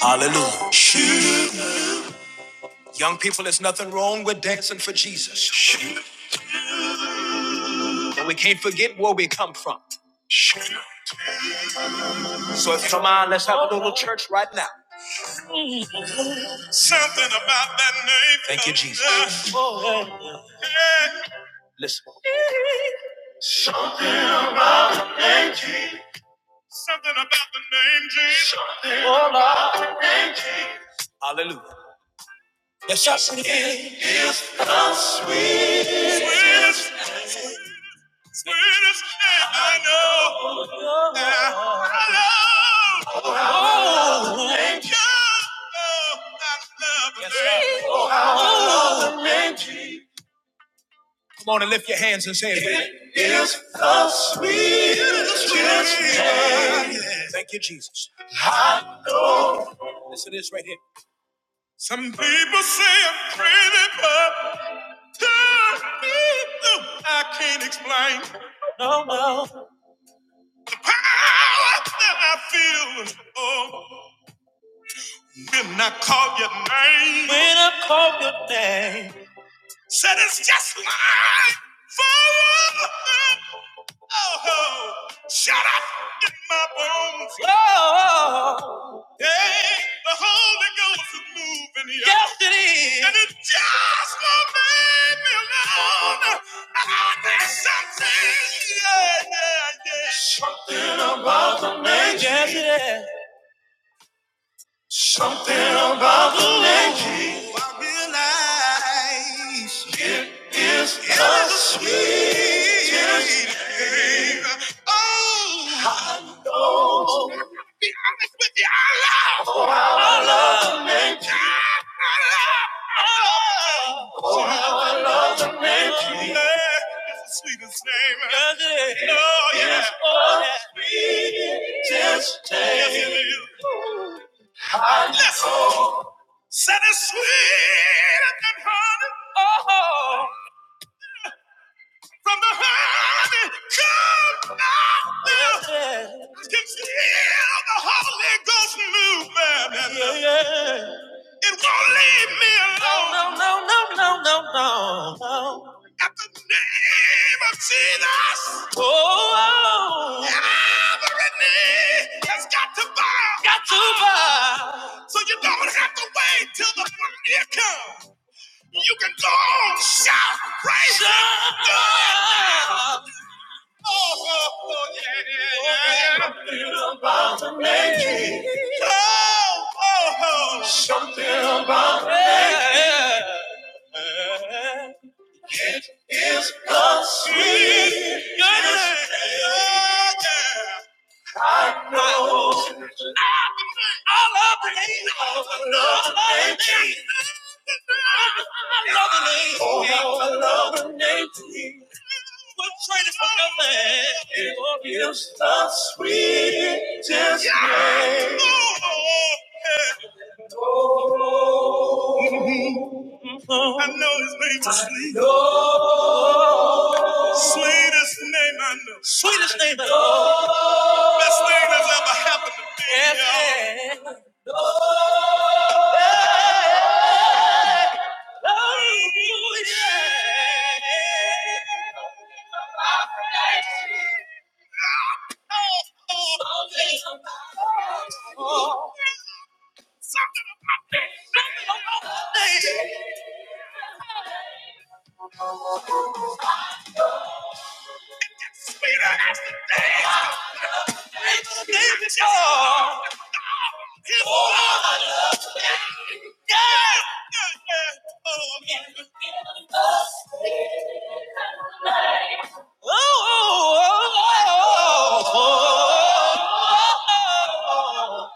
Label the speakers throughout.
Speaker 1: Hallelujah. Shoot. Young people, there's nothing wrong with dancing for Jesus. Shoot. But we can't forget where we come from. Shoot. So if, come on, let's have a little church right now. Something about that name. Thank you, Jesus. Oh, yeah. Listen. Name Jesus. Something about the name Jesus. Something about the name Jesus. Hallelujah. Yes, yes. It is sweetest, sweetest name I know. I love. Come on and lift your hands and say it with me. Yes. Thank you, Jesus. Listen to this right here. Some people say I'm crazy, but to me, no, I can't explain No, no, the power that I feel. Oh, when I call your name, when I call your name. Said it's just mine forever. Oh, shut up in my bones. Oh, hey, the Holy Ghost is moving here. Yes, it is. And it just won't leave me alone. I need something. Yeah, yeah, yeah. Mother Mary. Yes, it is. I realize. Yeah, yeah, yeah. Oh. I'll be honest with you, I love. Oh, I love the name I love. I love the name Yeah, It's the sweetest name. Does it? Oh, yeah. Oh, yeah. Yes, it is. Listen. Said it's sweet and honey. Oh. from the heaven come down. I can feel the Holy Ghost movement. yeah, yeah. It won't leave me alone. No, no, no, no, no, no, no. At the name of Jesus. Oh. oh. Every knee has got to bow. Got to bow. So you don't have to wait till the one year comes. You can go on, shout, praise God. Oh, oh, oh, yeah, yeah, yeah, yeah. Oh, oh, oh, shout. Yeah, yeah. I love the name. I love the name Oh, yeah. I know his name to sleep. Sweetest name I know. Sweetest name I know. Best thing that's ever happened to me. Yes, y'all. yeah. Oh, yeah. Oh, oh. oh Something about that. Something about that. name. Sweeter as the day. Name is y'all. It's y'all. Yeah. Yeah, yeah. Oh, oh, oh, oh, oh, oh, oh, oh.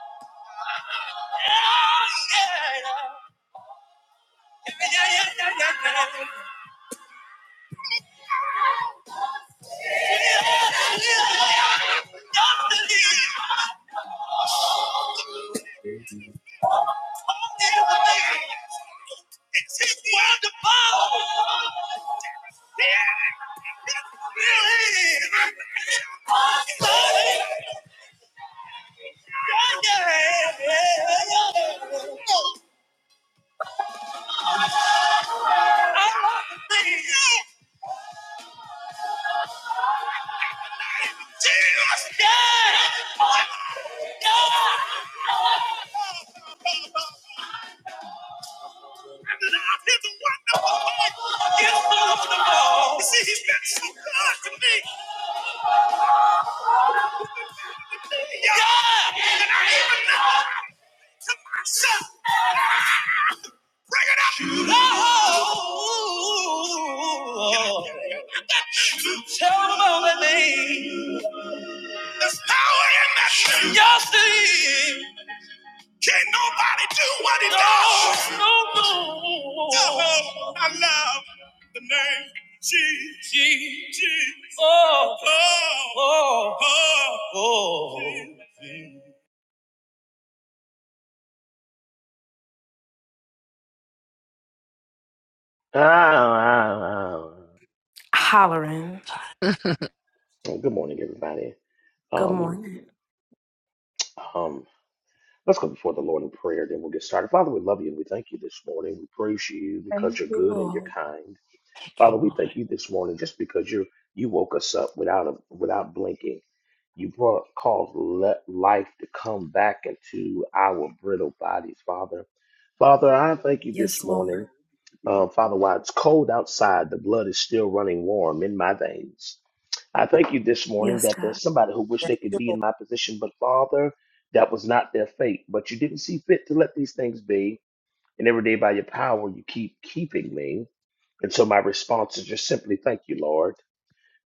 Speaker 1: See, he's been so good to me. God! And I even know. Bring it up. Oh, tell them all the name. There's power in that name. Yes, there is. Can't nobody do what he does. No, no, no. I love the name Jesus. Jesus. Oh, oh, oh, oh.
Speaker 2: Well,
Speaker 3: God.
Speaker 2: Good morning, everybody. Um, um, let's go before the Lord in prayer, then we'll get started. Father, we love you and we thank you this morning. We praise you because you're good and you're kind.
Speaker 3: Thank
Speaker 2: Father,
Speaker 3: you,
Speaker 2: we
Speaker 3: Lord.
Speaker 2: thank you this morning just because you you woke us up without a, without blinking. You brought caused let life to come back into our brittle bodies, Father. Father, I thank you this morning. Uh, Father, while it's cold outside, the blood is still running warm in my veins. I thank you this morning that there's somebody who wish
Speaker 4: Thank
Speaker 2: they could
Speaker 4: you,
Speaker 2: be in
Speaker 4: Lord.
Speaker 2: my position, but Father, that was not their fate. But you didn't see fit to let these things be. And every day by your power, you keep keeping me. And so my response is just simply thank you, Lord.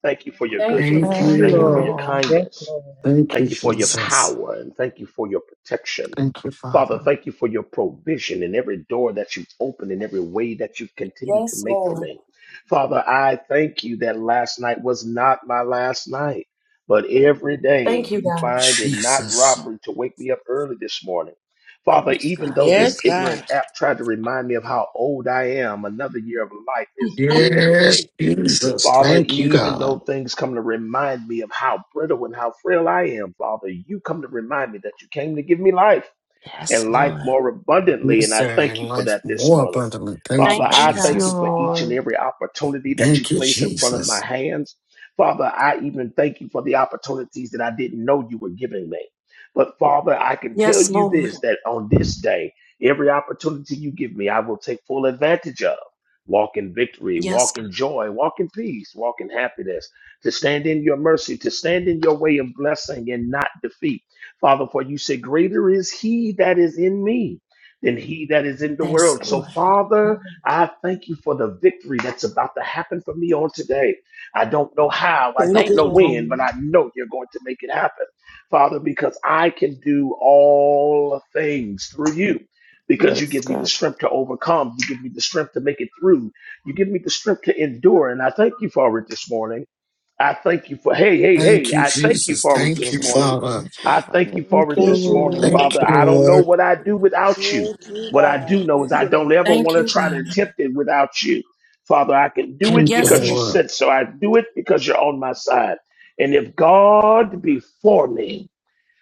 Speaker 2: Thank you for your
Speaker 3: Thank you,
Speaker 5: Thank
Speaker 3: Lord.
Speaker 6: Thank
Speaker 2: goodness.
Speaker 5: you,
Speaker 6: you,
Speaker 7: Thank
Speaker 2: Thank
Speaker 7: you,
Speaker 2: you for
Speaker 5: Lord.
Speaker 2: your
Speaker 6: Lord.
Speaker 7: Lord.
Speaker 6: Yes,
Speaker 2: kindness.
Speaker 6: Lord.
Speaker 5: Thank you,
Speaker 2: Thank
Speaker 6: Thank
Speaker 2: you for
Speaker 6: you,
Speaker 2: your
Speaker 6: Lord.
Speaker 5: Jesus.
Speaker 2: power and thank you for your protection.
Speaker 5: Thank you,
Speaker 2: Father,
Speaker 5: Father.
Speaker 2: thank you for your provision in every door that you open in every way that you continue to make for me. Father, I thank you that last night was not my last night, but every day you
Speaker 5: Thank you,
Speaker 2: find it not
Speaker 5: Jesus.
Speaker 2: robbery to wake me up early this morning. Father,
Speaker 3: Thank you,
Speaker 2: even
Speaker 3: God.
Speaker 2: though
Speaker 3: Thank
Speaker 2: this
Speaker 8: Yes,
Speaker 3: you,
Speaker 2: ignorant
Speaker 8: God.
Speaker 3: Lord.
Speaker 2: app tried to remind me of how old I am, another year of life is good for
Speaker 5: Yes,
Speaker 2: me.
Speaker 5: Jesus.
Speaker 2: Father,
Speaker 5: Thank you,
Speaker 2: even
Speaker 5: God.
Speaker 2: though things come to remind me of how brittle and how frail I am, Father, you come to remind me that you came to give me life
Speaker 3: Yes,
Speaker 2: and life
Speaker 3: Lord.
Speaker 2: more abundantly.
Speaker 5: Yes,
Speaker 2: And I
Speaker 5: sir.
Speaker 2: thank
Speaker 5: And
Speaker 2: you for
Speaker 5: life
Speaker 2: that this
Speaker 5: more
Speaker 2: morning.
Speaker 5: abundantly. Thank
Speaker 2: Father,
Speaker 5: you,
Speaker 2: I
Speaker 7: Thank
Speaker 2: thank
Speaker 7: you,
Speaker 2: you
Speaker 5: Jesus.
Speaker 2: for each and
Speaker 7: Lord.
Speaker 2: every opportunity that you
Speaker 5: Thank you,
Speaker 2: place in front of my
Speaker 5: Jesus.
Speaker 2: hands. Father, I even thank you for the opportunities that I didn't know you were giving me. But Father, I can tell you this that on this day, every opportunity you give me, I will take full advantage of. Walk in victory, walk in joy, walk in peace, walk in happiness, to stand in your mercy, to stand in your way of blessing and not defeat. Father, for you said, Greater is he that is in me than he that is in the
Speaker 3: Yes,
Speaker 2: world. So,
Speaker 3: Lord.
Speaker 2: Father, I thank you for the victory that's about to happen for me on today. I don't know how, I
Speaker 4: Thank
Speaker 2: don't
Speaker 4: you,
Speaker 2: know
Speaker 4: Lord.
Speaker 2: when, but I know you're going to make it happen, Father, because I can do all things through you. Because you
Speaker 7: Yes,
Speaker 2: give me the
Speaker 7: God.
Speaker 2: strength to overcome, you give me the strength to make it through, you give me the strength to endure. And I thank you for it this morning. I thank you for, hey, hey,
Speaker 5: Thank
Speaker 2: hey,
Speaker 5: you,
Speaker 2: I thank you
Speaker 5: Jesus.
Speaker 2: for it
Speaker 3: Thank
Speaker 5: Thank
Speaker 3: you,
Speaker 5: you,
Speaker 2: this
Speaker 3: Lord.
Speaker 2: morning.
Speaker 5: Father.
Speaker 3: Thank you,
Speaker 2: I
Speaker 3: Lord.
Speaker 2: thank you for
Speaker 7: Thank
Speaker 2: it
Speaker 7: you,
Speaker 4: Thank
Speaker 2: this
Speaker 4: you,
Speaker 2: morning,
Speaker 7: Lord.
Speaker 5: Thank
Speaker 2: Father.
Speaker 5: you,
Speaker 2: I don't know
Speaker 5: Lord.
Speaker 2: what I do without you. What I
Speaker 4: God.
Speaker 2: do know
Speaker 4: Thank
Speaker 2: is I
Speaker 4: you,
Speaker 2: don't ever
Speaker 4: Lord.
Speaker 2: want to try to attempt it without you. Father, I can do it
Speaker 5: Thank you,
Speaker 2: because you
Speaker 5: Lord.
Speaker 2: said so. I do it because you're on my side. And if God be for me,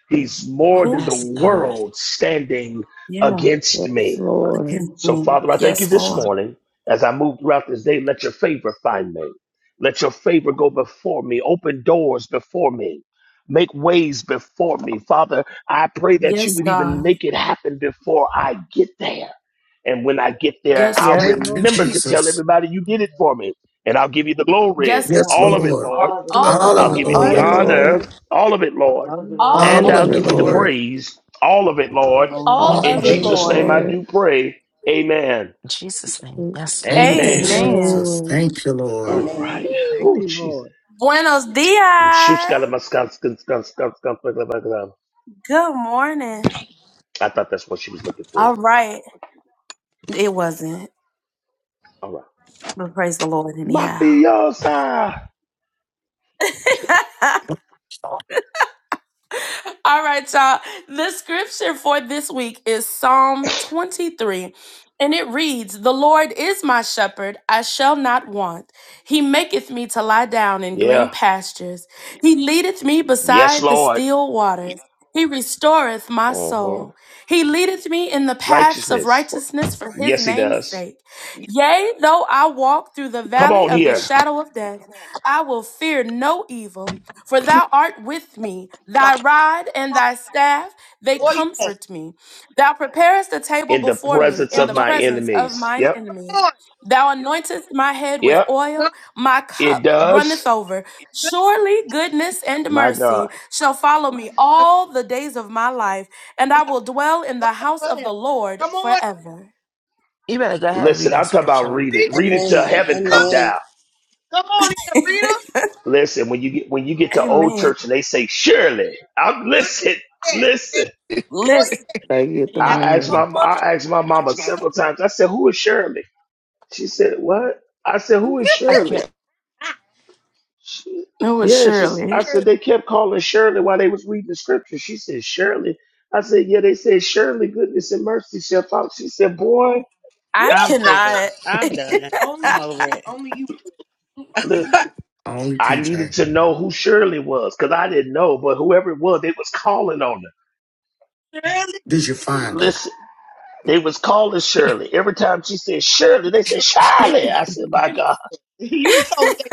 Speaker 2: he's more than the
Speaker 3: Yes, God.
Speaker 2: world standing against
Speaker 7: Yes,
Speaker 2: me.
Speaker 7: Lord.
Speaker 2: So, Father, I thank you this morning as I move throughout this day. Let your favor find me. Let your favor go before me. Open doors before me. Make ways before me. Father, I pray that you would even make it happen before I get there. And when I get there, I'll
Speaker 6: Yes,
Speaker 5: Thank you,
Speaker 6: Lord.
Speaker 2: remember to tell
Speaker 5: Jesus.
Speaker 6: Thank
Speaker 2: everybody you did it for me. And I'll give you the glory,
Speaker 5: Yes,
Speaker 2: all of it,
Speaker 5: Lord.
Speaker 2: Lord.
Speaker 9: All of the
Speaker 6: you,
Speaker 9: Lord,
Speaker 5: All
Speaker 2: I'll
Speaker 6: Lord.
Speaker 5: of it,
Speaker 2: give
Speaker 7: All
Speaker 2: you
Speaker 7: of
Speaker 2: the
Speaker 4: All
Speaker 7: the
Speaker 4: of
Speaker 5: Lord.
Speaker 4: the
Speaker 7: Lord.
Speaker 2: honor,
Speaker 4: Lord.
Speaker 2: all of it, Lord,
Speaker 9: all of the
Speaker 6: Hallelujah.
Speaker 9: Lord,
Speaker 3: All
Speaker 5: All
Speaker 2: and
Speaker 3: of
Speaker 7: All
Speaker 4: All
Speaker 7: of
Speaker 2: I'll
Speaker 5: of
Speaker 4: of
Speaker 3: it,
Speaker 7: the
Speaker 4: the
Speaker 5: it,
Speaker 2: give you the
Speaker 3: Lord.
Speaker 4: Lord.
Speaker 5: Lord.
Speaker 7: Lord.
Speaker 2: praise, all of it,
Speaker 9: all of the
Speaker 2: Lord.
Speaker 9: Lord.
Speaker 10: Come
Speaker 5: All
Speaker 3: All of
Speaker 2: In
Speaker 5: of
Speaker 4: All
Speaker 7: All of
Speaker 3: it,
Speaker 4: of
Speaker 5: it.
Speaker 7: the
Speaker 4: the
Speaker 3: Lord.
Speaker 2: Jesus' name
Speaker 6: Hallelujah.
Speaker 2: I
Speaker 7: Lord.
Speaker 2: do pray. Amen.
Speaker 3: In Jesus' name.
Speaker 7: Mm,
Speaker 3: Yes, Lord.
Speaker 5: Thank you,
Speaker 7: Thank
Speaker 2: Amen.
Speaker 7: you,
Speaker 4: Lord.
Speaker 3: Amen.
Speaker 5: Jesus.
Speaker 7: Lord.
Speaker 6: Amen.
Speaker 5: Thank you,
Speaker 2: All
Speaker 5: Lord.
Speaker 4: Amen.
Speaker 2: right.
Speaker 6: Thank
Speaker 2: Oh,
Speaker 6: you,
Speaker 2: Jesus.
Speaker 6: Lord.
Speaker 2: I thought that's what she was looking for. All right. Mafiosa. Yeah. Yes, Lord. Uh-huh. Righteousness. Yes, he does. Come on here
Speaker 11: Come on. Oh, yes.
Speaker 2: in the presence of
Speaker 11: Come on.
Speaker 2: my enemies. Yep.
Speaker 11: Come on!
Speaker 2: Yep. It does. My God.
Speaker 11: the the house of the Lord for him. Come on.
Speaker 3: You better go ahead and read
Speaker 2: Listen,
Speaker 3: that
Speaker 2: I'm talking
Speaker 11: Come on.
Speaker 2: about
Speaker 3: scripture like
Speaker 2: read
Speaker 11: Read
Speaker 2: it.
Speaker 3: that.
Speaker 11: it,
Speaker 2: Read it till
Speaker 4: Amen.
Speaker 2: heaven
Speaker 11: Rita.
Speaker 2: come
Speaker 4: Amen.
Speaker 2: down.
Speaker 11: Come on, Rita. Rita.
Speaker 2: Listen, when you get when you get to old church and they say, Surely, I'm
Speaker 11: Good.
Speaker 2: listen,
Speaker 11: Yes. Yes.
Speaker 2: listen.
Speaker 11: Oh, yeah!
Speaker 7: They
Speaker 11: And
Speaker 7: get
Speaker 11: you
Speaker 7: the
Speaker 11: got that
Speaker 2: I asked
Speaker 11: one
Speaker 2: my
Speaker 7: run.
Speaker 11: mother that
Speaker 2: I asked my
Speaker 11: you don't
Speaker 2: mama
Speaker 1: It's
Speaker 11: get
Speaker 1: my
Speaker 11: up.
Speaker 1: money.
Speaker 2: several times. I said, Who is Shirley? She said, What? I said, Who is
Speaker 3: I
Speaker 2: Shirley?
Speaker 3: can't.
Speaker 11: Ah,
Speaker 2: She, yeah, she s- I
Speaker 11: girl.
Speaker 2: said they kept calling Shirley while they was reading the scripture. She said, Shirley. I said, Yeah, they said, Shirley, goodness and mercy shall follow. She said, Boy,
Speaker 8: I'm tickled. I'm done.
Speaker 11: Only,
Speaker 8: I'm over it.
Speaker 11: only you.
Speaker 5: Only
Speaker 2: I needed
Speaker 5: PJ.
Speaker 2: to know who Shirley was because I didn't know, but whoever it was, they was calling on her.
Speaker 11: Really?
Speaker 5: Did you find her?
Speaker 2: Listen, they was calling Shirley. Every time she said Shirley, they said
Speaker 11: You
Speaker 2: Shirley. I said, my God.
Speaker 11: you know what they.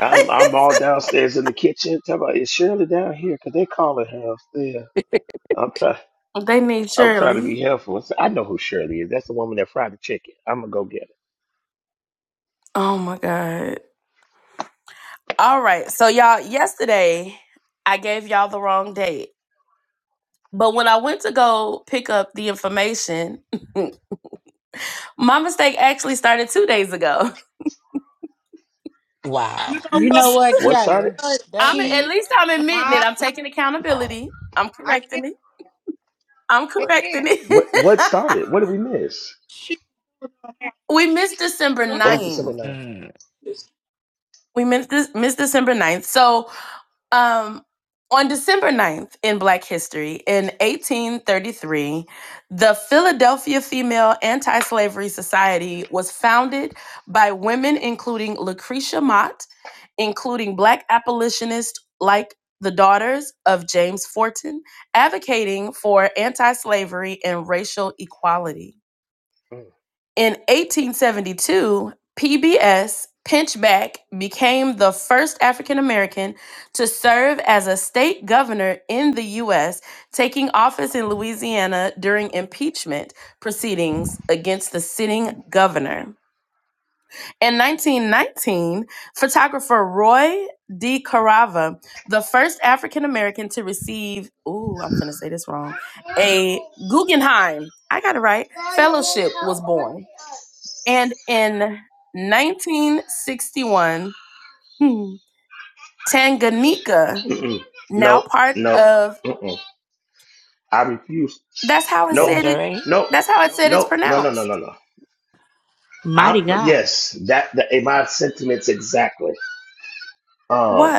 Speaker 2: I'm, I'm all downstairs in the kitchen. Talking about, is Shirley down here? Because they calling her upstairs. I'm trying. I'm trying to be helpful. I said, "I know who Shirley is. That's the woman that fried the chicken. I'm gonna go get her.
Speaker 11: You
Speaker 3: Wow.
Speaker 11: know
Speaker 8: You
Speaker 11: what?
Speaker 8: know what,
Speaker 2: What started?
Speaker 8: Kiala?
Speaker 11: But
Speaker 8: That's funny.
Speaker 3: Key
Speaker 11: my, I can't. I can't.
Speaker 2: What what started? What did we miss?
Speaker 11: She. Yeah. Oh
Speaker 2: What was December 9th?
Speaker 3: mm,
Speaker 2: Mm. Mm-mm. No, no. Mm-mm. I refuse. Nope.
Speaker 3: tangerine.
Speaker 2: Nope. Nope. No, no, no, no, no. I,
Speaker 8: Mighty God.
Speaker 2: yes, that, that in my sentiments exactly. Um,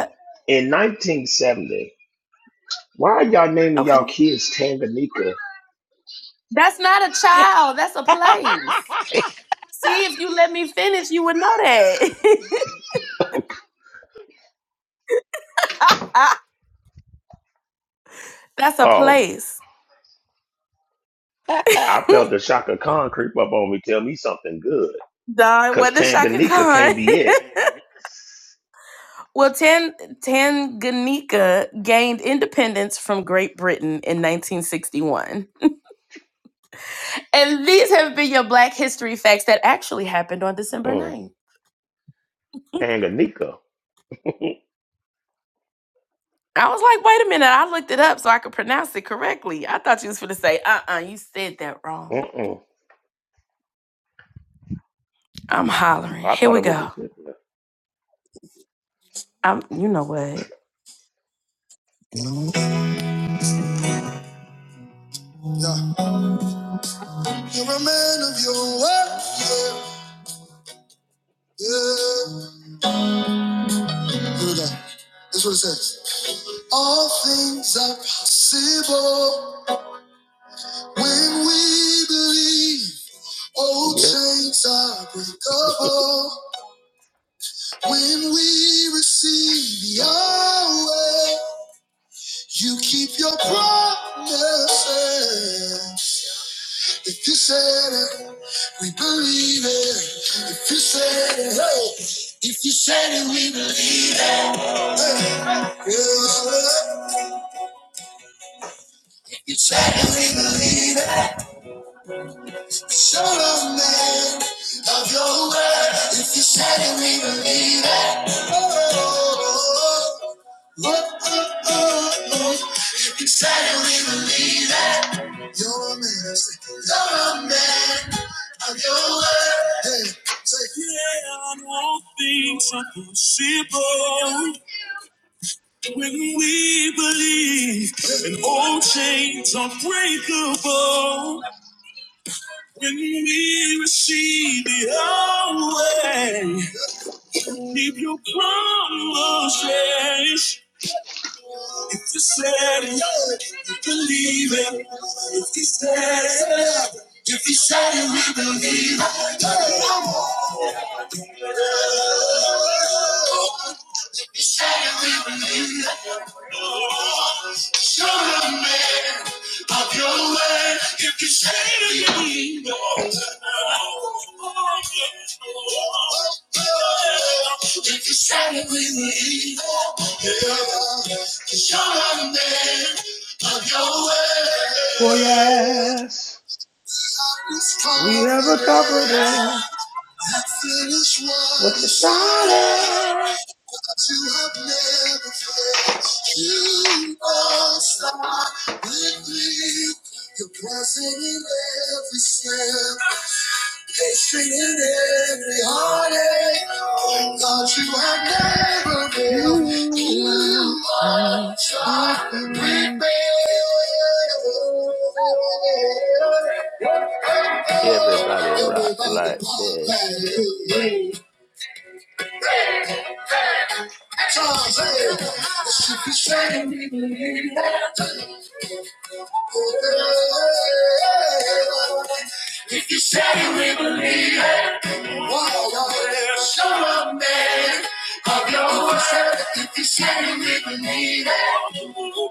Speaker 2: in 1970, why are y'all naming y'all kids Tanganyika? Oh, I felt the shock of con creep up on me. Tell me something good, cause Tanganyika can't be it. Mm, Tanganyika. Mm-mm. I thought it was a symphony.
Speaker 1: Yeah. You're a man of your word. Yeah. Yeah. Here we That's what it says. All things are possible when we believe. Old
Speaker 2: Yeah.
Speaker 1: chains are breakable when we receive Yahweh. You keep your promises. If you said it, we believe it. If you said it, hey. If you said it, we believe it. Yeah. You certainly believe it. Show a man of your word. If you certainly believe it. Oh, oh, oh, oh, oh, oh. If you certainly believe it. You're a man. I say, You're a man of your word. Hey, say, yeah, I want things are possible when we believe. And old chains are breakable When we receive the old, we believe it. If he says it, if he said it, we believe it. If he said it, we believe it. Show him, man. If you started with me, yeah, cause you're not a man of your
Speaker 2: Oh
Speaker 1: word.
Speaker 2: yes,
Speaker 1: God is
Speaker 2: we have a
Speaker 1: confident
Speaker 2: confidence.
Speaker 1: to finish what
Speaker 2: What you
Speaker 1: you started.
Speaker 2: started?
Speaker 1: But You have never failed. You don't stop with me. You're present in every step. Victory in every heartache. God, you have never failed.
Speaker 2: You
Speaker 1: You
Speaker 2: won't,
Speaker 1: are
Speaker 2: mm, mm, mm.
Speaker 1: trying to break
Speaker 2: mm.
Speaker 1: me.
Speaker 2: Everybody rock
Speaker 1: Everybody,
Speaker 2: like
Speaker 1: pop,
Speaker 2: that.
Speaker 1: hallelujah. hey, If you say we believe it, wow, wow, show a man of your word. If you say we believe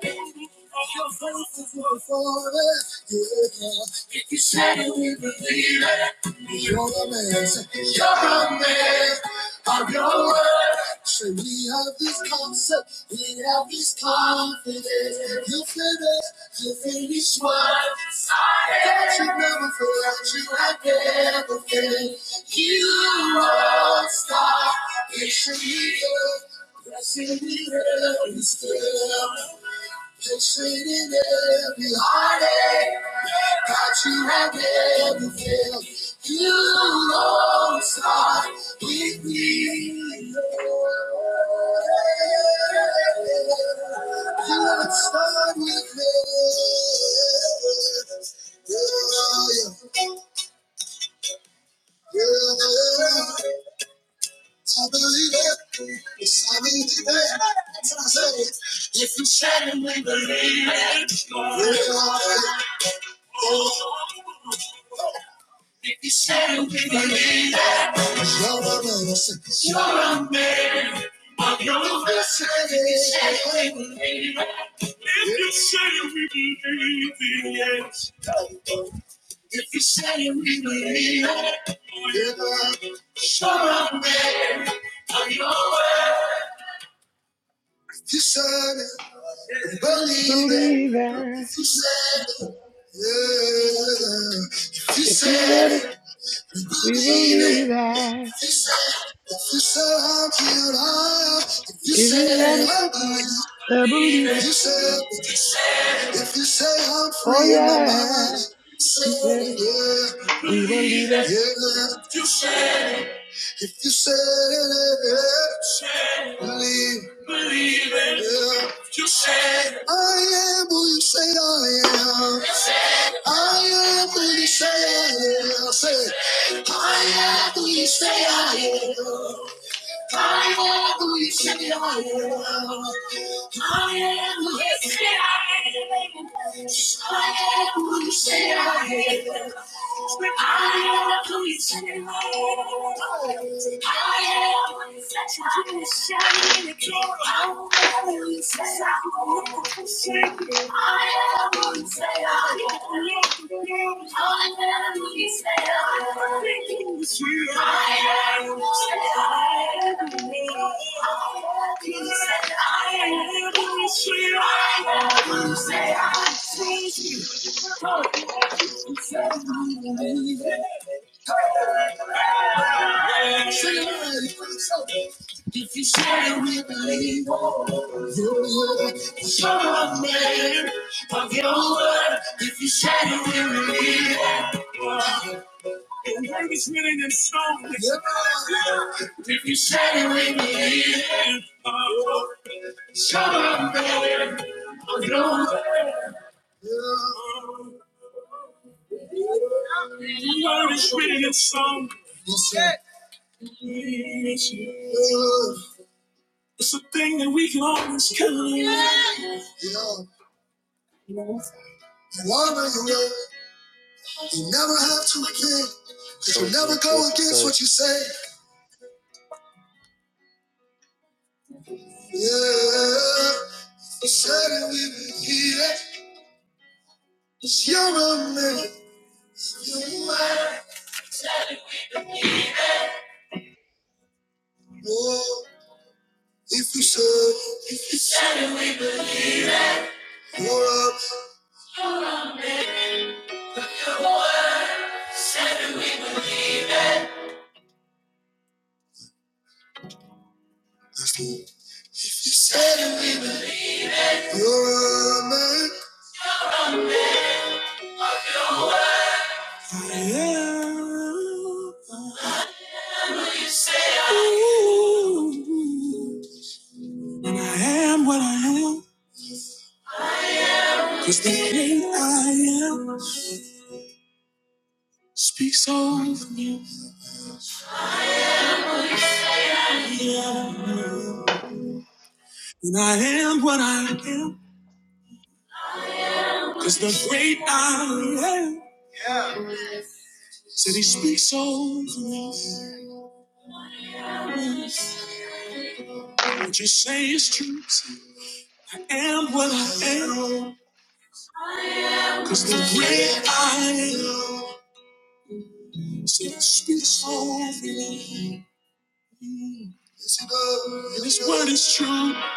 Speaker 1: it. All faces were for us. Yeah. If you said it, we believe it. You're the man. You're a man of your word. Say we have this concept. We have this confidence. You finish. You finish what you started. That you never forgot. You had never failed. You won't stop. It's a leader. Blessing in every step, blessing in every heartache. Got you at every field. You don't start with me. You don't start with me. Yeah, yeah, yeah. I believe it. Yes, I believe it. That's what I say. If you said it, we believe it. We are. Oh, no, no, no, no. Say, yeah, yeah. If you said it, we believe it.
Speaker 2: believe that.
Speaker 1: If you said it, yeah. If you
Speaker 2: If you
Speaker 1: said
Speaker 2: said it,
Speaker 1: it, we
Speaker 2: we
Speaker 1: believe it.
Speaker 2: believe that.
Speaker 1: If you said it, if you said I'm healed, If you
Speaker 2: If you
Speaker 1: said
Speaker 2: said
Speaker 1: it,
Speaker 2: it,
Speaker 1: I believe it.
Speaker 2: I believe it.
Speaker 1: You said, if you say I'm
Speaker 2: Oh
Speaker 1: free in my mind,
Speaker 2: yeah,
Speaker 1: say
Speaker 2: you said it,
Speaker 1: it,
Speaker 2: we believe
Speaker 1: yeah,
Speaker 2: it.
Speaker 1: yeah. You said, If you said it, believe, yeah. I am who you say I am. I am who you say I am. Say, I am who you say I am. If you said it, we believe you. You're a man of your word. If you said it, we believe it. The word is written in stone. If you said we believe it. The word is written in stone. It's a thing that we can always count on. You know, the woman you will, you never have to repent. Because you
Speaker 2: Go
Speaker 1: never
Speaker 2: against
Speaker 1: go
Speaker 2: what you
Speaker 1: against
Speaker 2: say.
Speaker 1: what you say. Yeah, you said it, we believe it. 'Cause you're a man. You are. Oh, if you said it, you're up. That's what you said it, we believe it. You're a man. Yeah, I am what I am. Cause the great I am speaks over me. Yeah, Cause the great I am said he speaks over me. What you say is true. to you. am what I am. Cause the way I am still speaks over me. Yes, it does. And it's what I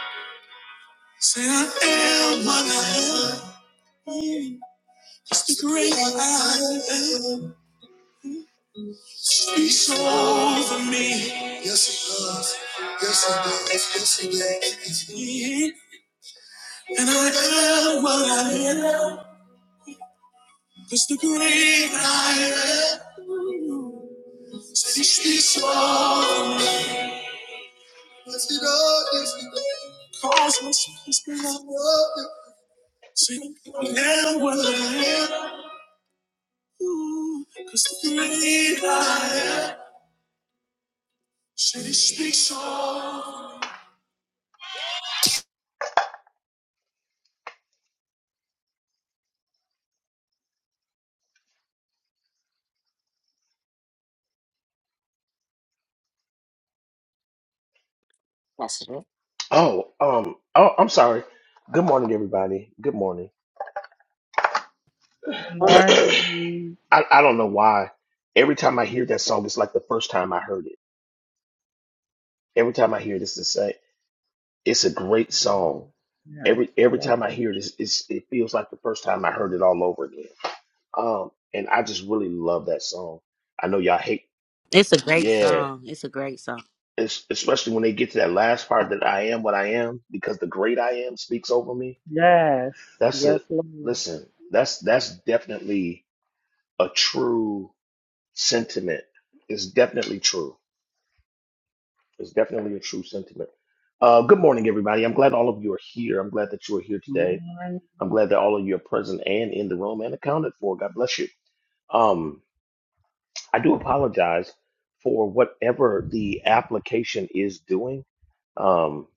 Speaker 1: am, what I am over me. Yes, it does. Yes, it does. Yes, it does. And I am what I am. Cause the great I am still speaks over me. Yes, it does. Yes, it does.
Speaker 3: That's it.
Speaker 2: Oh, um, oh, I'm sorry. Good morning, everybody. Good morning.
Speaker 6: Good
Speaker 10: on, now,
Speaker 2: I
Speaker 6: morning.
Speaker 2: I don't know why. Every time I hear that song, it's like the first time I heard it. Every time I hear this, it's a it's a great song
Speaker 6: Yes,
Speaker 2: every
Speaker 6: I
Speaker 2: every
Speaker 6: love.
Speaker 2: time I hear this, it's, it feels like the first time I heard it all over again. Um, and I just really love that song. I know y'all hate,
Speaker 8: It's a great
Speaker 2: yeah,
Speaker 8: song. It's a great song.
Speaker 2: it's, especially when they get to that last part that I am what I am because the great I am speaks over me.
Speaker 6: you. Yes,
Speaker 2: That's
Speaker 6: yes,
Speaker 2: a
Speaker 6: Lord.
Speaker 2: listen. That's that's definitely a true sentiment. It's definitely true. It's definitely a true sentiment. Uh, good morning, everybody. I'm glad all of you are here. I'm glad that you are here
Speaker 6: Good
Speaker 2: today.
Speaker 6: morning.
Speaker 2: I'm glad that all of you are present and in the room and accounted for. God bless you. Um, I do apologize for whatever the application is doing. Um,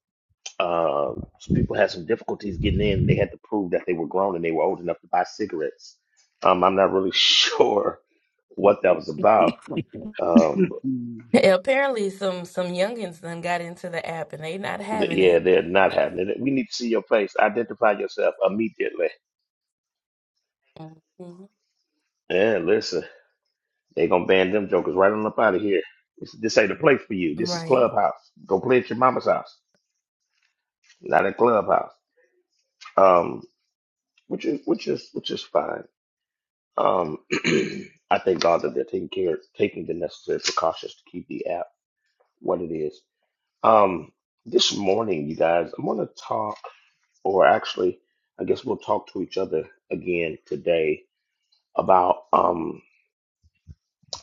Speaker 2: uh, some people had some difficulties getting in. They had to prove that they were grown and they were old enough to buy cigarettes. Um, I'm not really sure what that was about. Um, but yeah, they're not having it. We need to see your face. Identify yourself immediately. And listen, they gonna ban them jokers right on up out of here. This, this ain't a place for you. This is clubhouse. Go play at your mama's house, not at clubhouse. Um. which is which is which is fine. Um, I thank God that they're taking care, taking the necessary precautions to keep the app what it is. Um, this morning, you guys, I'm going to talk, or actually, I guess we'll talk to each other again today about um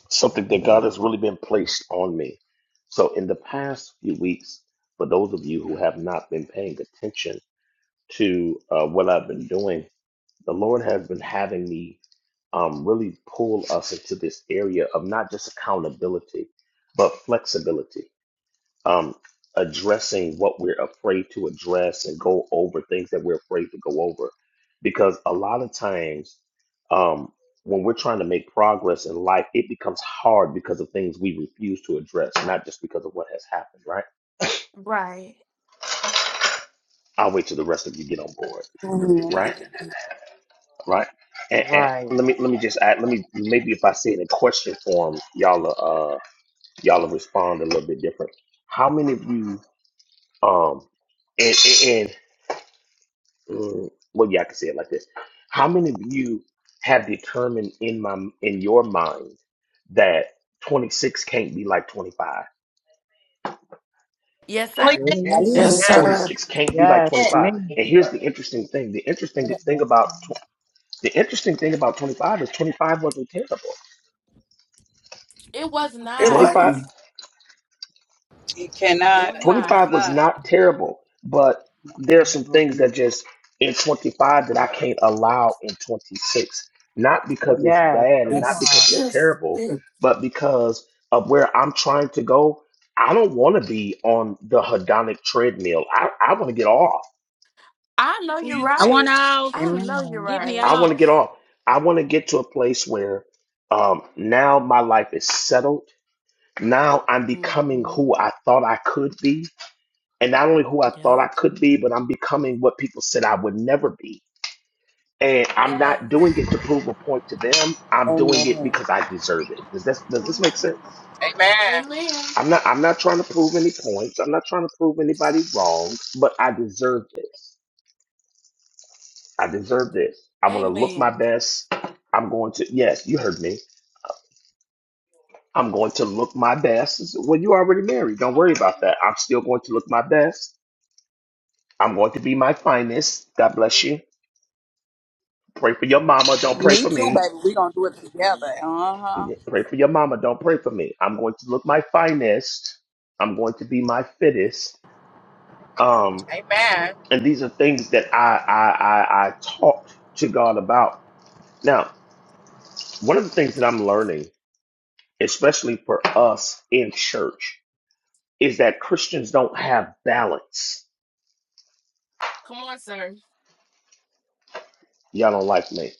Speaker 2: something that God has really been placed on me. So, in the past few weeks, for those of you who have not been paying attention to uh, what I've been doing the Lord has been having me um, really pull us into this area of not just accountability, but flexibility, um, addressing what we're afraid to address and go over things that we're afraid to go over. Because a lot of times, um, when we're trying to make progress in life, it becomes hard because of things we refuse to address, not just because of what has happened, right? I'll wait till the rest of you get on board,
Speaker 4: hmm
Speaker 2: right? right? And, and let me let me just add. Let me maybe if I say it in question form, y'all uh y'all will respond a little bit different. How many of you um and and, and mm, well yeah I can say it like this. How many of you have determined in my in your mind that 26 can't be like 25?
Speaker 11: yeah.
Speaker 9: Yes, I
Speaker 6: Me?
Speaker 5: Yes,
Speaker 9: did.
Speaker 6: Yes,
Speaker 4: Absolutely.
Speaker 5: sir.
Speaker 2: 26 can't be like
Speaker 6: yes,
Speaker 11: yeah.
Speaker 6: me.
Speaker 2: 25. And here's the interesting thing. The interesting thing
Speaker 6: Yes,
Speaker 2: about tw- the interesting thing about 25 is 25 wasn't terrible.
Speaker 5: It
Speaker 2: 25
Speaker 5: wasn't.
Speaker 12: It cannot. It's
Speaker 2: 25 was
Speaker 12: not.
Speaker 2: not terrible, but there are some things that
Speaker 6: open.
Speaker 2: just in 25 that I can't allow in 26. Not because it's
Speaker 6: Yes,
Speaker 2: bad and
Speaker 6: that
Speaker 2: not
Speaker 5: Yes.
Speaker 2: because
Speaker 6: part.
Speaker 2: it's
Speaker 5: Yes.
Speaker 2: terrible,
Speaker 5: yeah.
Speaker 2: but because of where I'm trying to go. I don't want to be on the hedonic treadmill. I, I want to get off.
Speaker 11: Who you
Speaker 8: I want
Speaker 11: tell?
Speaker 8: off.
Speaker 6: Amen.
Speaker 8: Get me
Speaker 2: I want to get
Speaker 8: off.
Speaker 2: off. I want to get to a place where um, now my life is settled. Now I'm becoming who I thought I could be and not only who I thought I could be, but I'm becoming what people said I would never be. And I'm not doing it to prove a point to them. I'm doing it
Speaker 4: Amen.
Speaker 2: because I deserve it. Does this does this make sense?
Speaker 13: Amen.
Speaker 2: I'm not I'm not trying to prove any points. I'm not trying to prove anybody wrong, but I deserve this. I deserve this. I'm gonna look my best. I'm going to yes, you heard me. I'm going to look my best. Well, you already married. Don't worry about that. I'm still going to look my best. I'm going to be my finest. God bless you. Pray for your mama. Don't pray
Speaker 12: Me
Speaker 2: for
Speaker 12: too,
Speaker 2: me
Speaker 12: baby. We gonna do it together. Uh huh.
Speaker 2: Pray for your mama. Don't pray for me. I'm going to look my finest. I'm going to be my fittest. Um,
Speaker 13: Amen.
Speaker 2: and these are things that I I I, I talked to God about. Now, one of the things that I'm learning, especially for us in church, is that Christians don't have balance. Y'all don't like me.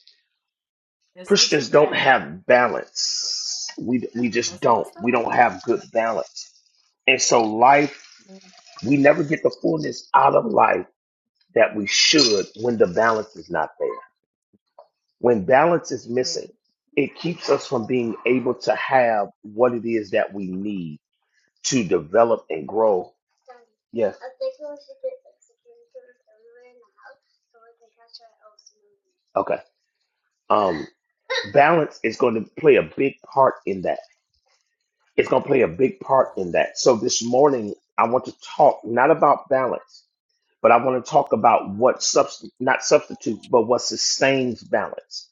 Speaker 2: Christians don't have balance. We we just don't. We don't have good balance. And so life, we never get the fullness out of life that we should when the balance is not there. When balance is missing, it keeps us from being able to have what it is that we need to develop and grow. Yes. Okay. Um, balance is going to play a big part in that. It's going to play a big part in that. So this morning, I want to talk not about balance, but I want to talk about what subst- not substitute, but what sustains balance.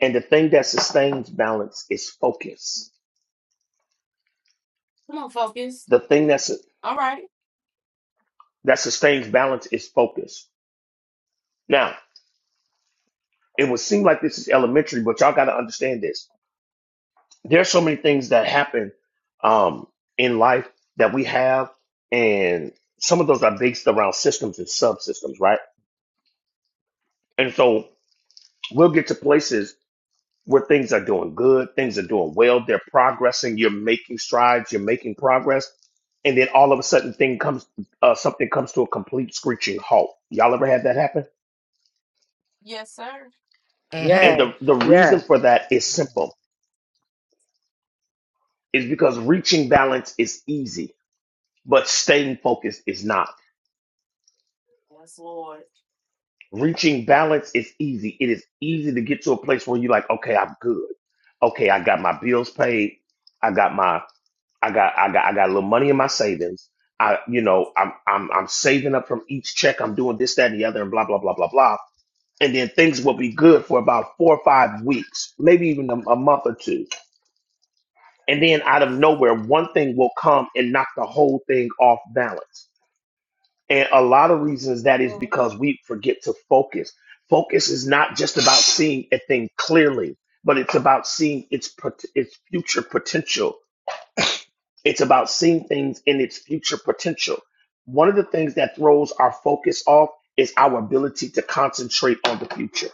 Speaker 2: And the thing that sustains balance is focus. The thing that's, that sustains balance is focus. Now, it would seem like this is elementary, but y'all got to understand this. There's so many things that happen um, in life that we have, and some of those are based around systems and subsystems, right? And so we'll get to places where things are doing good, things are doing well, they're progressing, you're making strides, you're making progress, and then all of a sudden thing comes uh, something comes to a complete screeching halt. Y'all ever had that happen?
Speaker 3: hmm
Speaker 6: Yes,
Speaker 2: And the, the reason
Speaker 6: yes,
Speaker 2: for that is simple. Is because reaching balance is easy, but staying focused is not. Reaching balance is easy. It is easy to get to a place where you're like, okay, I'm good. Okay, I got my bills paid. I got my I got I got I got a little money in my savings. I you know I'm I'm I'm saving up from each check. I'm doing this that and the other and blah blah blah blah blah. And then things will be good for about four or five weeks, maybe even a, a month or two. And then out of nowhere, one thing will come and knock the whole thing off balance. And a lot of reasons that is because we forget to focus. Focus is not just about seeing a thing clearly, but it's about seeing its pot- its future potential It's about seeing things in its future potential. One of the things that throws our focus off is our ability to concentrate on the future.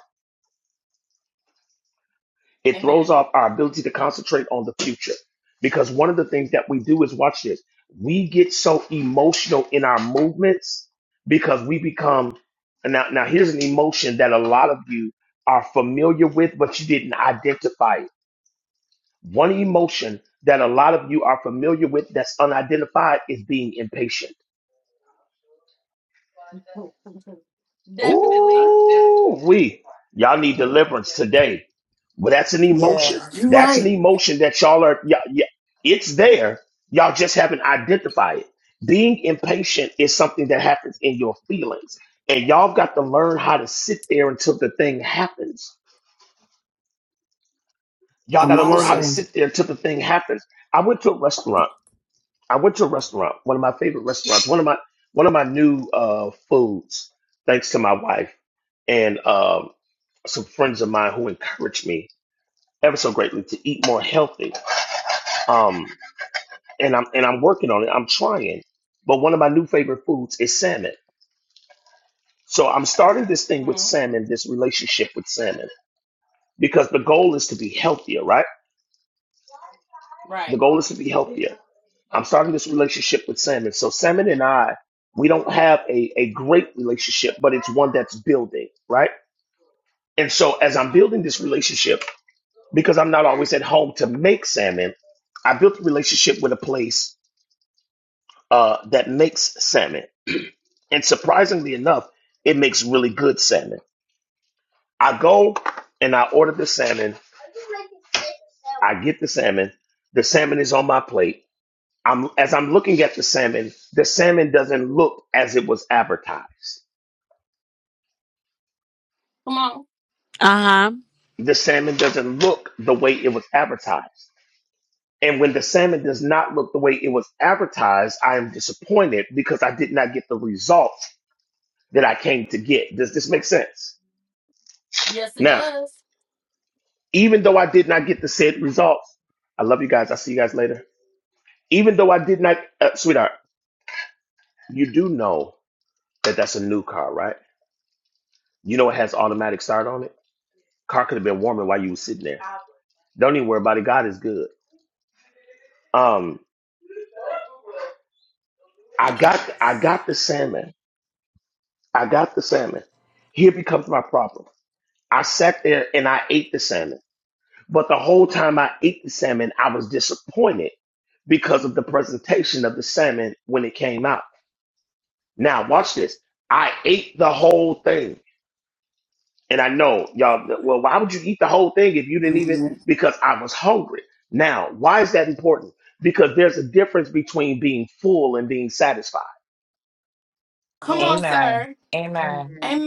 Speaker 2: It throws off our ability to concentrate on the future because one of the things that we do is watch this. We get so emotional in our movements because we become and now. Now here's an emotion that a lot of you are familiar with, but you didn't identify it. One emotion that a lot of you are familiar with that's unidentified is being impatient Ooh, we y'all need deliverance today. But that's an
Speaker 4: Yeah.
Speaker 2: emotion.
Speaker 5: You
Speaker 2: That's an
Speaker 5: right.
Speaker 2: emotion that y'all are. Y'all, yeah, it's there. Y'all just haven't identified it. Being impatient is something that happens in your feelings, and y'all got to learn how to sit there until the thing happens. Y'all got
Speaker 5: I'm
Speaker 2: to
Speaker 5: on,
Speaker 2: learn how to
Speaker 5: sir.
Speaker 2: sit there until the thing happens. I went to a restaurant. I went to a restaurant. One of my favorite restaurants. One of my one of my new uh, foods, thanks to my wife and um some friends of mine who encouraged me ever so greatly to eat more healthy. Um, and I'm and I'm working on it. I'm trying. But one of my new favorite foods is salmon. So I'm starting this thing with salmon, this relationship with salmon, because the goal is to be healthier, right? The goal is to be healthier. I'm starting this relationship with salmon. So salmon and I, we don't have a, a great relationship, but it's one that's building, right? And so as I'm building this relationship, because I'm not always at home to make salmon, I built a relationship with a place uh, that makes salmon. And surprisingly enough, it makes really good salmon. I go and I order the salmon. I get the salmon. The salmon is on my plate. I'm as I'm looking at the salmon, the salmon doesn't look as it was advertised.
Speaker 8: Uh huh.
Speaker 2: The salmon doesn't look the way it was advertised. And when the salmon does not look the way it was advertised, I am disappointed because I did not get the results that I came to get. Does this make sense? Now, even though I did not get the said results, I love you guys. I'll see you guys later. Even though I did not, uh, sweetheart, you do know that that's a new car, right? You know it has automatic start on it. Car could have been warming while you were sitting there. Don't even worry about it. God is good. Um, I got, I got the salmon. I got the salmon. Here becomes my problem. I sat there and I ate the salmon. But the whole time I ate the salmon, I was disappointed because of the presentation of the salmon when it came out. Now, watch this. I ate the whole thing. And I know y'all, well, why would you eat the whole thing if you didn't even?
Speaker 4: hmm
Speaker 2: Because I was hungry. Now, why is that important? Because there's a difference between being full and being satisfied.
Speaker 3: Amen. Amen.
Speaker 6: amen.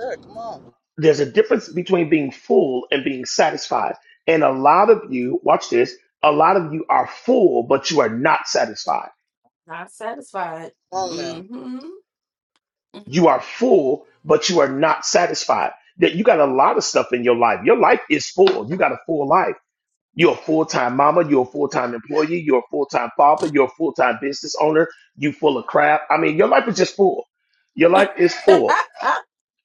Speaker 10: sir, come on, come
Speaker 2: there's a difference between being full and being satisfied. And a lot of you, watch this, a lot of you are full, but you are not satisfied.
Speaker 10: on now.
Speaker 2: You are full, but you are not satisfied. That you got a lot of stuff in your life. Your life is full. You got a full life. You're a full time mama. You're a full time employee. You're a full time father. You're a full time business owner. You full of crap. I mean, your life is just full. Your life is full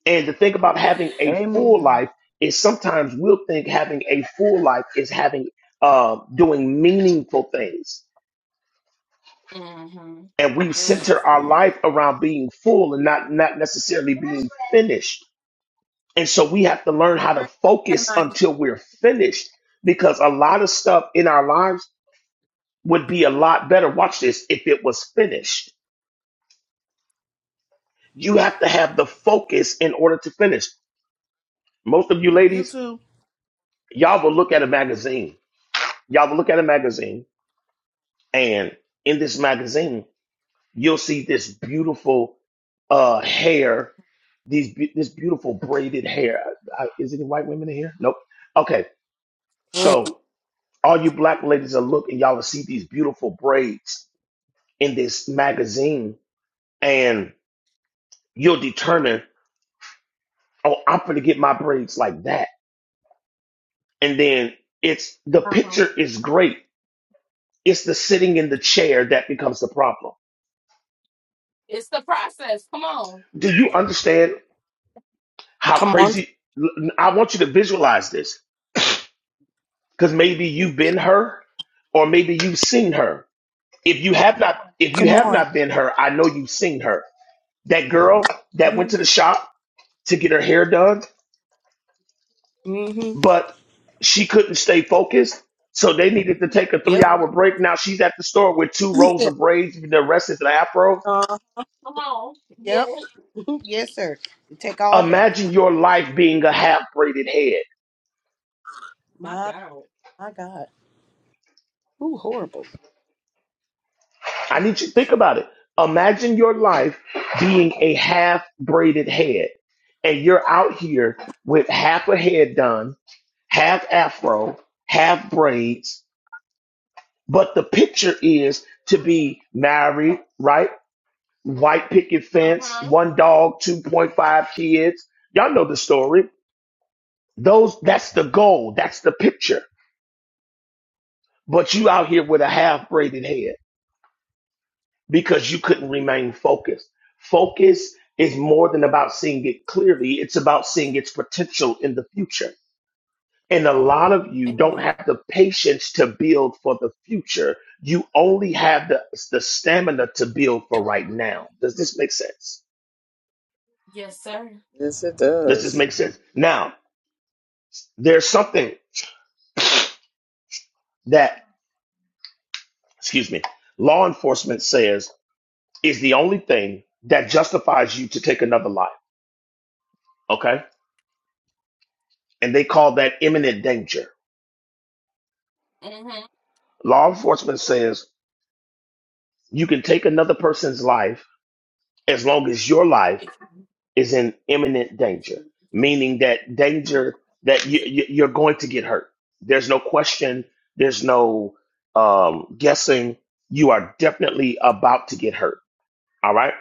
Speaker 2: And the thing about having a full
Speaker 6: Amen.
Speaker 2: life is sometimes we'll think having a full life is having uh, doing meaningful things, and we center our life around being full and not not necessarily being finished. And so we have to learn how to
Speaker 11: Hurry up,
Speaker 2: focus
Speaker 11: Armani.
Speaker 2: until we're finished, because a lot of stuff in our lives would be a lot better. Watch this if it was finished. You have to have the focus in order to finish. Most of you
Speaker 11: You
Speaker 2: ladies,
Speaker 11: too.
Speaker 2: y'all will look at a magazine. Y'all will look at a magazine And in this magazine, you'll see this beautiful uh, hair, these be- this beautiful braided hair. I, is any white women in here? Nope. Okay, so all you black ladies are looking, y'all will see these beautiful braids in this magazine, and you'll determine, oh, I'm gonna get my braids like that. And then it's the picture is great. It's the sitting in the chair that becomes the problem. Do you understand? How
Speaker 11: Come on.
Speaker 2: crazy. I want you to visualize this because maybe you've been her or maybe you've seen her. If you have not, if you
Speaker 11: Come
Speaker 2: have
Speaker 11: on.
Speaker 2: not been her, I know you've seen her. That girl that
Speaker 11: hmm
Speaker 2: went to the shop to get her hair done,
Speaker 11: hmm
Speaker 2: but she couldn't stay focused. So they needed to take a three
Speaker 11: Yep.
Speaker 2: hour break. Now she's at the store with two rows
Speaker 11: Yeah.
Speaker 2: of braids. The rest is an afro.
Speaker 11: Uh, yep. yes, sir. It take all day.
Speaker 2: Imagine your life being a half braided head.
Speaker 11: My my God. Ooh, horrible.
Speaker 2: I need you to think about it. Imagine your life being a half braided head, and you're out here with half a head done, half afro, half braids. But the picture is to be married, right? White picket fence, one dog, 2.5 kids. Y'all know the story. Those that's the goal, that's the picture. But you out here with a half braided head. because you couldn't remain focused. Focus is more than about seeing it clearly, it's about seeing its potential in the future. And a lot of you don't have the patience to build for the future. You only have the, the stamina to build for right now. Does this make sense?
Speaker 10: Yes, it
Speaker 2: Does this
Speaker 10: does.
Speaker 2: make sense? Now, there's something that, excuse me, law enforcement says is the only thing that justifies you to take another life. Okay. And they call that imminent danger Law enforcement says you can take another person's life as long as your life is in imminent danger, meaning that danger that you, you, you're going to get hurt. There's no question, there's no um, guessing. You are definitely about to get hurt, all right?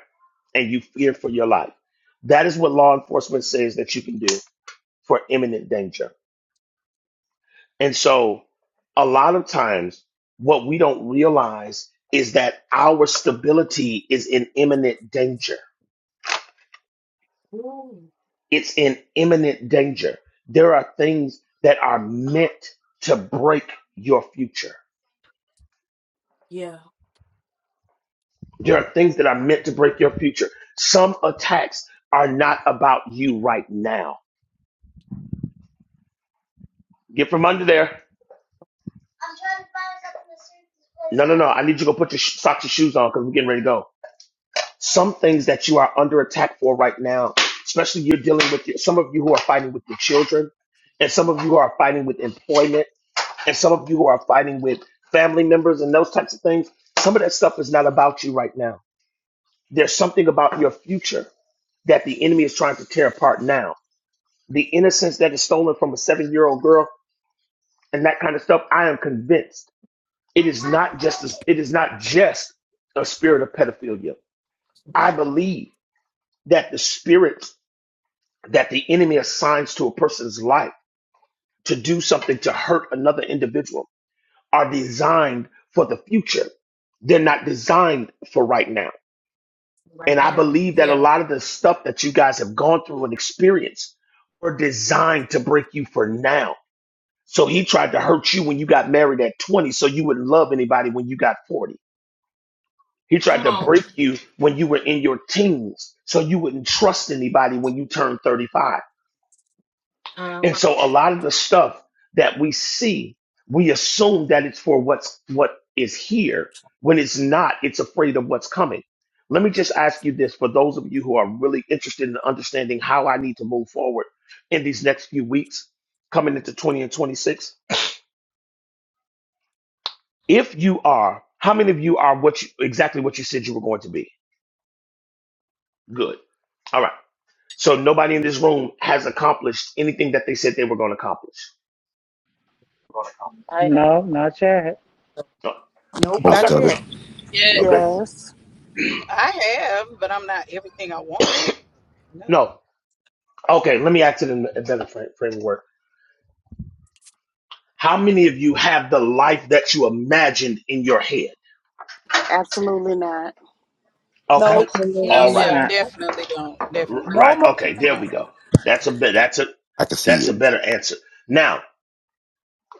Speaker 2: And you fear for your life. That is what law enforcement says that you can do for imminent danger. And so a lot of times what we don't realize is that our stability is in imminent danger. It's in imminent danger. There are things that are meant to break your future. There are things that are meant to break your future. Some attacks are not about you right now. Get from under there. No, no, no. I need you to go put your sh- socks and shoes on because we're getting ready to go. some things that you are under attack for right now, especially you're dealing with your, some of you who are fighting with your children, and some of you who are fighting with employment, and some of you who are fighting with family members and those types of things. Some of that stuff is not about you right now. There's something about your future that the enemy is trying to tear apart now. The innocence that is stolen from a seven year old girl and that kind of stuff, I am convinced it is not just a, it is not just a spirit of pedophilia. I believe that the spirit that the enemy assigns to a person's life to do something to hurt another individual are designed for the future. They're not designed for right now. And I believe that a lot of the stuff that you guys have gone through and experienced were designed to break you for now. So he tried to hurt you when you got married at 20, so you wouldn't love anybody when you got 40. He tried to break you when you were in your teens, so you wouldn't trust anybody when you turned 35. And so a lot of the stuff that we see, we assume that it's for what's what is here. When it's not, it's afraid of what's coming. Let me just ask you this for those of you who are really interested in understanding how I need to move forward in these next few weeks, coming into 20 and 26. If you are, how many of you are what you, exactly what you said you were going to be? Good. All right. So nobody in this room has accomplished anything that they said they were going to accomplish.
Speaker 9: I have
Speaker 6: No, not yet.
Speaker 2: Oh,
Speaker 11: Nope,
Speaker 14: Most
Speaker 11: not
Speaker 2: Okay.
Speaker 14: of it.
Speaker 11: yet.
Speaker 7: Yes.
Speaker 2: Okay.
Speaker 4: Yes,
Speaker 12: I have, but I'm not everything I want to be. No.
Speaker 2: No. Okay, let me ask it in a better fra- framework. How many of you have the life that you imagined in your head?
Speaker 4: absolutely not.
Speaker 2: Okay,
Speaker 11: Nope.
Speaker 9: no
Speaker 6: Absolutely
Speaker 2: all
Speaker 12: Yeah,
Speaker 2: right,
Speaker 6: not.
Speaker 12: definitely don't.
Speaker 2: R-
Speaker 12: Definitely
Speaker 11: No
Speaker 2: right.
Speaker 12: don't.
Speaker 11: momentum.
Speaker 2: Okay, there
Speaker 12: No.
Speaker 2: we go. That's a bit. That's a
Speaker 14: I can
Speaker 2: that's
Speaker 14: see
Speaker 2: a
Speaker 14: it.
Speaker 2: better answer. Now,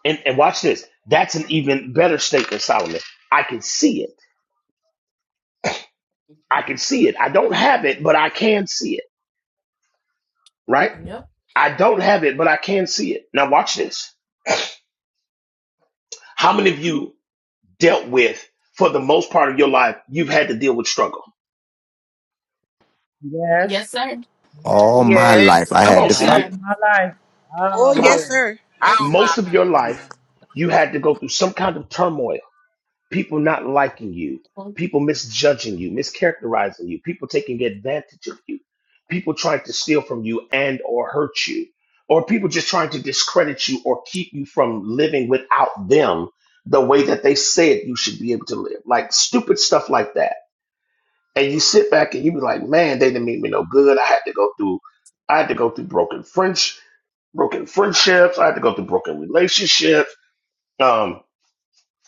Speaker 2: and, and watch this. That's an even better statement, Solomon. I can see it. I can see it. I don't have it, but I can see it. Right? I don't have it, but I can see it. Now, watch this. How many of you dealt with, for the most part of your life, you've had to deal with struggle?
Speaker 6: Yes.
Speaker 14: All my
Speaker 13: Yes.
Speaker 14: life
Speaker 4: Yes,
Speaker 14: I
Speaker 2: Come
Speaker 14: had
Speaker 2: on,
Speaker 14: to
Speaker 6: All
Speaker 14: fight.
Speaker 2: Celie.
Speaker 6: my life.
Speaker 11: Oh
Speaker 6: All
Speaker 2: Come
Speaker 6: my
Speaker 2: on.
Speaker 11: yes,
Speaker 6: life.
Speaker 11: sir. Yes,
Speaker 13: Oh
Speaker 11: sir.
Speaker 13: my
Speaker 2: most of your
Speaker 13: life.
Speaker 6: All my life.
Speaker 2: life, you had to go through some kind of turmoil. People not liking you, people misjudging you, mischaracterizing you, people taking advantage of you, people trying to steal from you and or hurt you, or people just trying to discredit you or keep you from living without them the way that they said you should be able to live. Like stupid stuff like that. And you sit back and you be like, man, they didn't mean me no good. I had to go through I had to go through broken friends, broken friendships, I had to go through broken relationships. Um,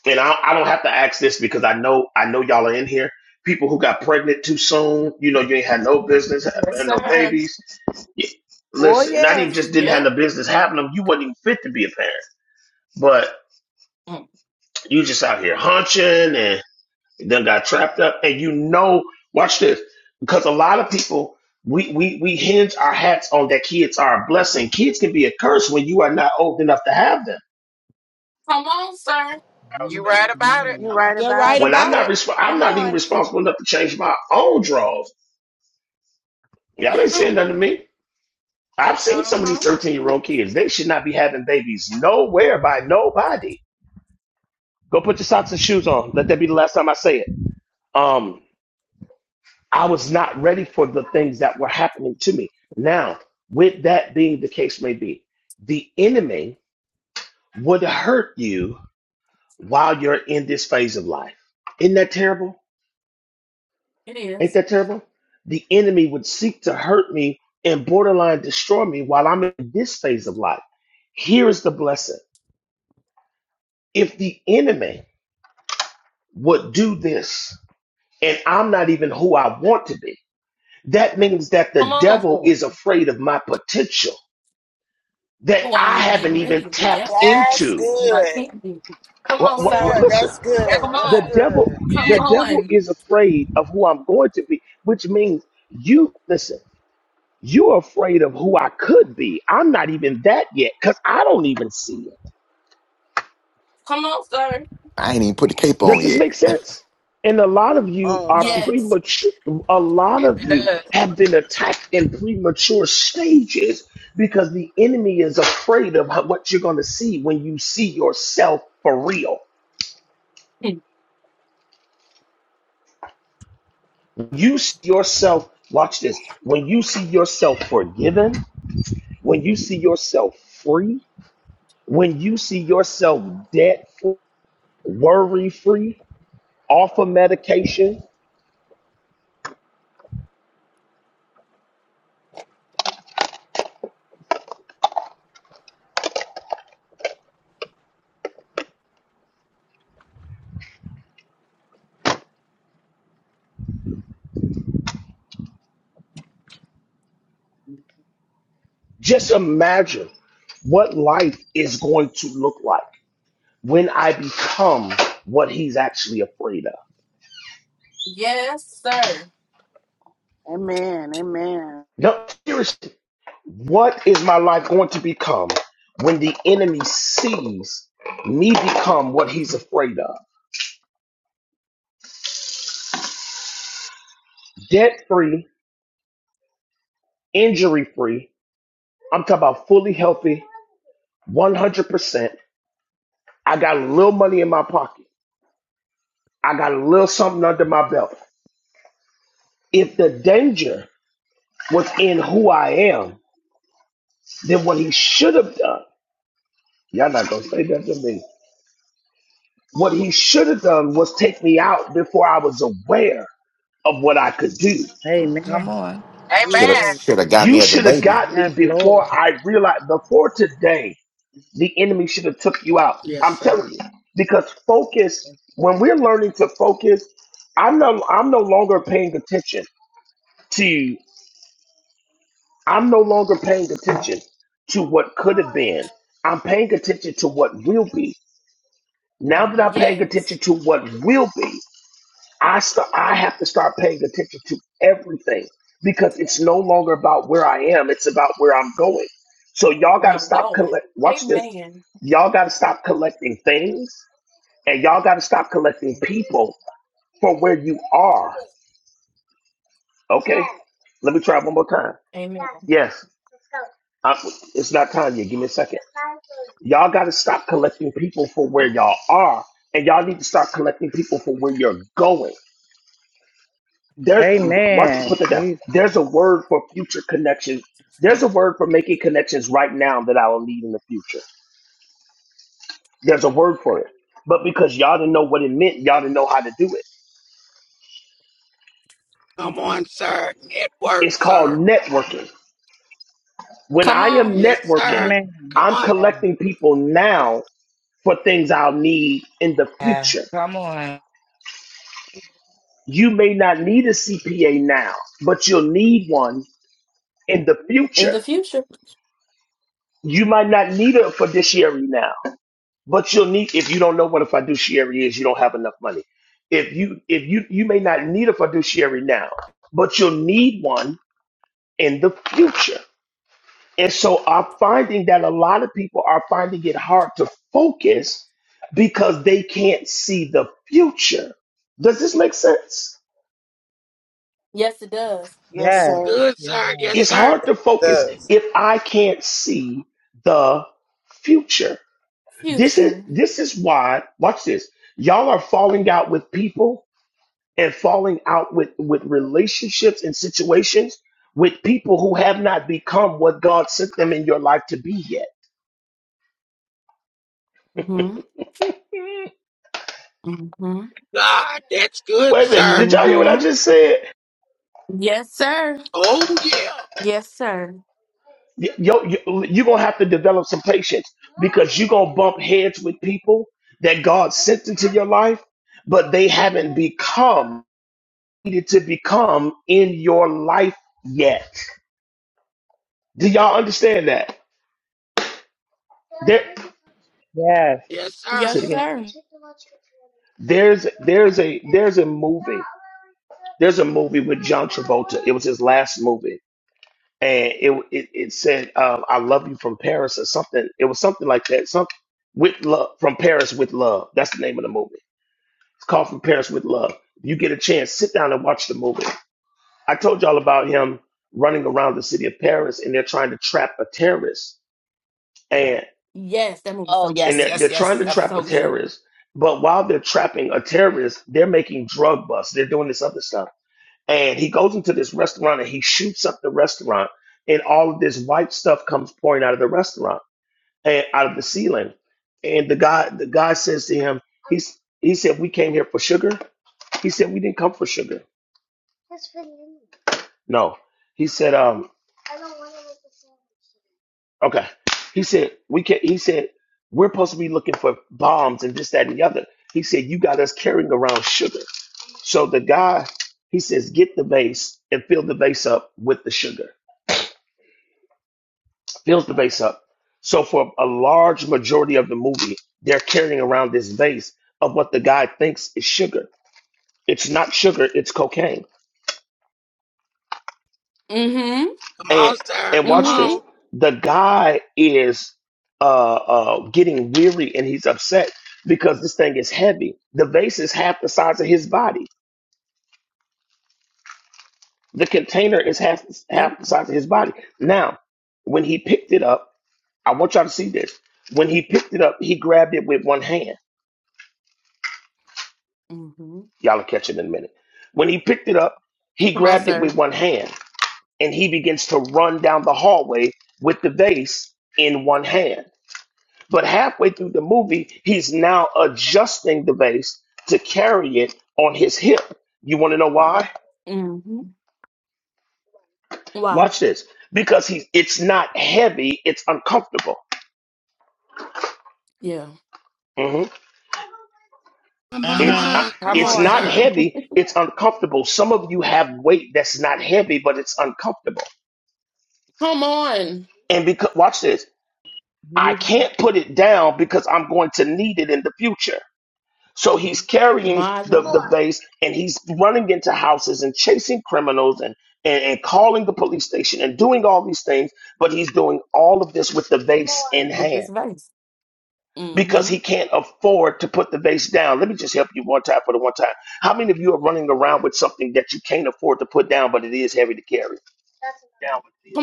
Speaker 2: and I, I don't have to ask this because I know I know y'all are in here. People who got pregnant too soon, you know, you ain't had no business having no babies. You,
Speaker 11: Oh
Speaker 2: listen, not even
Speaker 11: yes.
Speaker 2: just didn't have no business having them. You wasn't even fit to be a parent, but you just out here hunching and then got trapped up. And you know, watch this because a lot of people. We, we, we hinge our hats on that kids are a blessing. Kids can be a curse when you are not old enough to have them.
Speaker 13: You
Speaker 6: Mhm.
Speaker 13: right about it.
Speaker 4: you're
Speaker 6: Yes.
Speaker 4: right
Speaker 11: You're
Speaker 4: about
Speaker 11: right
Speaker 4: it.
Speaker 2: When I'm
Speaker 11: about
Speaker 2: not
Speaker 11: it.
Speaker 2: resp- I'm
Speaker 11: Come
Speaker 2: not even
Speaker 11: on.
Speaker 2: responsible enough to change my own drawers Y'all ain't saying nothing to me. I've seen some of these 13 year old kids. They should not be having babies nowhere by nobody. Go put your socks and shoes on. Let that be the last time I say it. Um, I was not ready for the things that were happening to me. Now, with that being the case, may be the enemy would hurt you while you're in this phase of life. Isn't that terrible? Ain't that terrible? The enemy would seek to hurt me and borderline destroy me while I'm in this phase of life. Here is the blessing. if the enemy would do this and I'm not even who I want to be, that means that the devil is afraid of my potential that I haven't even tapped
Speaker 4: That's
Speaker 2: into.
Speaker 4: good.
Speaker 2: What,
Speaker 4: Come
Speaker 2: what, what,
Speaker 4: on.
Speaker 2: listen,
Speaker 4: That's
Speaker 13: That's
Speaker 4: good. That's
Speaker 2: the
Speaker 13: good.
Speaker 2: devil,
Speaker 4: good.
Speaker 2: the
Speaker 13: Yes, that's
Speaker 2: devil
Speaker 13: good.
Speaker 2: is afraid of who I'm going to be, which means you listen, you're afraid of who I could be. I'm not even that yet because I don't even see it.
Speaker 14: I ain't even put the cape
Speaker 2: Does
Speaker 14: on
Speaker 2: this
Speaker 14: yet.
Speaker 2: make sense? And a lot of
Speaker 10: Come
Speaker 2: you
Speaker 10: on,
Speaker 2: are
Speaker 10: come on.
Speaker 2: premature. A lot
Speaker 13: Yes,
Speaker 2: of
Speaker 13: it
Speaker 2: you
Speaker 13: does.
Speaker 2: have been attacked in premature stages because the enemy is afraid of how- what you're going to see when you see yourself for real. You see yourself, watch this, when you see yourself forgiven, when you see yourself free, when you see yourself debt free, worry free, off of medication, Just imagine what life is going to look like when I become what he's actually afraid of.
Speaker 4: Amen, amen.
Speaker 2: No, seriously, what is my life going to become when the enemy sees me become what he's afraid of? Debt free, injury free. I'm talking about fully healthy, 100%. I got a little money in my pocket. I got a little something under my belt. If the danger was in who I am, then what he should have done Y'all not gonna say that to me. What he should have done was take me out before I was aware of what I could do.
Speaker 3: Come
Speaker 6: Amen.
Speaker 3: on.
Speaker 14: Should have
Speaker 13: Amen.
Speaker 6: Jesus.
Speaker 14: should have got me
Speaker 2: You
Speaker 14: as a
Speaker 2: should have
Speaker 14: baby.
Speaker 2: got me
Speaker 6: Yes, Lord.
Speaker 2: before I realized. Before today, the enemy should have took you out.
Speaker 5: Yes,
Speaker 2: I'm
Speaker 5: sir.
Speaker 2: telling you, because focus. When we're learning to focus, I'm no. I'm no longer paying attention to. I'm no longer paying attention to what could have been. I'm paying attention to what will be. Now that I'm paying attention to what will be, I st- I have to start paying attention to everything because it's no longer about where I am; it's about where I'm going. So y'all got to stop collect. Watch this. Y'all got to stop collecting things, and y'all got to stop collecting people for where you are. Okay. Let me try one more time. Yes. I, it's not time yet. Give me a second. Y'all got to stop collecting people for where y'all are, and y'all need to start collecting people for where you're going. There's watch
Speaker 6: Amen.
Speaker 2: put that down.
Speaker 6: Jesus.
Speaker 2: There's a word for future connections. There's a word for making connections right now that I will need in the future. There's a word for it. But because y'all didn't know what it meant, y'all didn't know how to do it.
Speaker 5: Come on, sir. Network,
Speaker 2: It's called
Speaker 5: sir.
Speaker 2: networking. When I am
Speaker 5: Yes, sir.
Speaker 2: networking,
Speaker 6: Amen.
Speaker 5: Come
Speaker 2: I'm
Speaker 5: on.
Speaker 6: Yes.
Speaker 2: collecting people now for things I'll need in the
Speaker 3: Yeah.
Speaker 2: future.
Speaker 3: Come on.
Speaker 2: You may not need a CPA now, but you'll need one in the future. You might not need a fiduciary now, But you'll need if you don't know what a fiduciary is, you don't have enough money. If you if you you may not need a fiduciary now, but you'll need one in the future. And so I'm finding that a lot of people are finding it hard to focus because they can't see the future. Does this make sense?
Speaker 4: Yes,
Speaker 5: That's
Speaker 6: Yes.
Speaker 4: sir.
Speaker 5: good,
Speaker 6: Yes.
Speaker 5: sir. Yes,
Speaker 2: It's
Speaker 5: sir.
Speaker 2: hard to
Speaker 10: It
Speaker 2: focus
Speaker 10: does.
Speaker 2: if I can't see the future. This is this is why, watch this. Y'all are falling out with people and falling out with, with relationships and situations with people who have not become what God sent them in your life to be yet.
Speaker 5: God, that's good,
Speaker 2: Wait a minute,
Speaker 5: sir.
Speaker 2: did y'all hear what I just said?
Speaker 5: Oh, yeah.
Speaker 2: Y- yo, you, you're gonna have to develop some patience because you're gonna bump heads with people that God sent into your life, but they haven't become needed to become in your life yet. Do y'all understand that? There.
Speaker 6: Yes.
Speaker 5: Yes, sir.
Speaker 2: Say it again. There's there's a there's a movie. There's a movie with John Travolta. It was his last movie, and it it, it said um, "I love you from Paris" or something. It was something like that. Some with love from Paris with love. That's the name of the movie. It's called From Paris with Love. If you get a chance, sit down and watch the movie. I told y'all about him running around the city of Paris, and they're trying to trap a terrorist.
Speaker 3: Oh,
Speaker 2: and
Speaker 3: yes,
Speaker 2: they're,
Speaker 3: yes,
Speaker 2: they're trying
Speaker 3: yes.
Speaker 2: to
Speaker 3: That
Speaker 2: trap a
Speaker 3: movie.
Speaker 2: terrorist. But while they're trapping a terrorist, they're making drug busts. They're doing this other stuff. And he goes into this restaurant and he shoots up the restaurant, and all of this white stuff comes pouring out of the restaurant and out of the ceiling. And the guy, the guy says to him, he's, he said, "We came here for sugar." He said, "We didn't come for sugar." No, he said, "Um, okay." He said, "We can." He said, "We're supposed to be looking for bombs and this, that, and the other." He said, "You got us carrying around sugar." So the guy, he says, get the vase and fill the vase up with the sugar. Fills the vase up. So for a large majority of the movie, they're carrying around this vase of what the guy thinks is sugar. It's not sugar, it's cocaine.
Speaker 5: Come
Speaker 2: And
Speaker 5: on, sir.
Speaker 2: and
Speaker 5: Come
Speaker 2: watch this.
Speaker 5: on.
Speaker 2: The guy is uh, uh, getting weary and he's upset because this thing is heavy. The vase is half the size of his body. The container is half half the size of his body. Now, when he picked it up, I want y'all to see this. When he picked it up, he grabbed it with one hand. Y'all will catch it in a minute. When he picked it up, he grabbed it with one hand and he begins to run down the hallway with the vase in one hand. But halfway through the movie, he's now adjusting the vase to carry it on his hip. You want to know why? Watch this. Because hes it's not heavy, it's uncomfortable. Mm-hmm.
Speaker 5: Come on,
Speaker 2: It's
Speaker 3: Mm-hmm.
Speaker 2: uh,
Speaker 5: ma. Come
Speaker 3: Come
Speaker 2: it's
Speaker 5: on,
Speaker 3: on.
Speaker 2: not
Speaker 5: sir.
Speaker 2: heavy. It's uncomfortable. Some of you have weight that's not heavy, but it's uncomfortable. And because watch this, I
Speaker 6: Jesus.
Speaker 2: can't put it down because I'm going to need it in the future. So he's carrying the the vase and he's running into houses and chasing criminals and, and and calling the police station and doing all these things. But he's doing all of this with the vase in hand. because he can't afford to put the vase down. Let me just help you one time for the one time. How many of you are running around with something that you can't afford to put down, but it is heavy to carry?
Speaker 9: doubt this is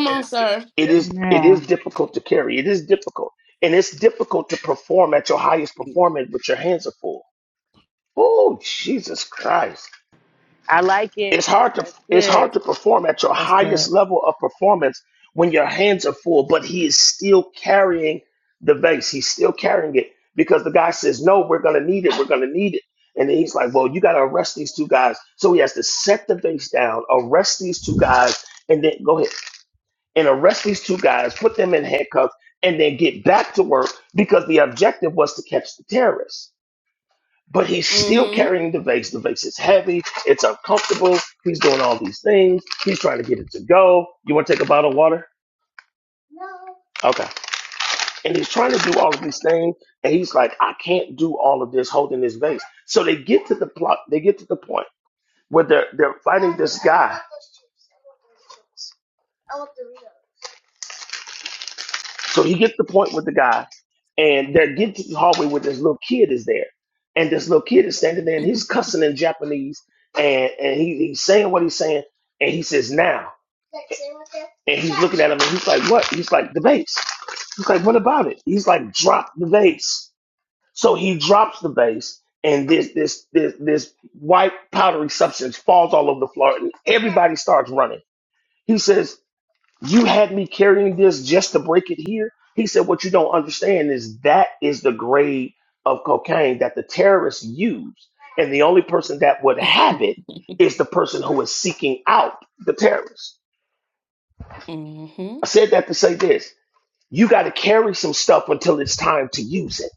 Speaker 2: It
Speaker 9: here.
Speaker 2: is it
Speaker 6: Amen.
Speaker 2: is difficult to carry. It is difficult. And it's difficult to perform at your highest performance, but your hands are full. Oh, Jesus Christ.
Speaker 8: I like it.
Speaker 2: It's hard to
Speaker 8: That's
Speaker 2: it's
Speaker 8: good.
Speaker 2: hard to perform at your
Speaker 15: That's
Speaker 2: highest
Speaker 15: good.
Speaker 2: level of performance when your hands are full, but he is still carrying the vase. He's still carrying it because the guy says, "No, we're going to need it. We're going to need it." And then he's like, "Well, you got to arrest these two guys." So he has to set the vase down, arrest these two guys, and then go ahead and arrest these two guys, put them in handcuffs, and then get back to work because the objective was to catch the terrorists but he's still carrying the vase. The vase is heavy, it's uncomfortable. He's doing all these things. He's trying to get it to go. You want to take a bottle of water? Okay. And he's trying to do all of these things, and he's like, I can't do all of this holding this vase. So they get to the plot. They get to the point where they're they're fighting this guy. So he gets the point with the guy, and they're getting to the hallway where this little kid is there. And this little kid is standing there and he's cussing in Japanese and, and he, he's saying what he's saying. And he says, now. And he's looking at him and he's like, what? He's like, the vase. He's like, what about it? He's like, drop the vase. So he drops the vase and this this this this white powdery substance falls all over the floor and everybody starts running. He says, you had me carrying this just to break it here. He said, What you don't understand is that is the grade of cocaine that the terrorists use. And the only person that would have it is the person who is seeking out the terrorists. I said that to say this you got to carry some stuff until it's time to use it.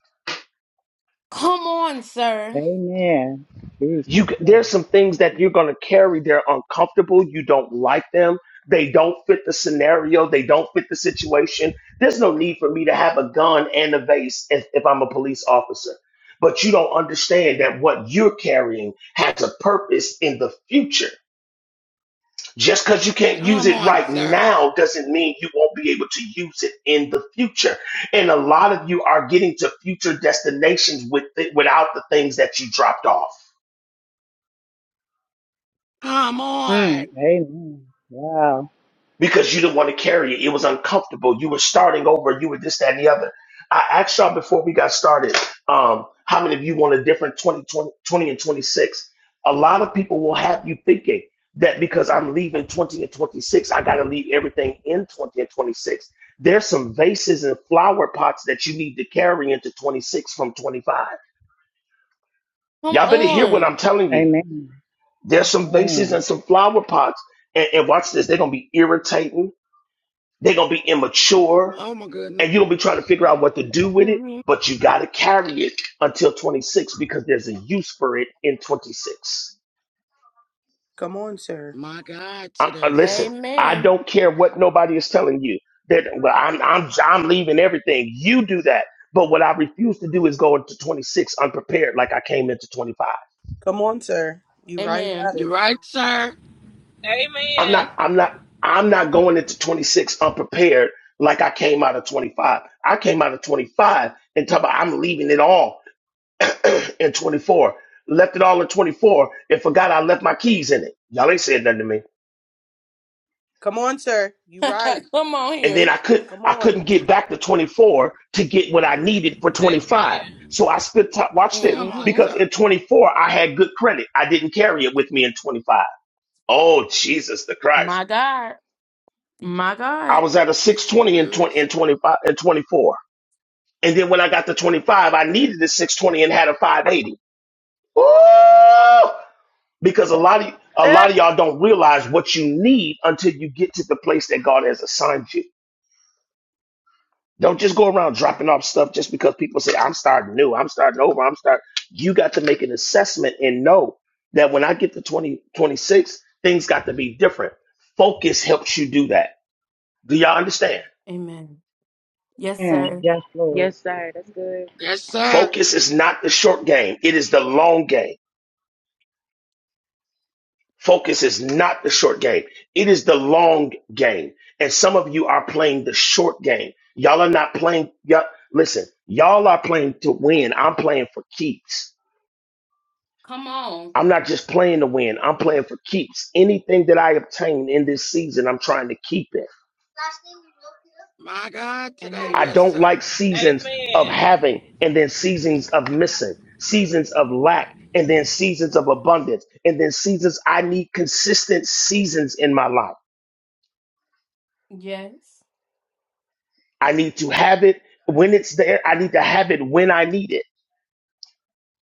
Speaker 6: Amen. Jesus.
Speaker 2: you c- there's
Speaker 6: Yes.
Speaker 2: some things that you're going to carry they're uncomfortable you don't like them they don't fit the scenario they don't fit the situation there's no need for me to have a gun and a vase if, if i'm a police officer but you don't understand that what you're carrying has a purpose in the future just because you can't use
Speaker 5: Come
Speaker 2: it
Speaker 5: on,
Speaker 2: right
Speaker 5: sir.
Speaker 2: now doesn't mean you won't be able to use it in the future and a lot of you are getting to future destinations with without the things that you dropped off
Speaker 5: Come on.
Speaker 6: Mm. Amen. Wow.
Speaker 2: because you didn't want to carry it. It was uncomfortable. You were starting over. You were this, that, and the other. I asked y'all before we got started, um, how many of you want a different 20, 20, 20, and 26? A lot of people will have you thinking that because I'm leaving 20 and 26, I got to leave everything in 20 and 26. There's some vases and flower pots that you need to carry into 26 from 25. Y'all better hear what I'm telling you.
Speaker 6: Amen.
Speaker 2: There's some vases
Speaker 6: Amen.
Speaker 2: and some flower pots. And, and watch this, they're going to be irritating they're gonna be immature,
Speaker 5: Oh, my goodness.
Speaker 2: and you're gonna be trying to figure out what to do with it.
Speaker 5: Mm-hmm.
Speaker 2: But you gotta carry it until 26 because there's a use for it in 26.
Speaker 11: Come on, sir.
Speaker 5: My God,
Speaker 2: I, I-
Speaker 5: today, sir.
Speaker 2: listen, I don't care what nobody is telling you. That well, I'm I'm I'm leaving everything. You do that. But what I refuse to do is go into 26 unprepared, like I came into 25.
Speaker 11: Come on, sir. You right about it.
Speaker 5: You right, sir?
Speaker 2: I'm
Speaker 7: Amen.
Speaker 2: not I'm not I'm not going into 26 unprepared like I came out of 25. I came out of 25 and talk about I'm leaving it all in 24. Left it all in 24 and forgot I left my keys in it. Y'all ain't said nothing to me.
Speaker 11: Come on, sir. You right.
Speaker 2: And then I could
Speaker 11: Come
Speaker 2: I
Speaker 11: on.
Speaker 2: couldn't get back to 24 to get what I needed for 25.
Speaker 7: Amen.
Speaker 2: So I spent time watch this.
Speaker 5: Come on,
Speaker 2: Because
Speaker 5: sir.
Speaker 2: in 24 I had good credit. I didn't carry it with me in 25. Oh Jesus the Christ. I was at a
Speaker 5: Speak
Speaker 2: 620 in
Speaker 5: good,
Speaker 2: 20 in
Speaker 5: sir.
Speaker 2: 25 and 24. And then when I got to 25, I needed a 620 and had a 580. Ooh. because a lot of a lot
Speaker 8: Ah,
Speaker 2: of y'all don't realize what you need until you get to the place that God has assigned you. Don't just go around dropping off stuff just because people say I'm starting new, I'm starting over, I'm starting. You got to make an assessment and know that when I get to 20 26, things got to be different. Focus helps you do that. Do y'all understand?
Speaker 6: Amen. Yes, Lord.
Speaker 8: yes, sir. That's good.
Speaker 5: Yes, sir.
Speaker 2: Focus is not the short game; it is the long game. Focus is not the short game. It is the long game. And some of you are playing the short game. Y'all are not playing. Y'all, listen, y'all are playing to win. I'm playing for keeps. I'm not just playing to win. I'm playing for keeps. Anything that I obtain in this season, I'm trying to keep it.
Speaker 5: My God, today,
Speaker 2: I
Speaker 5: yes,
Speaker 2: don't
Speaker 5: sir.
Speaker 2: like seasons of
Speaker 7: Amen.
Speaker 2: having and then seasons of missing, seasons of lack and then seasons of abundance, and then seasons. I need consistent seasons in my life. I need to have it when it's there. I need to have it when I need it.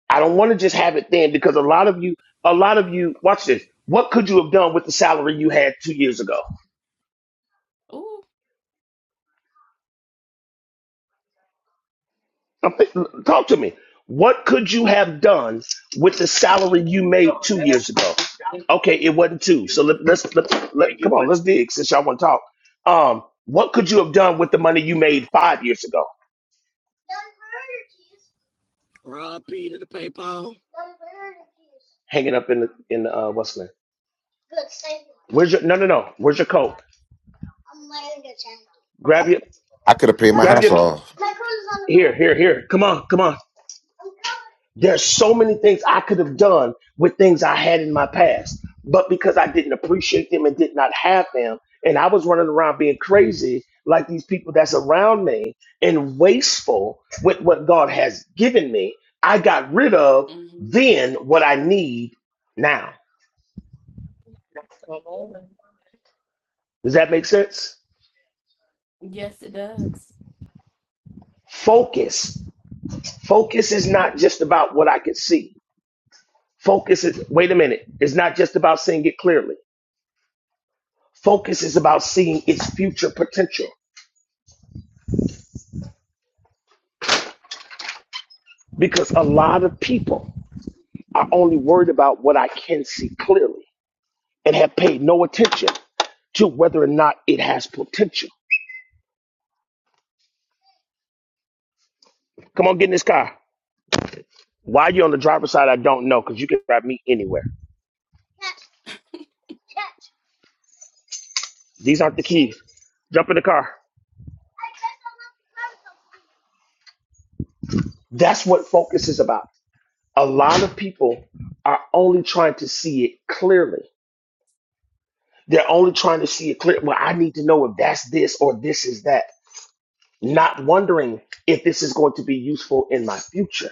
Speaker 2: I don't want to just have it then because a lot of you, a lot of you, watch this. What could you have done with the salary you had two years ago? I'm think- talk to me. What could you have done with the
Speaker 9: Could
Speaker 2: salary
Speaker 9: you
Speaker 2: you
Speaker 9: have
Speaker 2: made
Speaker 9: done
Speaker 2: two years ago?
Speaker 9: Absolutely.
Speaker 2: Okay, it
Speaker 9: nothing?
Speaker 2: wasn't two. So let, let's let, let
Speaker 9: Okay, you
Speaker 2: come on,
Speaker 9: what
Speaker 2: let's
Speaker 9: to?
Speaker 2: dig since y'all want to talk. Um, what could you have done with the money you made five years ago?
Speaker 5: Rob P to the PayPal.
Speaker 2: Hanging up in the in the, uh, what's the name? Where's your no no no? Where's your coat? Grab your
Speaker 14: I could have paid my
Speaker 2: grab
Speaker 14: house
Speaker 2: your
Speaker 14: off.
Speaker 2: here here here. Come on come on. There's so many things I could have done with things I had in my past, but because I didn't appreciate them and did not have them, and I was running around being crazy like these people that's around me and wasteful with what God has given me, I got rid of then what I need now.
Speaker 9: Come on.
Speaker 2: Does that make sense? Focus. Focus is not just about what I can see. Focus is, wait a minute, it's not just about seeing it clearly. Focus is about seeing its future potential. because a lot of people are only worried about what I can see clearly and have paid no attention to whether or not it has potential. Come on, get in this car. Why you on the driver's side, I don't know because you can drive me anywhere. These aren't the keys. Jump in the car. That's what focus is about. A lot of people are only trying to see it clearly. They're only trying to see it clear. Well, I need to know if that's this or this is that. Not wondering if this is going to be useful in my future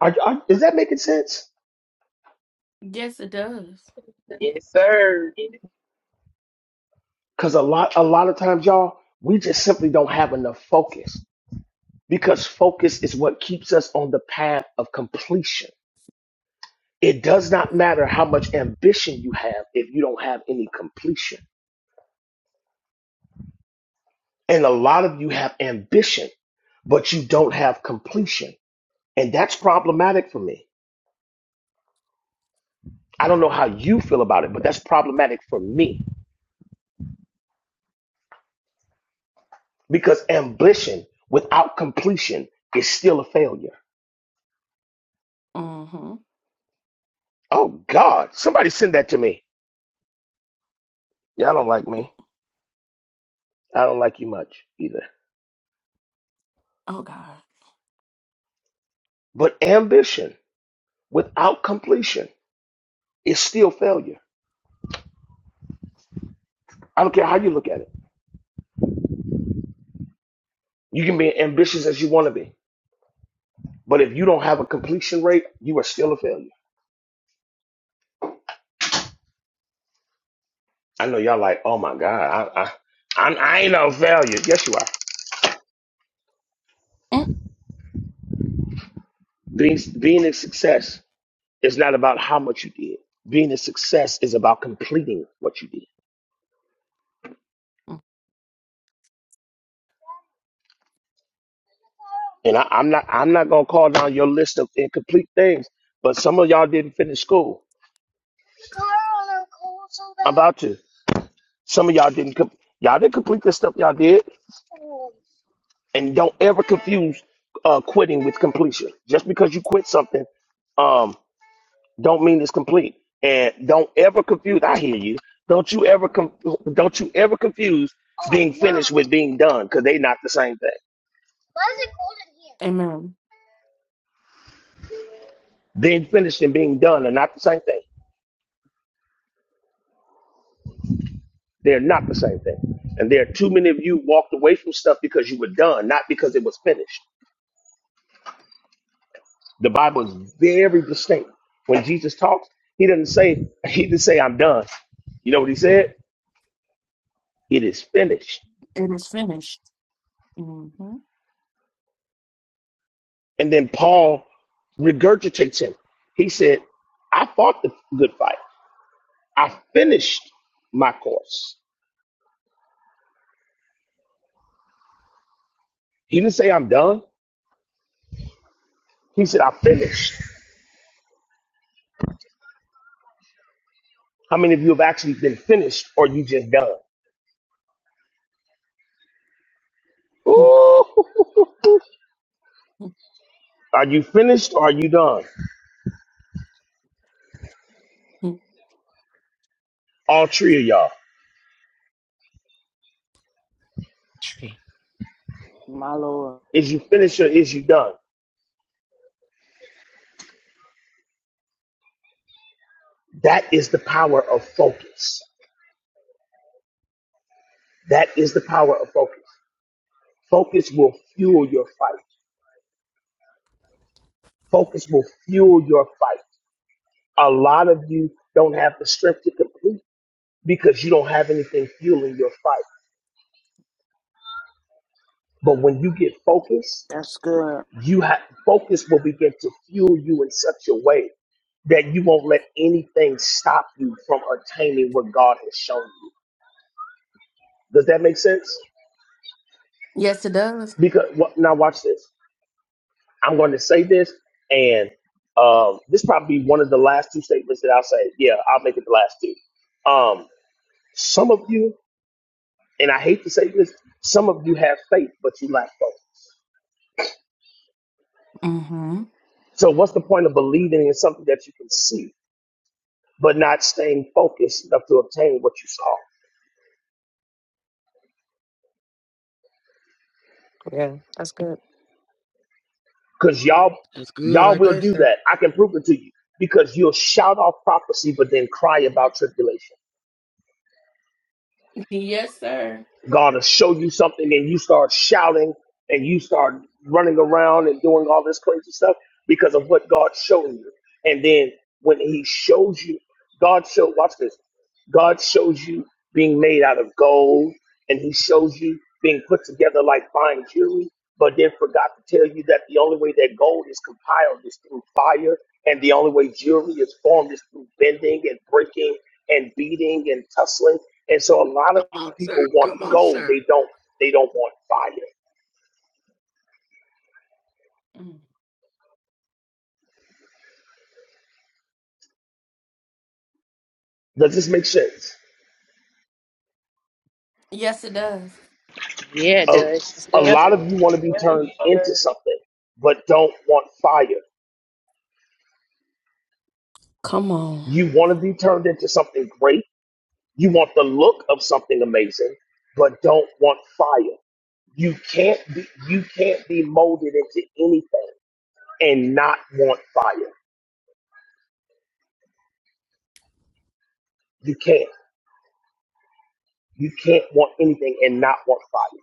Speaker 2: Are, are, is that making sense?
Speaker 9: Yes, sir. Yes,
Speaker 2: Because a lot, a lot of times, y'all, we just simply don't have enough focus. Because focus is what keeps us on the path of completion. It does not matter how much ambition you have if you don't have any completion. And a lot of you have ambition, but you don't have completion. And that's problematic for me. I don't know how you feel about it, but that's problematic for me because ambition without completion is still a failure. Oh God, somebody send that to me. Y'all don't like me. I don't like you much either. But ambition without completion is still failure. I don't care how you look at it. You can be ambitious as you want to be, but if you don't have a completion rate, you are still a failure. I know y'all like, oh my God, I, I, I'm, I ain't no failure. Yes, you are. Being, being a success is not about how much you did. Being a success is about completing what you did. And I, I'm not, I'm not gonna call down your list of incomplete things, but some of y'all didn't finish school. about you. Some of y'all didn't com- y'all didn't complete the stuff y'all did, and don't ever confuse uh, quitting with completion. Just because you quit something, um, don't mean it's complete. And don't ever confuse. I hear you. Don't you ever com- don't you ever confuse being finished with being done because they're not the same thing. Being finished and being done are not the same thing. They're not the same thing. And there are too many of you walked away from stuff because you were done, not because it was finished. The Bible is very distinct. When Jesus talks, he doesn't say, he didn't say, I'm done. You know what he said? It is finished. And then Paul regurgitates him. He said, I fought the good fight. I finished my course. He didn't say I'm done. He said, I finished. How many of you have actually been finished or you just done? Ooh. Are you finished or are you done? All three of y'all.
Speaker 3: Tree.
Speaker 4: My Lord.
Speaker 2: Is you finished or is you done? That is the power of focus. That is the power of focus. Focus will fuel your fight. Focus will fuel your fight. A lot of you don't have the strength to complete because you don't have anything fueling your fight. But when you get focused,
Speaker 4: That's good.
Speaker 2: you have focus will begin to fuel you in such a way that you won't let anything stop you from attaining what God has shown you. Does that make sense? Because wh- now watch this. I'm going to say this, and um, this probably be one of the last two statements that I'll say. Yeah, I'll make it the last two. Um, some of you, and I hate to say this, some of you have faith, but you lack both. So, what's the point of believing in something that you can see, but not staying focused enough to obtain what you saw?
Speaker 15: Yeah, that's good.
Speaker 2: Because y'all,
Speaker 5: That's good
Speaker 2: y'all
Speaker 5: right
Speaker 2: will
Speaker 5: there,
Speaker 2: do
Speaker 5: sir.
Speaker 2: that. I can prove it to you. Because you'll shout off prophecy, but then cry about tribulation. God will show you something and you start shouting and you start running around and doing all this crazy stuff because of what God showed you. And then when he shows you, God showed, watch this, God shows you being made out of gold, and He shows you being put together like fine jewelry, but then forgot to tell you that the only way that gold is compiled is through fire, and the only way jewelry is formed is through bending and breaking and beating and tussling. And so a lot
Speaker 5: Come on,
Speaker 2: of
Speaker 5: sir.
Speaker 2: people want
Speaker 5: Come on,
Speaker 2: gold.
Speaker 5: sir.
Speaker 2: They don't they don't want fire. Does this make sense?
Speaker 8: Yeah, it
Speaker 2: A,
Speaker 8: does.
Speaker 15: That's
Speaker 2: a
Speaker 15: good.
Speaker 8: Yep.
Speaker 2: lot of you want to be
Speaker 15: Mm-hmm.
Speaker 2: turned into
Speaker 9: sir.
Speaker 2: something, but don't want fire. You want to be turned into something great You want the look of something amazing, but don't want fire. You can't be you can't be molded into anything and not want fire. You can't. You can't want anything and not want fire.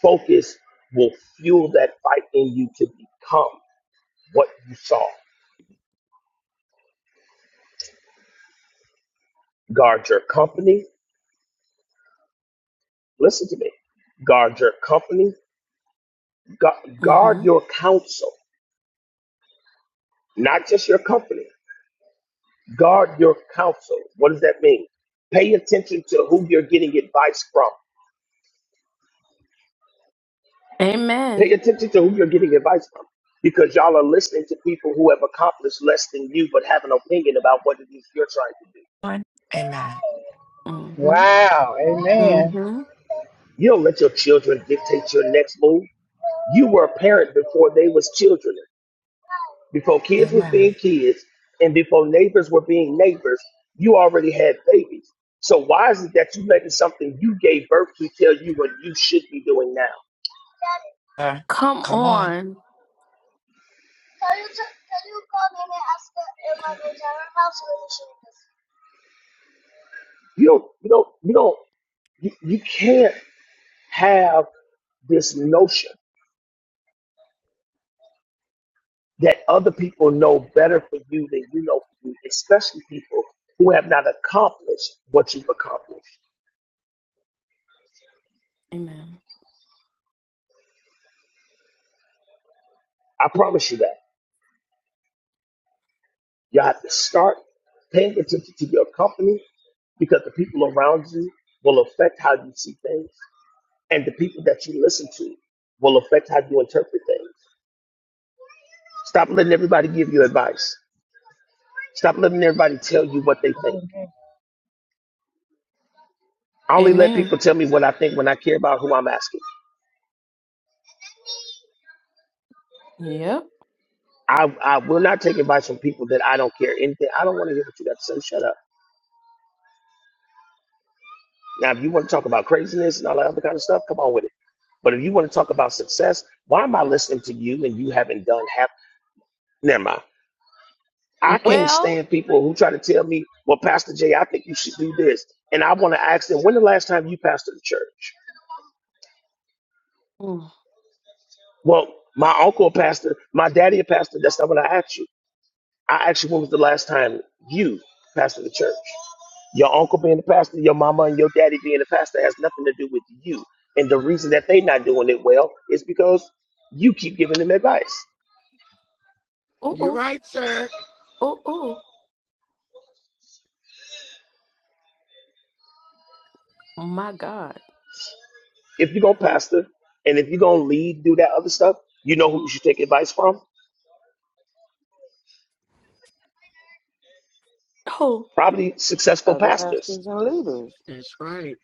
Speaker 2: Focus will fuel that fight in you to become what you saw. Guard your company. Listen to me. Guard your company. Gu- Guard your counsel, not just your company. Guard your counsel. What does that mean? Pay attention to who you're getting advice from. Pay attention to who you're getting advice from because y'all are listening to people who have accomplished less than you but have an opinion about what it is you're trying to do.
Speaker 3: One. Amen.
Speaker 6: Wow. Amen.
Speaker 2: You don't let your children dictate your next move. You were a parent before they was children, before kids was
Speaker 3: Amen.
Speaker 2: being kids, and before neighbors were being neighbors. You already had babies. So why is it that you letting something you gave birth to tell you what you should be doing now?
Speaker 3: Uh, come on.
Speaker 2: You don't, you don't, you don't, you, you can't have this notion that other people know better for you than you know for you, especially people who have not accomplished what you've accomplished. I promise you that. You have to start paying attention to your company because the people around you will affect how you see things, and the people that you listen to will affect how you interpret things. Stop letting everybody give you advice. Stop letting everybody tell you what they think. I only let people tell me what I think when I care about who I'm asking. I, I will not take advice from people that I don't care anything. I don't want to hear what you got to say. Shut up. Now, if you want to talk about craziness and all that other kind of stuff, come on with it. But if you want to talk about success, why am I listening to you and you haven't done half? Never mind. I can't stand people who try to tell me, well, Pastor Jay, I think you should do this. And I want to ask them, when the last time you pastored the church? Well, my uncle pastor, my daddy a pastor. That's not what I asked you. I asked you, when was the last time you pastored the church? Your uncle being the pastor, your mama and your daddy being the pastor has nothing to do with you. And the reason that they not doing it well is because you keep giving them advice.
Speaker 5: You right, sir.
Speaker 2: If you're going to pastor and if you're going to lead, do that other stuff, you know who you should take advice from? Probably successful
Speaker 4: Other
Speaker 2: pastors.
Speaker 4: pastors and leaders.
Speaker 5: That's right.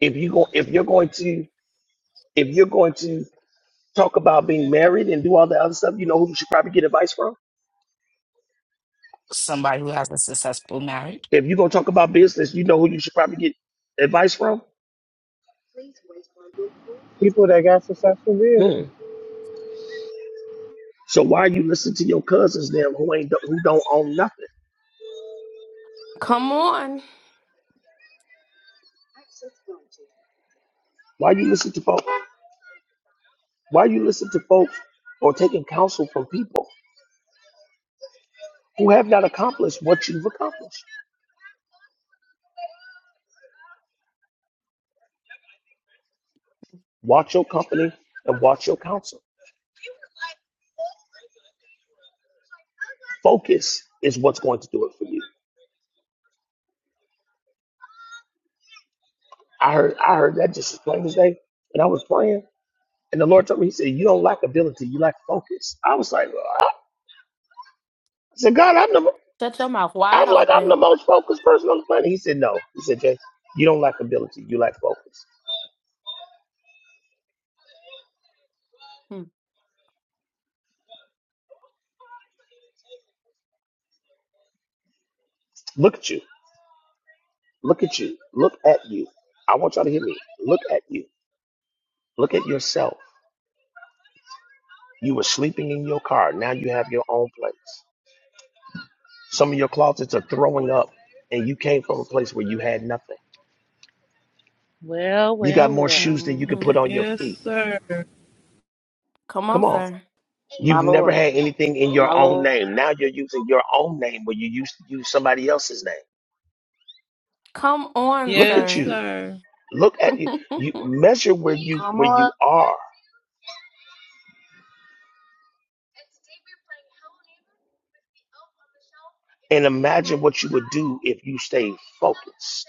Speaker 2: If you go, if you're going to, if you're going to talk about being married and do all the other stuff, you know who you should probably get advice from?
Speaker 3: Somebody who has a successful marriage.
Speaker 2: If you're going to talk about business, you know who you should probably get advice from?
Speaker 6: People that got successful business.
Speaker 2: Hmm. So why you listen to your cousins them who ain't who don't own nothing? Why you listen to folks? Why you listen to folks or taking counsel from people who have not accomplished what you've accomplished? Watch your company and watch your counsel. Focus is what's going to do it for you. I heard I heard that just as plain as day, and I was praying, and the Lord told me He said, "You don't lack ability, you lack focus." I was like, "Ah." I said, "God, I'm the mo- I'm like I'm the most focused person on the planet." He said, "No," He said, "Jay, you don't lack ability, you lack focus." Look at you. Look at you. Look at you. I want y'all to hear me. Look at you. Look at yourself. You were sleeping in your car. Now you have your own place. Some of your closets are throwing up, and you came from a place where you had nothing.
Speaker 8: Well,
Speaker 2: You got
Speaker 8: well,
Speaker 2: more
Speaker 8: well.
Speaker 2: shoes than you can put on your
Speaker 7: Yes,
Speaker 2: feet.
Speaker 7: sir.
Speaker 2: Come on.
Speaker 4: My
Speaker 2: You've never
Speaker 4: Lord.
Speaker 2: had anything in
Speaker 4: My
Speaker 2: your own
Speaker 4: Lord.
Speaker 2: name. Now you're using your own name where you used to use somebody else's name. Look
Speaker 7: Yes,
Speaker 2: at you.
Speaker 7: sir.
Speaker 2: Look at you. You measure where you
Speaker 4: Come
Speaker 2: where you
Speaker 4: on.
Speaker 2: are. And imagine what you would do if you stayed focused.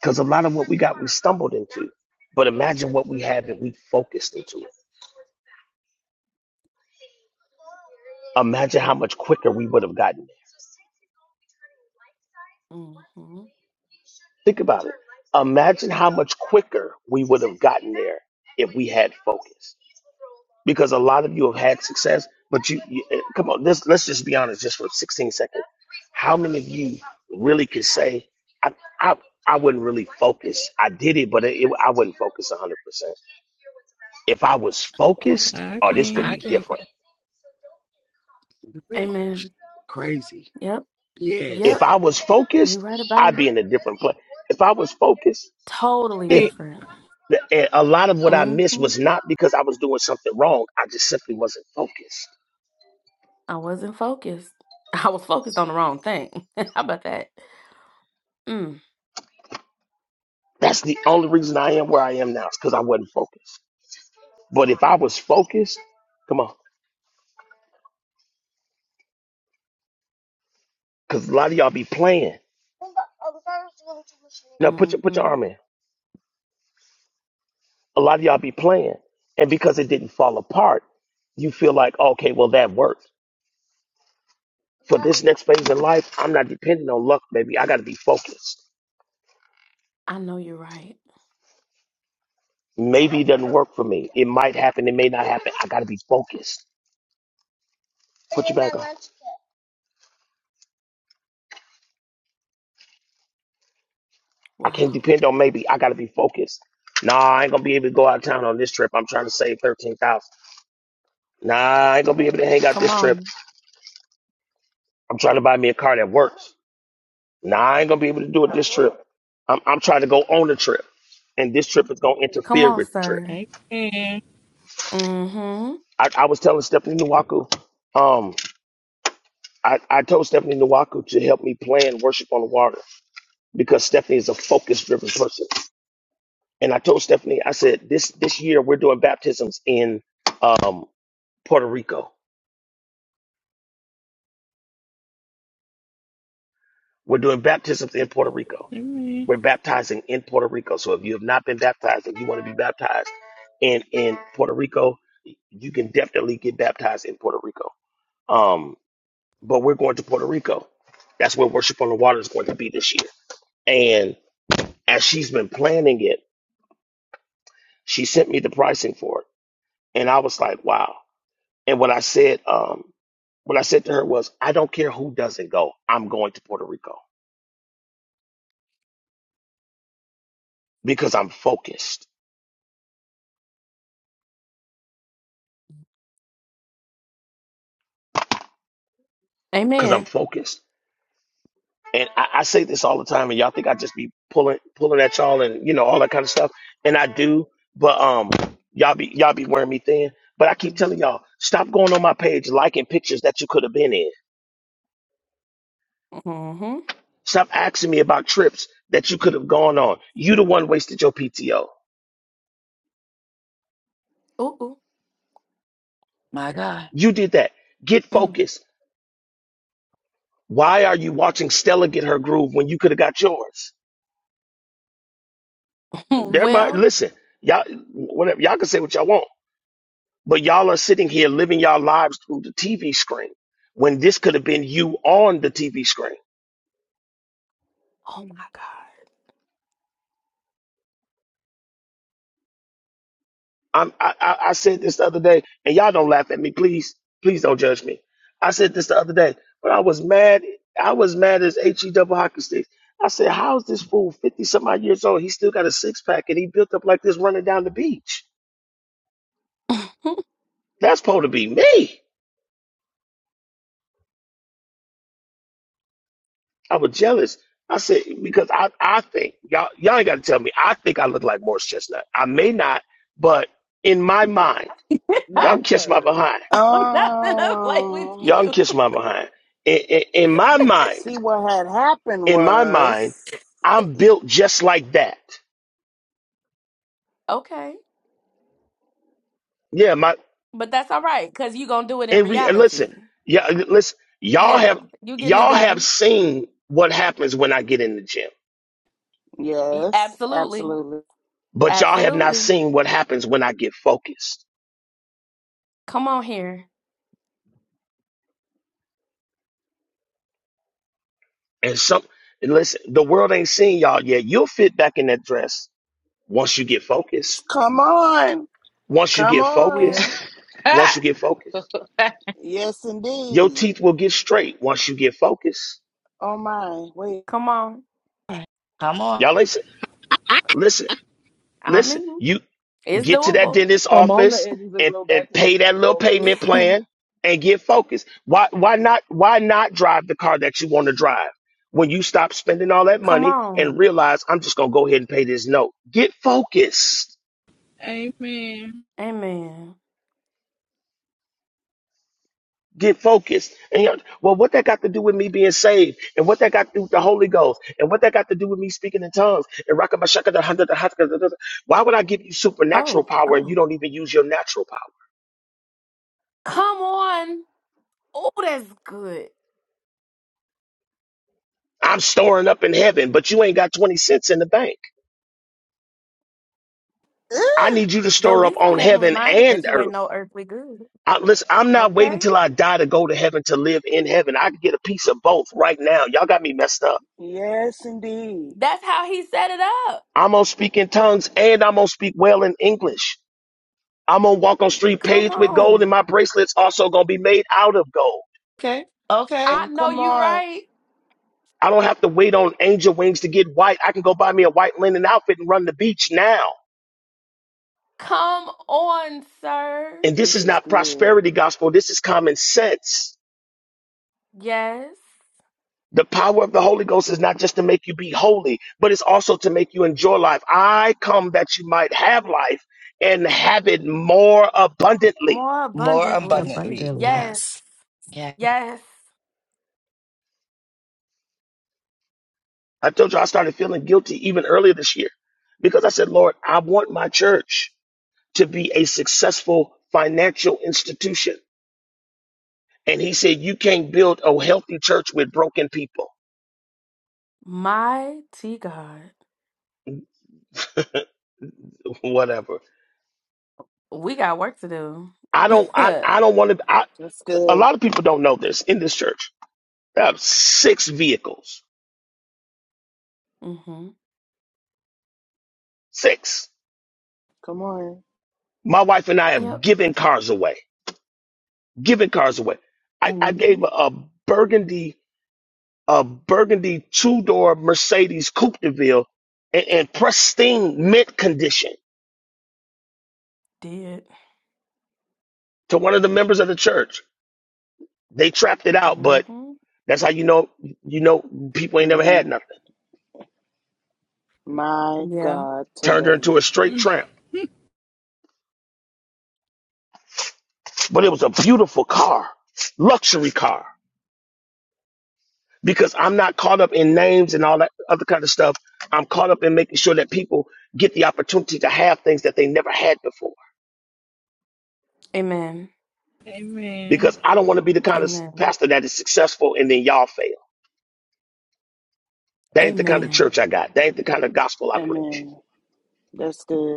Speaker 2: Because a lot of what we got, we stumbled into. But imagine what we have if we focused into it. Imagine how much quicker we would have gotten there. Think about it. Imagine how much quicker we would have gotten there if we had focus. Because a lot of you have had success, but you, you eh, come on, this, let's just be honest just for 16 seconds. How many of you really could say, I, I, I wouldn't really focus? I did it, but it, it, I wouldn't focus 100%. If I was focused,
Speaker 7: I
Speaker 2: oh, this would
Speaker 5: I
Speaker 7: can.
Speaker 2: be
Speaker 5: can't
Speaker 2: different.
Speaker 5: get to it. crazy.
Speaker 2: If I
Speaker 5: Yes.
Speaker 2: was focused, I'd be in a different place. If I was focused, if
Speaker 7: Wait.
Speaker 2: the, eh, a lot of what I missed was not because I was doing something wrong, I just simply wasn't focused. That's the only reason I am where I am now. It's because I wasn't focused. But if I was focused, come on, because a lot of y'all be playing. No, put your put your arm in. A lot of y'all be playing, and because it didn't fall apart, you feel like okay, well that worked. For this next phase in life, I'm not depending on luck, baby. I got to be focused. Maybe it doesn't work for me. It might happen. It may not happen. I got to be focused. Put your back on. I can't depend on maybe. I gotta be focused. Nah, I ain't gonna be able to go out of town on this trip. I'm trying to save thirteen thousand. Nah, I ain't gonna be able to hang out this trip. I'm trying to buy me a car that works. Nah, I ain't gonna be able to do it this trip. I'm I'm trying to go on the trip, and this trip is gonna interfere with the trip.
Speaker 7: Amen.
Speaker 2: I, I was telling Stephanie Nwaku, um, I, I told Stephanie Nwaku to help me plan worship on the water because Stephanie is a focus driven person. And I told Stephanie, I said this this year we're doing baptisms in um Puerto Rico We're doing baptisms in Puerto Rico.
Speaker 7: Amen.
Speaker 2: We're baptizing in Puerto Rico. So if you have not been baptized and you want to be baptized in in Puerto Rico, you can definitely get baptized in Puerto Rico. Um, but we're going to Puerto Rico. That's where Worship on the Water is going to be this year. And as she's been planning it, she sent me the pricing for it, and I was like, wow. And what I said, um, what I said to her was, I don't care who doesn't go. I'm going to Puerto Rico because I'm focused. Because I'm focused And I, I say this all the time, and y'all think I just be pulling pulling at y'all and you know all that kind of stuff. And I do, but um, y'all be y'all be wearing me thin. But I keep telling y'all, stop going on my page liking pictures that you could have been in. Stop asking me about trips that you could have gone on. You the one wasted your PTO.
Speaker 3: My God.
Speaker 2: You did that. Get focused. Why are you watching Stella get her groove when you could have got yours? There might listen, y'all. Whatever y'all can say what y'all want. But y'all are sitting here living y'all lives through the TV screen when this could have been you on the TV screen. I'm, I, I I said this the other day, and y'all don't laugh at me. Please, please don't judge me. I said this the other day, but I was mad. I was mad as he double hockey sticks. I said, how is this fool 50 some odd years old? He still got a six pack and he built up like this running down the beach. That's supposed to be me. I was jealous. I said because I I think y'all y'all ain't got to tell me. I think I look like Morris Chestnut. I may not, but in my mind, y'all can
Speaker 9: Now,
Speaker 2: kiss my
Speaker 9: sir,
Speaker 2: behind.
Speaker 4: Um
Speaker 2: Y'all can kiss my behind. In, in, in my mind,
Speaker 4: see what had happened
Speaker 2: in my
Speaker 4: was
Speaker 2: mind, I'm built just like that. Yeah, my and, re, and listen, yeah, listen. Y'all have y'all have seen what happens when I get in the gym,
Speaker 4: Yes, absolutely.
Speaker 2: but y'all have not seen what happens when I get focused. And some and listen, the world ain't seen y'all yet. You'll fit back in that dress once you get focused.
Speaker 4: Come on.
Speaker 2: Once you
Speaker 4: Come
Speaker 2: get
Speaker 4: on.
Speaker 2: focused,
Speaker 8: Ah.
Speaker 2: once you get focused,
Speaker 8: good
Speaker 4: Yes
Speaker 2: your
Speaker 4: indeed.
Speaker 2: teeth will get straight once you get focused.
Speaker 4: Oh my, wait.
Speaker 3: All right. Come on.
Speaker 2: Y'all listen, listen, listen. You get to that dentist
Speaker 9: come on the
Speaker 2: office
Speaker 9: edges and
Speaker 2: and,
Speaker 9: grow back
Speaker 2: and
Speaker 9: when
Speaker 2: pay
Speaker 9: you can
Speaker 2: that little
Speaker 9: focus.
Speaker 2: payment plan and get focused. Why why not why not drive the car that you want to drive? When you stop spending all that money and realize I'm just gonna go ahead and pay this note. Get focused
Speaker 7: Amen.
Speaker 2: Get focused. And you know, well, what that got to do with me being saved, and what that got to do with the Holy Ghost, and what that got to do with me speaking in tongues, and rocking my shaka da hundred da haka da da da. Why would I give you supernatural power and you don't even use your natural power? I'm storing up in heaven, but you ain't got twenty cents in the bank. I
Speaker 4: Ugh.
Speaker 2: need you to store up on heaven and earth. I, listen, I'm not waiting till I die to go to heaven to live in heaven. I can get a piece of both right now. Y'all got me messed up.
Speaker 4: Yes indeed.
Speaker 2: I'm gonna speak in tongues and I'm gonna speak well in English. I'm gonna walk on street paved with gold, and my bracelet's also gonna be made out of gold.
Speaker 3: Okay. Okay.
Speaker 4: And come on.
Speaker 2: I don't have to wait on angel wings to get white. I can go buy me a white linen outfit and run the beach now. And this
Speaker 4: This
Speaker 2: is
Speaker 4: is
Speaker 2: not
Speaker 4: good.
Speaker 2: prosperity gospel, this is common sense. The power of the Holy Ghost is not just to make you be holy, but it's also to make you enjoy life. I come that you might have life and have it more abundantly.
Speaker 3: More
Speaker 15: Yeah,
Speaker 3: abundantly. Yes. Yeah.
Speaker 2: I told you I started feeling guilty even earlier this year because I said, Lord, I want my church. to be a successful financial institution. And he said, you can't build a healthy church with broken people. Whatever. I don't, I, I don't want to, I,
Speaker 4: That's
Speaker 2: a
Speaker 4: good.
Speaker 2: lot of people don't know this in this church. I have six vehicles, six.
Speaker 4: Come on.
Speaker 2: My wife and I have given cars away, given cars away. I, I gave a, a burgundy, a burgundy two door Mercedes Coupe de Ville in, in pristine mint condition to one of the members of the church. They trapped it out, but That's how you know you know people ain't never
Speaker 4: hmm
Speaker 2: had nothing.
Speaker 4: My God
Speaker 2: Turned her
Speaker 4: today.
Speaker 2: into a straight
Speaker 7: Mm.
Speaker 2: tramp. But it was a beautiful car, luxury car. Because I'm not caught up in names and all that other kind of stuff. I'm caught up in making sure that people get the opportunity to have things that they never had before.
Speaker 7: Amen.
Speaker 2: Because I don't want to be the kind of pastor that is successful and then y'all fail. That ain't the kind of church I got. That ain't the kind of gospel I preach.
Speaker 4: Amen. That's good.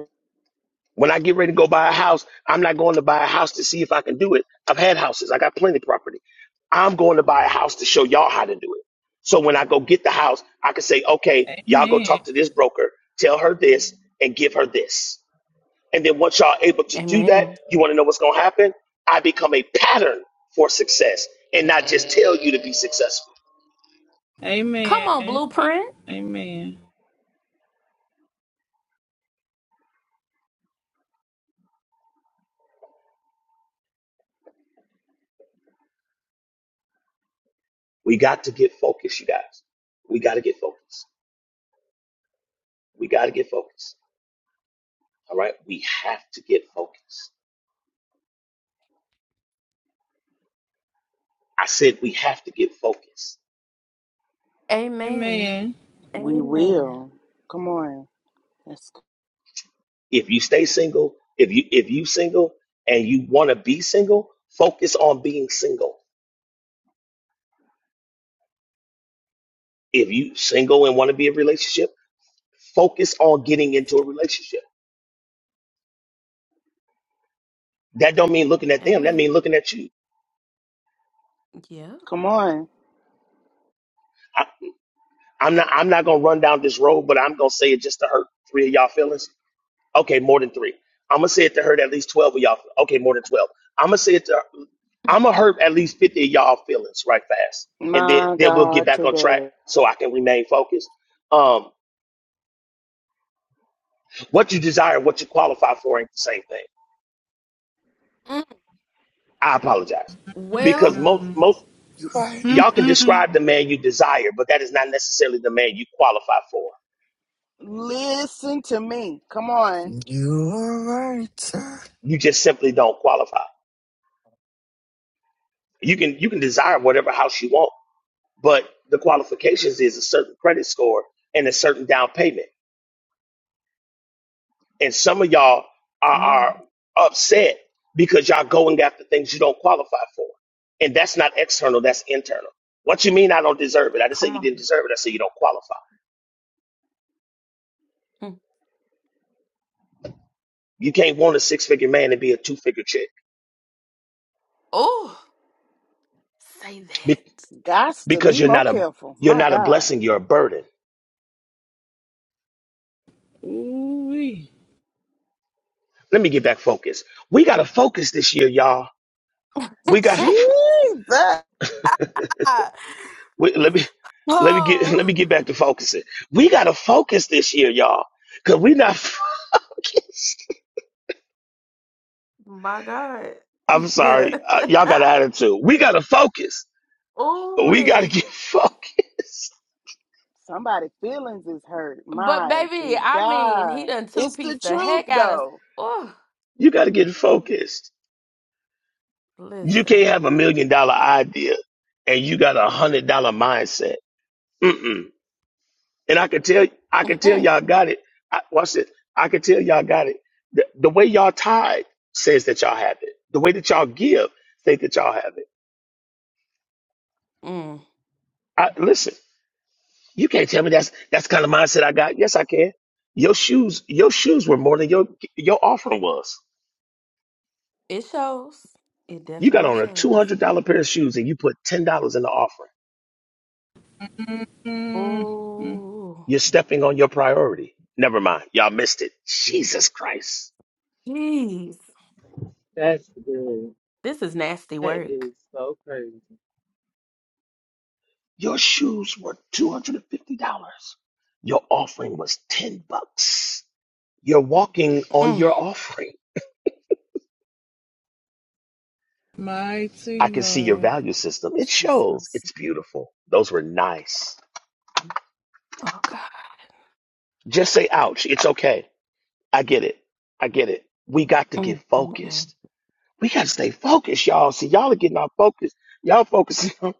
Speaker 2: When I get ready to go buy a house, I'm not going to buy a house to see if I can do it. I've had houses. I got plenty of property. I'm going to buy a house to show y'all how to do it. So when I go get the house, I can say, okay, y'all go
Speaker 7: Amen.
Speaker 2: talk to this broker, tell her this, and give her this. And then once y'all able to do that, you want to know what's going to happen? I become a pattern for success and not just tell you to be successful.
Speaker 7: Amen. Amen.
Speaker 2: We got to get focused, you guys. We got to get focused. We got to get focused. All right. We have to get focused. I said we have to get focused.
Speaker 7: Amen.
Speaker 4: We will. Come on. Let's,
Speaker 2: If you stay single, if you if you single and you want to be single, focus on being single. If you single and want to be in a relationship, focus on getting into a relationship. That don't mean looking at them. That mean looking at you.
Speaker 4: come on.
Speaker 2: I, I'm not I'm not gonna run down this road, but I'm gonna say it just to hurt three of y'all feelings Okay, more than three. I'm gonna say it to hurt at least twelve of y'all. Okay, more than twelve. I'm gonna say it to. I'm gonna hurt at least fifty of y'all feelings right fast, and then
Speaker 4: My
Speaker 2: then we'll get
Speaker 4: God,
Speaker 2: back on track
Speaker 4: today.
Speaker 2: so I can remain focused. Um, what you desire, what you qualify for, ain't the same thing. I apologize because most most
Speaker 5: You right.
Speaker 2: y'all can describe the man you desire, but that is not necessarily the man you qualify for.
Speaker 4: Listen to me. Come on.
Speaker 5: You are right, sir.
Speaker 2: You just simply don't qualify. You can you can desire whatever house you want, but the qualifications is a certain credit score and a certain down payment. And some of y'all are, are upset because y'all going after things you don't qualify for. And that's not external, that's internal. What you mean I don't deserve it? I didn't say you didn't deserve it. I said you don't qualify. You can't want a six figure man and be a two figure chick be-
Speaker 4: Gots to
Speaker 2: because
Speaker 4: be
Speaker 2: you're
Speaker 4: more
Speaker 2: not a
Speaker 4: careful.
Speaker 2: you're
Speaker 4: My
Speaker 2: not a
Speaker 4: God.
Speaker 2: blessing, you're a burden.
Speaker 7: Ooh wee.
Speaker 2: Let me get back focused. We gotta focus this year, y'all. We got
Speaker 4: Jesus.
Speaker 2: we, let me let me get let me get back to focusing. We gotta focus this year, y'all. Cause we are not focused. I'm sorry. Uh, y'all got an attitude. We got to focus. We got to get focused.
Speaker 4: Somebody's feelings is hurt. Mighty God. It's the truth, though.
Speaker 2: You got to get
Speaker 4: The truth.
Speaker 2: focused. You can't have a million dollar idea and you got a hundred dollar mindset. Mm-mm. And I can tell, I can tell y'all got it. I, watch this. I can tell y'all got it. The, the way y'all tithe says that y'all have it. The way that y'all give says that y'all have it. I, listen, you can't tell me that's that's the kind of mindset I got. Yes, I can. Your shoes, your shoes were more than your your offering was. You got on a $200 pair of shoes and you put $10 in the offering. You're stepping on your priority. Never mind. Y'all missed it. Jesus Christ.
Speaker 9: That's good. That is so crazy.
Speaker 2: Your shoes were $250. Your offering was 10 bucks. You're walking on your offering. I
Speaker 7: Mighty
Speaker 2: can see your
Speaker 7: God.
Speaker 2: value system. It shows. It's beautiful. Those were nice. Just say, ouch. It's okay. I get it. I get it. We got to get focused. We got to stay focused, y'all. See, y'all are getting off focus. Y'all focusing on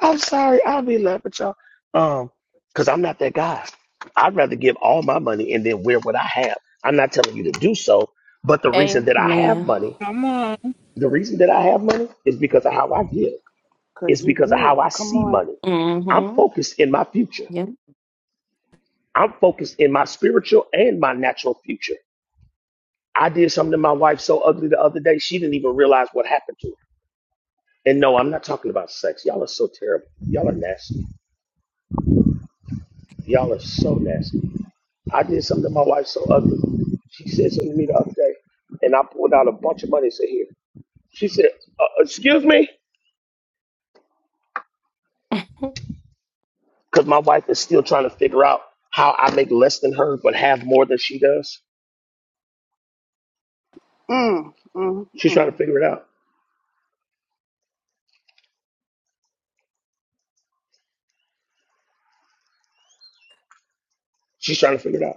Speaker 2: I'm sorry, I'll be laughing at y'all. Um, because I'm not that guy. I'd rather give all my money and then wear what I have. I'm not telling you to do so, but the reason that I have money,
Speaker 7: Come on.
Speaker 2: the reason that I have money is because of how I give. It's
Speaker 4: Because you
Speaker 2: because of how I
Speaker 4: give. Come
Speaker 2: see
Speaker 4: on.
Speaker 2: money. I'm focused in my future. I'm focused in my spiritual and my natural future. I did something to my wife so ugly the other day, she didn't even realize what happened to her. And no, I'm not talking about sex. Y'all are so terrible. Y'all are nasty. Y'all are so nasty. I did something to my wife so ugly. She said something to me the other day, and I pulled out a bunch of money and said, Here. She said, uh, Excuse me? Because my wife is still trying to figure out how I make less than her but have more than she does.
Speaker 4: Mm, mm,
Speaker 2: She's trying to
Speaker 4: mm.
Speaker 2: figure it out. She's trying to figure it out.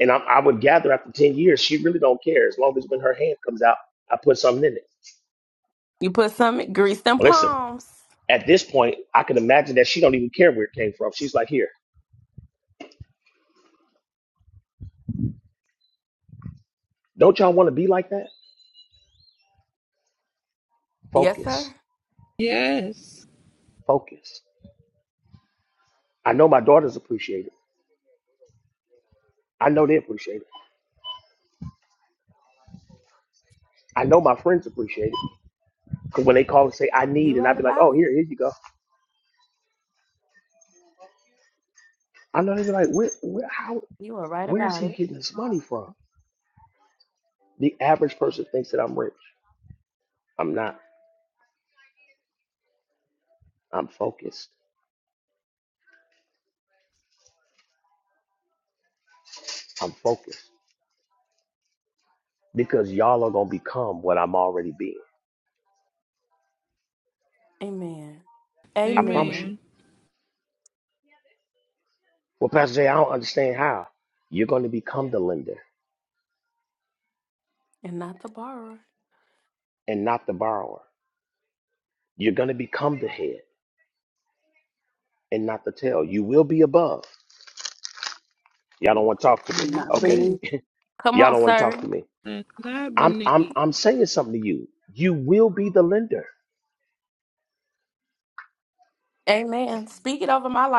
Speaker 2: And I, I would gather after 10 years, she really don't care as long as when her hand comes out, I put something in it. Listen, at this point, I can imagine that she don't even care where it came from. She's like, Here, don't y'all want to be like that? Focus,
Speaker 7: Yes.
Speaker 2: focus. I know my daughters appreciate it. I know they appreciate it. I know my friends appreciate it. Cause when they call and say I need, and I'd be like, oh here, here you go. I know they'd be like, where, where, how, where is he getting this money from? The average person thinks that I'm rich. I'm not. I'm focused. I'm focused because y'all are gonna become what I'm already being. I promise you.
Speaker 7: Amen.
Speaker 2: Well, Pastor Jay, I don't understand how you're gonna become the lender and not the borrower. You're gonna become the head and not the tail. You will be above. Y'all don't want to talk to me.
Speaker 4: I'm not
Speaker 2: Okay.
Speaker 4: beneath.
Speaker 2: Y'all don't want to talk to me.
Speaker 7: That's not
Speaker 2: I'm I'm
Speaker 7: beneath.
Speaker 2: I'm saying something to you. You will be the lender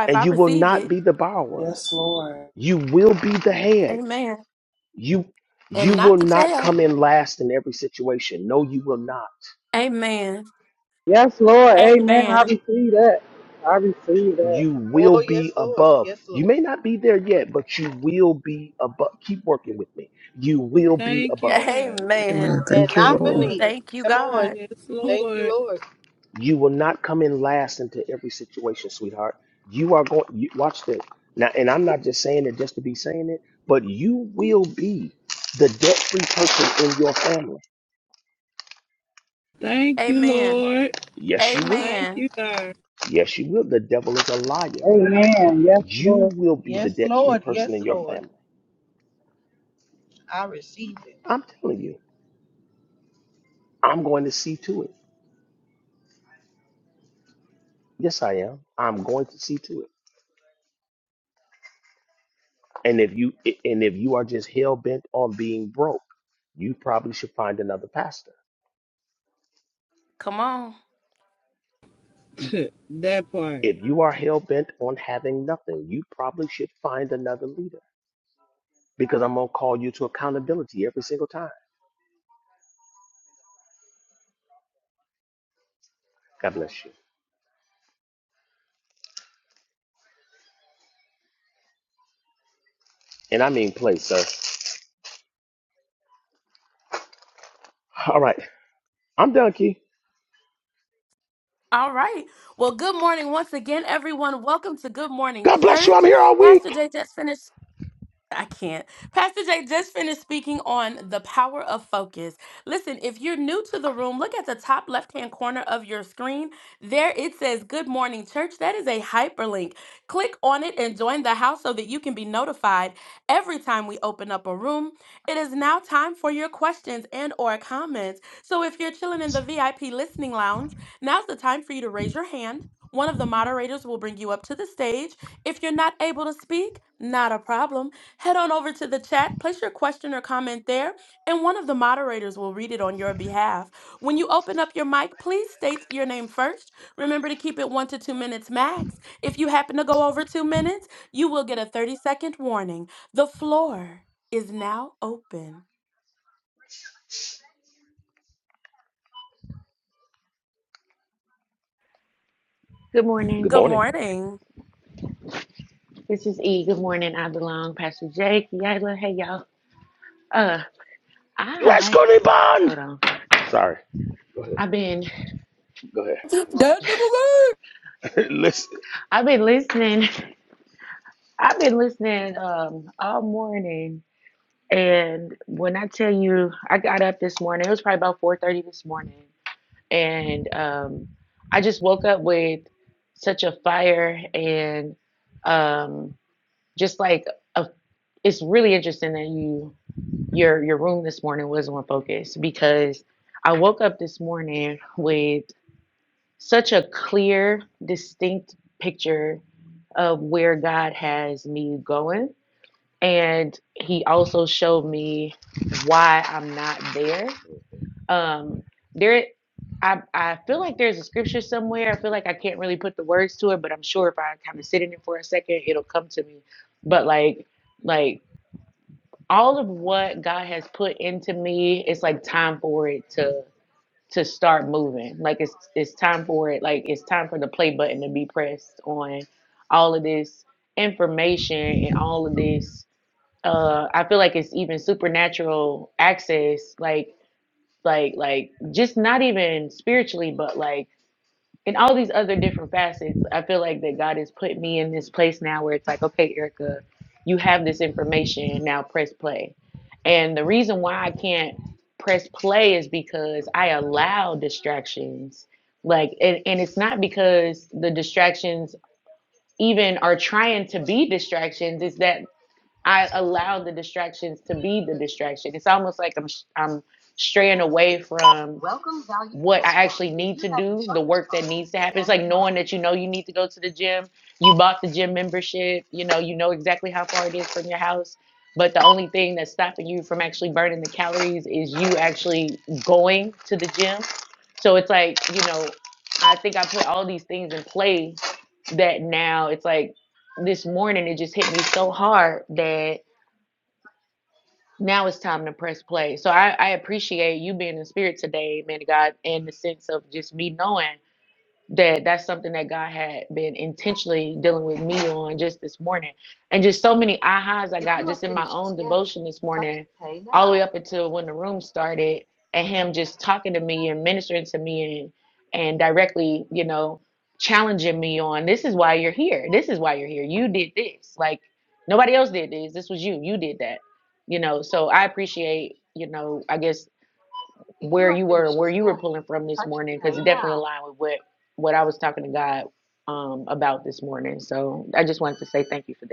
Speaker 2: and you will not be the borrower.
Speaker 4: Yes, Lord.
Speaker 2: You will be the head. You you will not come in last in every situation. No, you will not.
Speaker 6: Yes, Lord. Amen. I receive that. I receive that.
Speaker 2: You will
Speaker 11: Oh,
Speaker 2: be
Speaker 11: yes, Lord.
Speaker 2: above.
Speaker 11: Yes,
Speaker 2: You
Speaker 11: Lord.
Speaker 2: may not be there yet, but you will be above. Keep working with me. You will be
Speaker 7: Thank you,
Speaker 2: above.
Speaker 7: God.
Speaker 10: Amen.
Speaker 11: And
Speaker 10: Thank you,
Speaker 11: not
Speaker 10: Lord.
Speaker 11: beneath.
Speaker 7: Lord.
Speaker 11: Come on.
Speaker 7: Yes,
Speaker 11: Thank you,
Speaker 7: Lord.
Speaker 11: Lord.
Speaker 2: You will not come in last into every situation, sweetheart. You are going. You, watch this now, and I'm not just saying it just to be saying it, but you will be the debt-free person in your family.
Speaker 7: Thank you, Lord.
Speaker 2: Yes, you will.
Speaker 7: Thank you, God.
Speaker 2: Yes, you will. The devil is a liar.
Speaker 6: Amen. Yes,
Speaker 2: You
Speaker 6: Lord.
Speaker 2: will be the
Speaker 11: Yes,
Speaker 2: debt-free
Speaker 11: Lord.
Speaker 2: person
Speaker 11: Yes,
Speaker 2: in your
Speaker 11: Lord.
Speaker 2: family.
Speaker 11: I receive
Speaker 2: I'm telling you. I'm going to see to it. Yes, I am. I'm going to see to it. And if you and if you are just hell bent on being broke, you probably should find another pastor
Speaker 7: that part.
Speaker 2: If you are hell bent on having nothing, you probably should find another leader because I'm going to call you to accountability every single time. God bless you. And I mean, play, sir. All right. I'm done, Key. God bless you. I'm here all week. Good
Speaker 8: morning.
Speaker 2: morning.
Speaker 8: This is E. Good morning. I belong. Pastor Jake, Yayla. Hey, y'all. Uh,
Speaker 2: Let's
Speaker 8: I
Speaker 2: go to bond.
Speaker 8: Hold on.
Speaker 2: Sorry. Go ahead.
Speaker 8: I've been
Speaker 2: Go ahead. I'm
Speaker 16: That
Speaker 2: sorry.
Speaker 16: nigga
Speaker 2: Listen.
Speaker 8: I've been listening. I've been listening um all morning. And when I tell you I got up this morning, it was probably about 4:30 this morning. And um I just woke up with such a fire and um just like a it's really interesting that you your your room this morning was on focus because I woke up this morning with such a clear, distinct picture of where God has me going. And he also showed me why I'm not there. Um, there I I feel like there's a scripture somewhere. I feel like I can't really put the words to it, but I'm sure if I kind of sit in it for a second, it'll come to me. But like like all of what God has put into me, it's like time for it to to start moving. Like it's it's time for it. Like it's time for the play button to be pressed on all of this information and all of this. Uh, I feel like it's even supernatural access. Like like like just not even spiritually, but like in all these other different facets, I feel like that God has put me in this place now where it's like, okay, Erica, you have this information, now press play. And the reason why I can't press play is because I allow distractions. Like, and, and it's not because the distractions even are trying to be distractions, it's that I allow the distractions to be the distraction. It's almost like I'm, I'm straying away from what I actually need to do, the work that needs to happen. It's like knowing that you know you need to go to the gym. You bought the gym membership, you know, you know exactly how far it is from your house. But the only thing that's stopping you from actually burning the calories is you actually going to the gym. So it's like, you know, I think I put all these things in play that now it's like this morning it just hit me so hard that. Now it's time to press play. So I, I appreciate you being in spirit today, man of God, in the sense of just me knowing that that's something that God had been intentionally dealing with me on just this morning. And just so many ahas I got just in my own devotion this morning, all the way up until when the room started, and him just talking to me and ministering to me and and directly, you know, challenging me on this is why you're here. This is why you're here. You did this. Like nobody else did this. This was you. You did that. You know, so I appreciate, you know, I guess where you were, where you were pulling from this morning, because it definitely aligned with what what I was talking to God um, about this morning. So I just wanted to say thank you for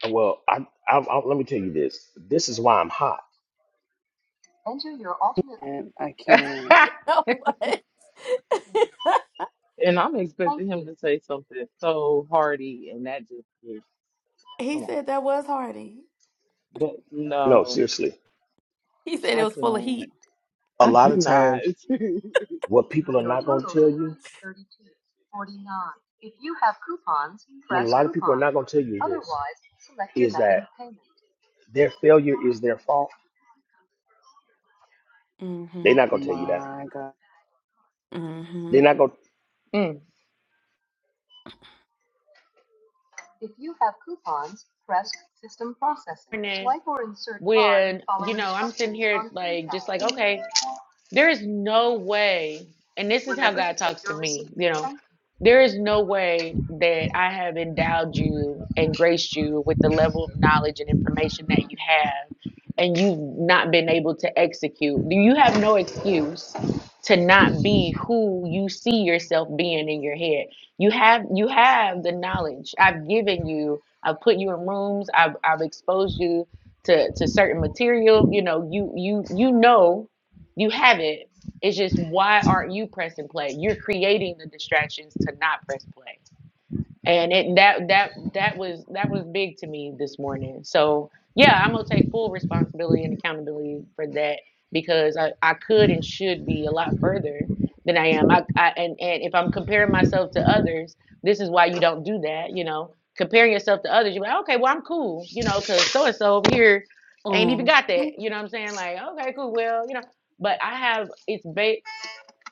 Speaker 2: Well, I, I, I, let me tell you this. This is why I'm hot.
Speaker 4: And I can't.
Speaker 8: that.
Speaker 9: And I'm expecting him to say something so hearty, and that just is, come on. But
Speaker 2: No,
Speaker 9: no,
Speaker 2: seriously.
Speaker 9: I cannot.
Speaker 2: A
Speaker 9: I
Speaker 2: lot of
Speaker 9: cannot.
Speaker 2: times What people are not going to tell you, what a lot of people are coupon. not going to tell you is this, Otherwise, select your is method that of payment. their failure is their fault. They're not going to tell you that.
Speaker 4: My God.
Speaker 2: They're not going.
Speaker 8: mm. Morning, when you know I'm sitting here like just like okay. There is no way, and this is how God talks to me, you know, there is no way that I have endowed you and graced you with the level of knowledge and information that you have, and you've not been able to execute. You have no excuse to not be who you see yourself being in your head. You have you have the knowledge. I've given you, I've put you in rooms, I've I've exposed you to to certain material. You know, you you you know you have it. It's just why aren't you pressing play? You're creating the distractions to not press play and it that that that was that was big to me this morning so yeah i'm gonna take full responsibility and accountability for that because i, I could and should be a lot further than i am I, I and and if i'm comparing myself to others this is why you don't do that you know comparing yourself to others you're like okay well i'm cool you know because so and so over here ain't even got that you know what i'm saying like okay cool well you know but i have it's ba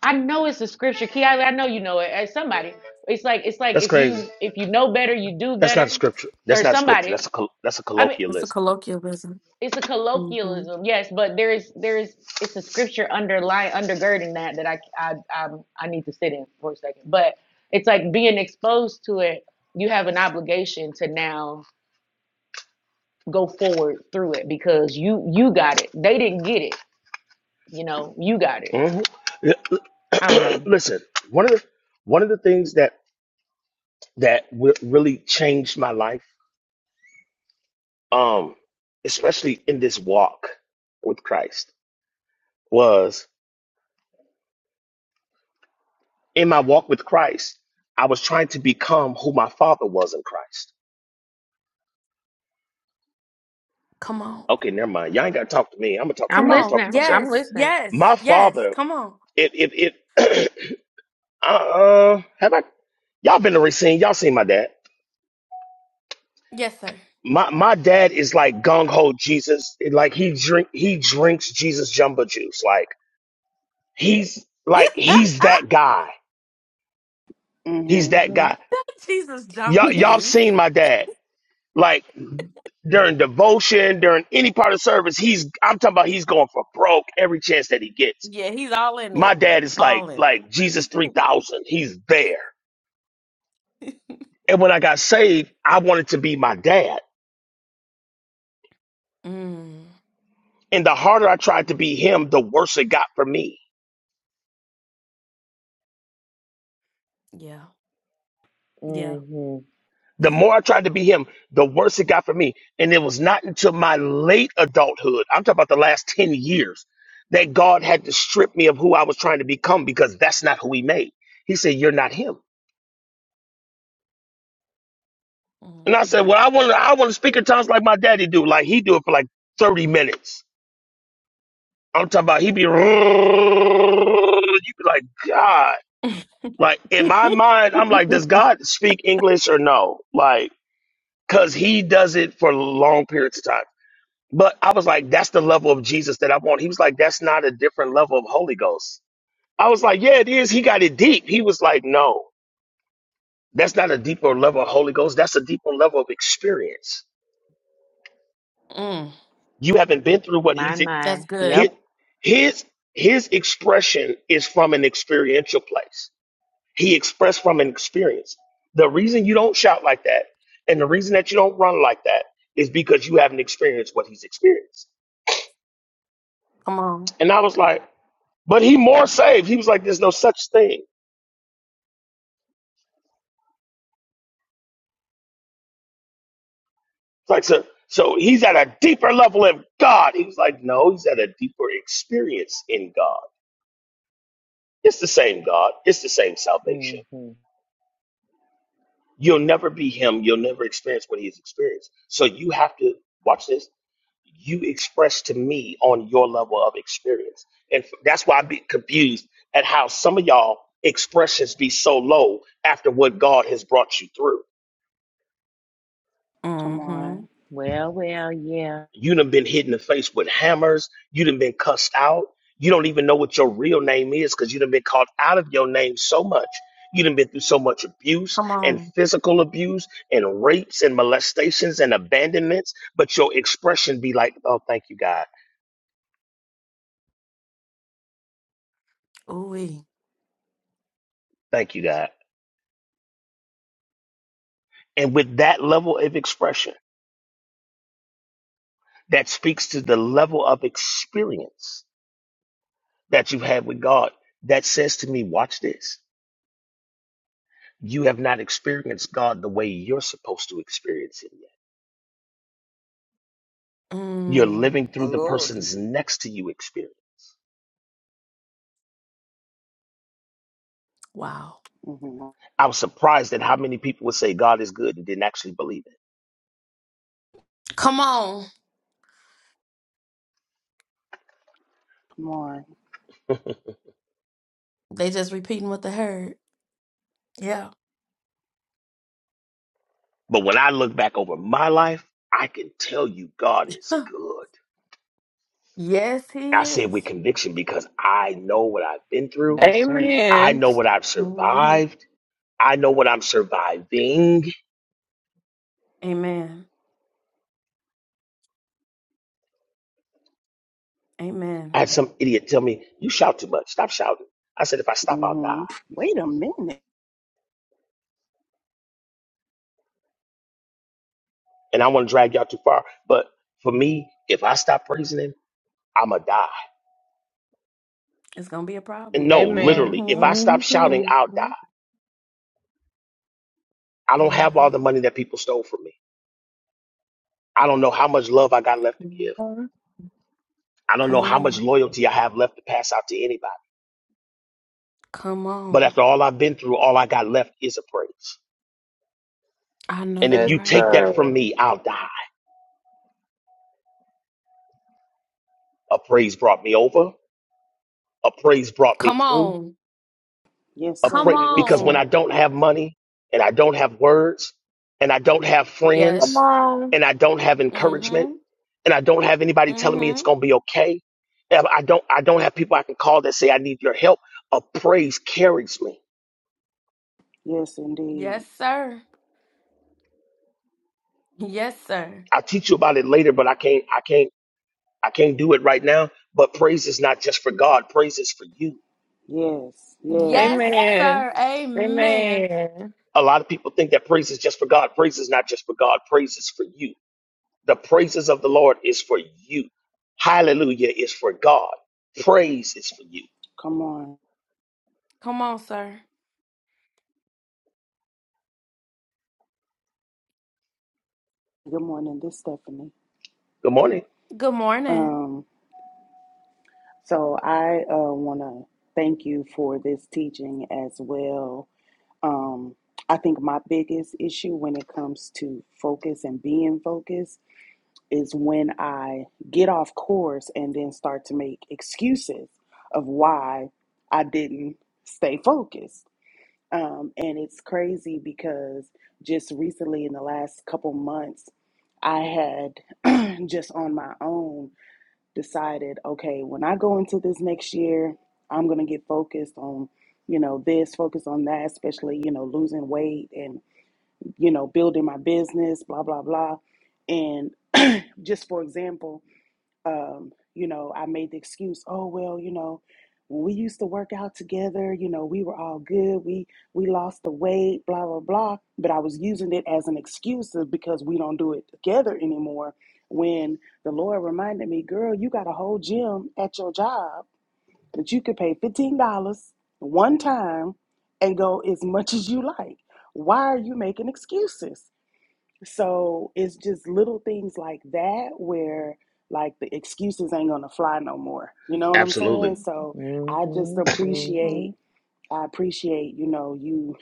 Speaker 8: I know it's a scripture, Key. I, I know you know it. As somebody, it's like it's like
Speaker 2: That's
Speaker 8: if
Speaker 2: crazy.
Speaker 8: you if you know better, you do
Speaker 2: That's not
Speaker 8: better,
Speaker 2: scripture. That's
Speaker 8: or
Speaker 2: not scripture.
Speaker 8: somebody.
Speaker 2: That's a col- that's a
Speaker 8: I mean,
Speaker 2: colloquialism.
Speaker 8: it's a colloquialism, yes, but there is there is it's a scripture underlying undergirding that that I I i I need to sit in for a second. But it's like being exposed to it. You have an obligation to now go forward through it because you you got it. They didn't get it. You know, you got it.
Speaker 2: hmm
Speaker 8: I don't know.
Speaker 2: Listen, one of the one of the things that that w- really changed my life, um, especially in this walk with Christ, was in my walk with Christ, I was trying to become who my father was in Christ. Okay, never mind. Y'all ain't gotta talk to me. I'm gonna talk to
Speaker 8: I'm
Speaker 2: I'm gonna talk to
Speaker 8: listening.
Speaker 2: myself.
Speaker 8: I'm listening.
Speaker 2: My father, if if if uh, uh have I y'all been to Racine, y'all seen my dad. My my dad is like gung ho Jesus. Like he drink he drinks Jesus jumbo juice. Like he's like he's that guy. He's that
Speaker 4: Mm-hmm.
Speaker 2: guy. Y'all y'all seen my dad. Like during devotion, during any part of service, he's I'm talking about he's going for broke every chance that he gets. My dad is like like Jesus 3000. He's there. And when I got saved, I wanted to be my dad. And the harder I tried to be him, the worse it got for me.
Speaker 8: hmm
Speaker 2: The more I tried to be him, the worse it got for me. And it was not until my late adulthood, I'm talking about the last 10 years, that God had to strip me of who I was trying to become because that's not who he made. He said, You're not him And I said, well, I want to, I want to speak in tongues like my daddy do. Like he do it for like 30 minutes. I'm talking about he be, you be like, God. Like in my mind, I'm like, does God speak English or no? Like, cause he does it for long periods of time. But I was like, that's the level of Jesus that I want. He was like, that's not a different level of Holy Ghost. I was like, yeah, it is. He got it deep. He was like, no, that's not a deeper level of Holy Ghost. That's a deeper level of experience. You haven't been through what
Speaker 8: My,
Speaker 2: he's
Speaker 8: my.
Speaker 2: his
Speaker 8: Yep.
Speaker 2: his his expression is from an experiential place. He expressed from an experience. The reason you don't shout like that and the reason that you don't run like that is because you haven't experienced what he's experienced. And I was like, but he more saved. He was like, there's no such thing. It's like so so he's at a deeper level of God. He was like, no, he's at a deeper experience in God. It's the same God. It's the same
Speaker 8: hmm
Speaker 2: salvation. You'll never be him. You'll never experience what he has experienced. So you have to watch this. You express to me on your level of experience. And f- that's why I be confused at how some of y'all expressions be so low after what God has brought you through.
Speaker 4: Come on.
Speaker 8: Well, well, yeah.
Speaker 2: You done been hit in the face with hammers. You done been cussed out. You don't even know what your real name is because you done been called out of your name so much. You done been through so much abuse and physical abuse and rapes and molestations and abandonments, but your expression be like, oh, thank you, God. Thank you, God. And with that level of expression, that speaks to the level of experience that you've had with God. That says to me, watch this. You have not experienced God the way you're supposed to experience Him. You're living
Speaker 10: My
Speaker 2: through the
Speaker 10: Lord.
Speaker 2: person's next to you experience.
Speaker 4: hmm
Speaker 2: I was surprised at how many people would say God is good and didn't actually believe it.
Speaker 4: Come on.
Speaker 2: But when I look back over my life, I can tell you God is good. I say it with conviction because I know what I've been through.
Speaker 8: Yes, sir.
Speaker 2: I
Speaker 7: Amen.
Speaker 2: know what I've survived. I know what I'm surviving. I had some idiot tell me, You shout too much. Stop shouting. I said, If I stop, I'll die.
Speaker 4: hmm Wait a minute.
Speaker 2: And I want to drag y'all too far. But for me, if I stop praising Him, I'm going to die. And no,
Speaker 7: Amen.
Speaker 2: literally, if I
Speaker 8: hmm
Speaker 2: stop shouting, I'll die. I don't have all the money that people stole from me. I don't know how much love I got left to give. I don't know how much loyalty I have left to pass out to anybody. But after all I've been through, all I got left is a praise. And if
Speaker 7: Yes,
Speaker 2: you take that from
Speaker 7: sir.
Speaker 2: me, I'll die. A praise brought me over. A praise brought me through.
Speaker 4: Yes,
Speaker 2: a pray
Speaker 4: sir. Yes,
Speaker 2: because when I
Speaker 4: sir.
Speaker 2: don't have money and I don't have words and I don't have
Speaker 7: Come
Speaker 2: friends
Speaker 7: on.
Speaker 2: and I don't have encouragement and I don't have anybody telling me it's going to be okay. and I don't I don't have people I can call that say I need your help. A praise carries me.
Speaker 4: Yes, indeed.
Speaker 2: I'll teach you about it later, but I can't I can't I can't do it right now. But praise is not just for God. Praise is for you.
Speaker 4: Yes, yes.
Speaker 7: Amen. Amen.
Speaker 2: A lot of people think that praise is just for God. Praise is not just for God. Praise is for you The praises of the Lord is for you. Hallelujah is for God. Praise is for you.
Speaker 4: Come on. Good morning. This is Stephanie.
Speaker 2: Good morning.
Speaker 4: Um, so I uh, want to thank you for this teaching as well. Um, I think my biggest issue when it comes to focus and being focused is when I get off course and then start to make excuses of why I didn't stay focused Um, and it's crazy because just recently, in the last couple months, I had just on my own decided, okay, when I go into this next year, I'm going to get focused on, you know, this, focus on that, especially, you know, losing weight and, you know, building my business, blah, blah, blah. And just for example, um, you know, I made the excuse, oh well, you know, we used to work out together, you know, we were all good. We we lost the weight, blah blah blah. But I was using it as an excuse of because we don't do it together anymore. When the Lord reminded me, girl, you got a whole gym at your job that you could pay fifteen dollars one time and go as much as you like. Why are you making excuses? So it's just little things like that where like the excuses ain't gonna fly no more. You know what I'm saying?
Speaker 2: Absolutely.
Speaker 4: So
Speaker 8: hmm
Speaker 4: I just
Speaker 8: hmm
Speaker 4: appreciate I appreciate you know you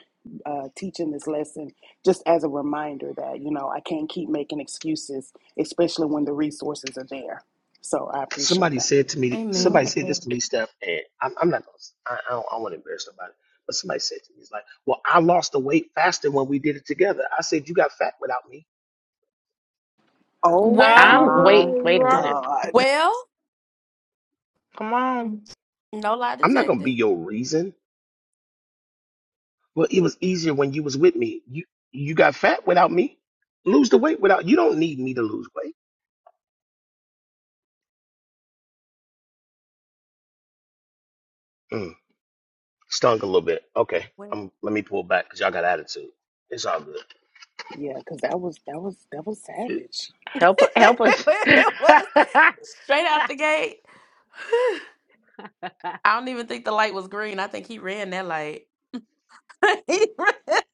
Speaker 4: uh, teaching this lesson just as a reminder that you know I can't keep making excuses, especially when the resources are there. So I appreciate
Speaker 2: Somebody
Speaker 4: that.
Speaker 2: said to me, somebody said this to me, Steph, and I'm, I'm not going to, I, I don't, I don't want to embarrass nobody, but somebody said to me, it's like, well, I lost the weight faster when we did it together. I said, you got fat without me.
Speaker 4: Oh
Speaker 8: I'm, wait,
Speaker 4: my
Speaker 7: Always
Speaker 8: wait a
Speaker 7: right.
Speaker 8: minute.
Speaker 4: God,
Speaker 7: Come on.
Speaker 2: I'm not going to be your reason. Well, it was easier when you was with me. You, you got fat without me. Lose the weight without, you don't need me to lose weight. Mm. stunk a little bit. Okay, I'm, let me pull back because y'all got attitude. It's all good.
Speaker 4: yeah, because that was that was that was
Speaker 2: It-
Speaker 4: savage
Speaker 8: Help, help us.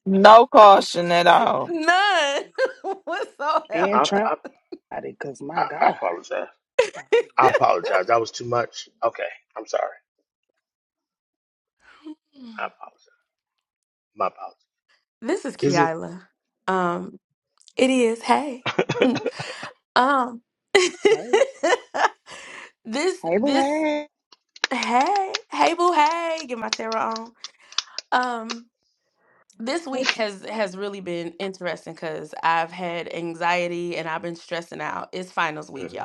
Speaker 7: No caution at all.
Speaker 4: and
Speaker 2: I,
Speaker 4: traumatic.
Speaker 2: I,
Speaker 4: Because my
Speaker 2: I, I
Speaker 4: God,
Speaker 2: apologize. I apologize. That was too much. Okay, I'm sorry. I apologize. My apologies. Is it?
Speaker 4: hey, boo, hey,
Speaker 11: it.
Speaker 2: Mhm.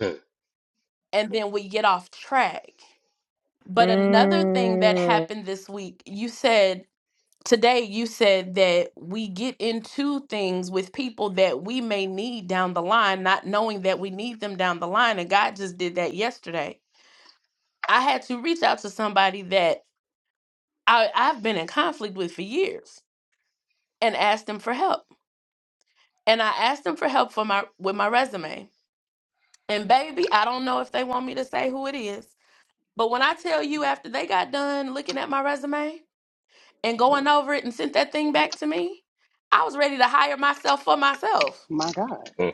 Speaker 2: Hmm.
Speaker 8: mm,
Speaker 4: my God.
Speaker 2: Hmm.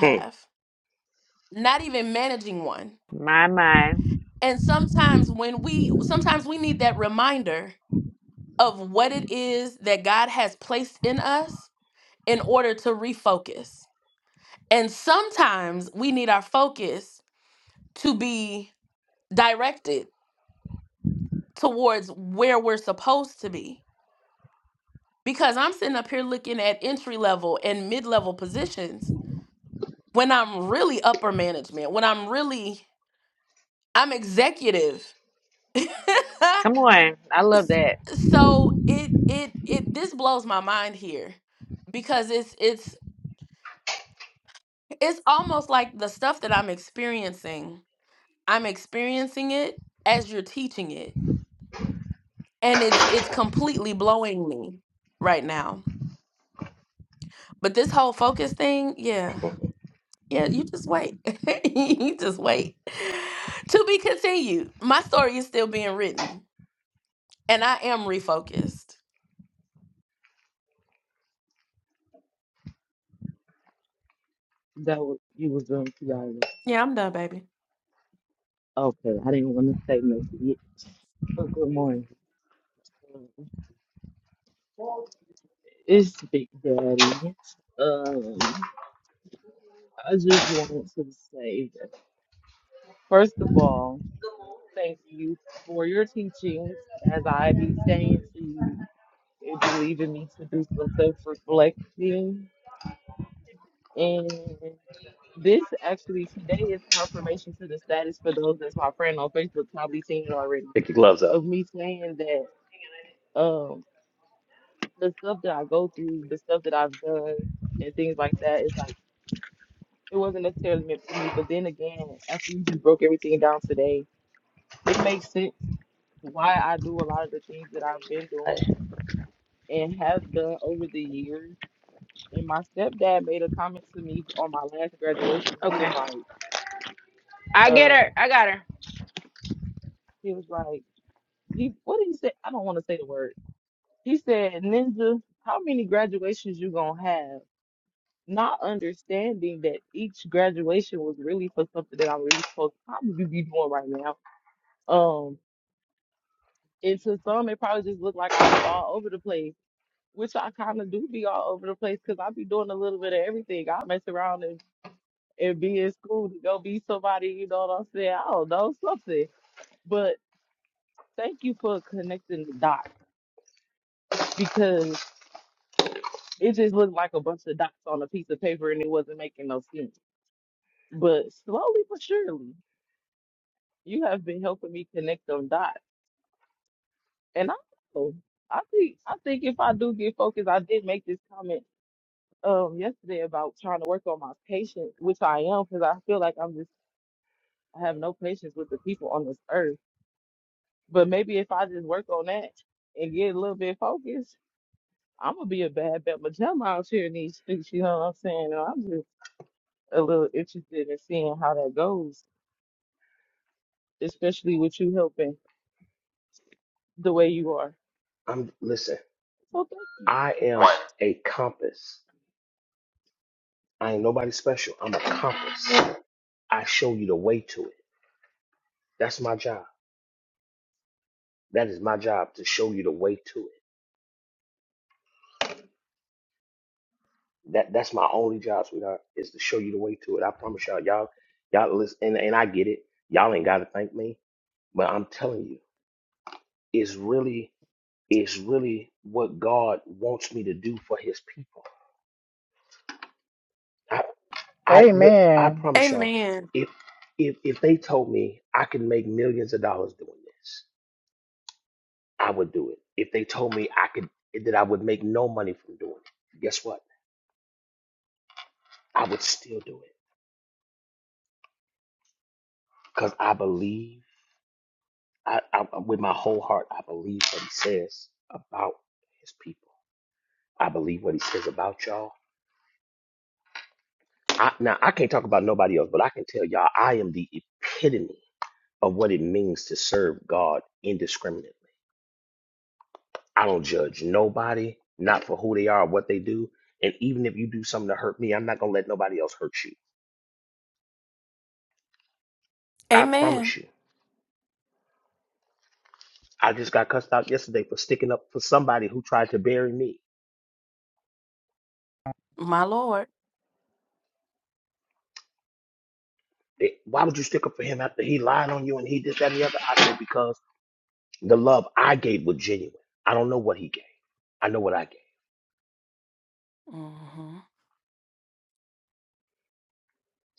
Speaker 2: Hmm.
Speaker 8: my, my. Come on. I love that.
Speaker 9: that was you was doing too early. Okay, I didn't want to say nothing. yet. Oh, good morning. Um, It's Big Daddy. Um, I just wanted to say that first of all, thank you for your teachings, as I be saying to you. It'd be leaving me to do some self-reflecting. And this actually today is confirmation to the status for those that's my friend on Facebook, probably seen it already, of me saying that um the stuff that I go through, the stuff that I've done and things like that, it's like it wasn't necessarily meant for me. But then again, after you just broke everything down today, it makes sense why I do a lot of the things that I've been doing and have done over the years And my stepdad made a comment to me on my last graduation. He
Speaker 8: Okay.
Speaker 9: was like,
Speaker 8: I get her.
Speaker 9: uh,
Speaker 8: I got her.
Speaker 9: he was like, he what did he say? I don't want to say the word. He said, Ninja, how many graduations you gonna have? Not understanding that each graduation was really for something that I'm really supposed to probably be doing right now. Um, and to some it probably just looked like I be all over the place, which I kind of do be all over the place because I be doing a little bit of everything. I mess around and and be in school to go be somebody, you know what I'm saying? I don't know, something. But thank you for connecting the dots because it just looked like a bunch of dots on a piece of paper and it wasn't making no sense. But slowly but surely, you have been helping me connect them dots. And I know, I think I think if I do get focused, I did make this comment um yesterday about trying to work on my patience, which I am because I feel like I'm just I have no patience with the people on this earth But maybe if I just work on that and get a little bit focused, I'm gonna be a bad Bama Jama out here in these streets. You know what I'm saying? And I'm just a little interested in seeing how that goes, especially with you helping the way you are.
Speaker 2: I'm listen.
Speaker 9: So thank you.
Speaker 2: I am a compass. I ain't nobody special. I'm a compass. I show you the way to it. That's my job. That is my job to show you the way to it. That that's my only job, sweetheart, is to show you the way to it. I promise y'all, y'all, y'all listen, and, and I get it. Y'all ain't gotta thank me, but I'm telling you, it's really, it's really what God wants me to do for His people. I I look, I
Speaker 6: Amen.
Speaker 2: promise y'all, if if if they told me I could make millions of dollars doing this, I would do it. If they told me I could that I would make no money from doing it, guess what? I would still do it because I believe I, I with my whole heart, I believe what he says about his people. I believe what he says about y'all. I, now I can't talk about nobody else, but I can tell y'all I am the epitome of what it means to serve God indiscriminately. I don't judge nobody, not for who they are or what they do. And even if you do something to hurt me, I'm not gonna let nobody else hurt you. I promise you. I just got cussed out yesterday for sticking up for somebody who tried to bury me. They- Why would you stick up for him after he lied on you and he did that and the other? I said because The love I gave was genuine. I don't know what he gave. I know what I gave.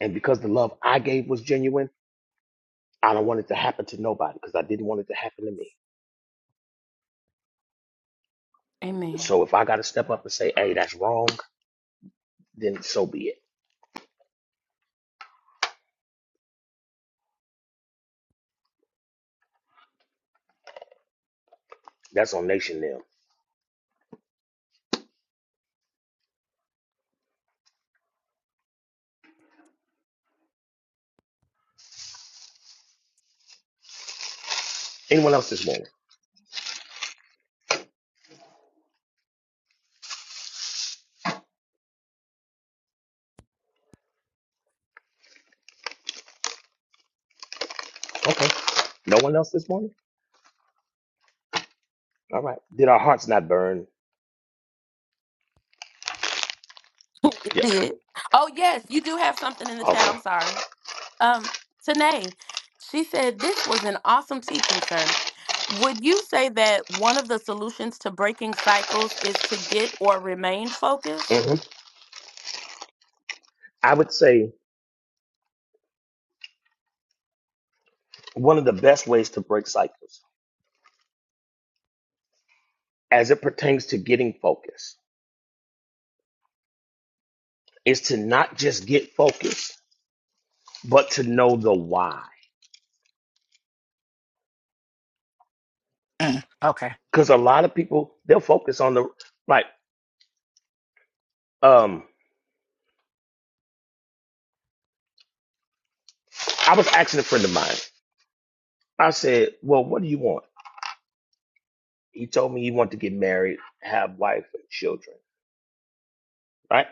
Speaker 2: And because the love I gave was genuine, I don't want it to happen to nobody because I didn't want it to happen to me. So if I got to step up and say, hey, that's wrong, then so be it. That's on Nation them. Anyone else this morning? Okay. No one else this morning? All right. Did our hearts not burn? Yeah. Okay. hmm I would say one of the best ways to break cycles as it pertains to getting focused is to not just get focused, but to know the why
Speaker 3: Mm. Okay.
Speaker 2: because a lot of people they'll focus on the like um i was asking a friend of mine i said well what do you want he told me he wanted to get married have wife and children right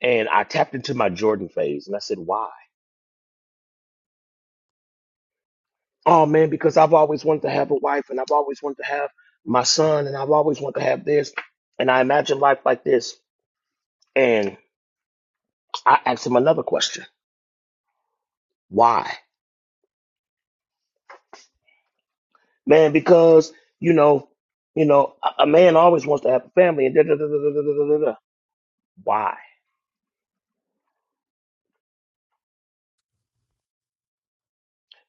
Speaker 2: and i tapped into my jordan phase and i said why oh man because i've always wanted to have a wife and i've always wanted to have my son and i've always wanted to have this and i imagine life like this and i asked him another question why man because you know you know a, a man always wants to have a family and da da da da da da da da da why.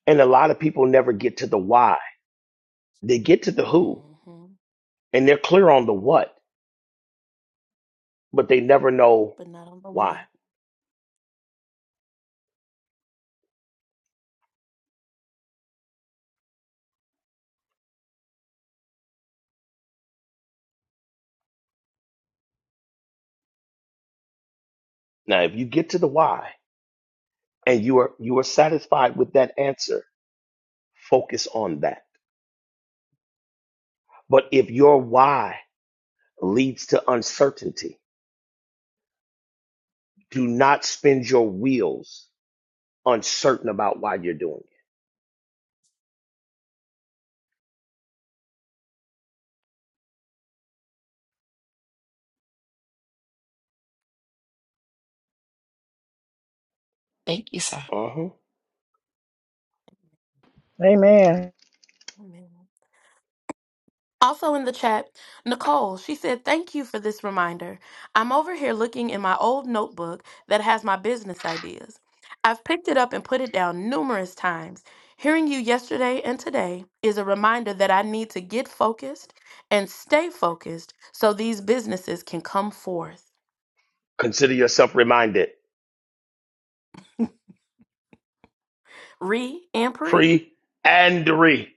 Speaker 2: And a lot of people never get to the why. They get to the who and they're clear on the what, but they never know why. Now, if you get to the why and you are you are satisfied with that answer, focus on that. But if your why leads to uncertainty, do not spin your wheels uncertain about why you're doing
Speaker 3: Thank you, sir.
Speaker 2: it. Uh-huh.
Speaker 6: Amen.
Speaker 2: Consider yourself reminded, free and re.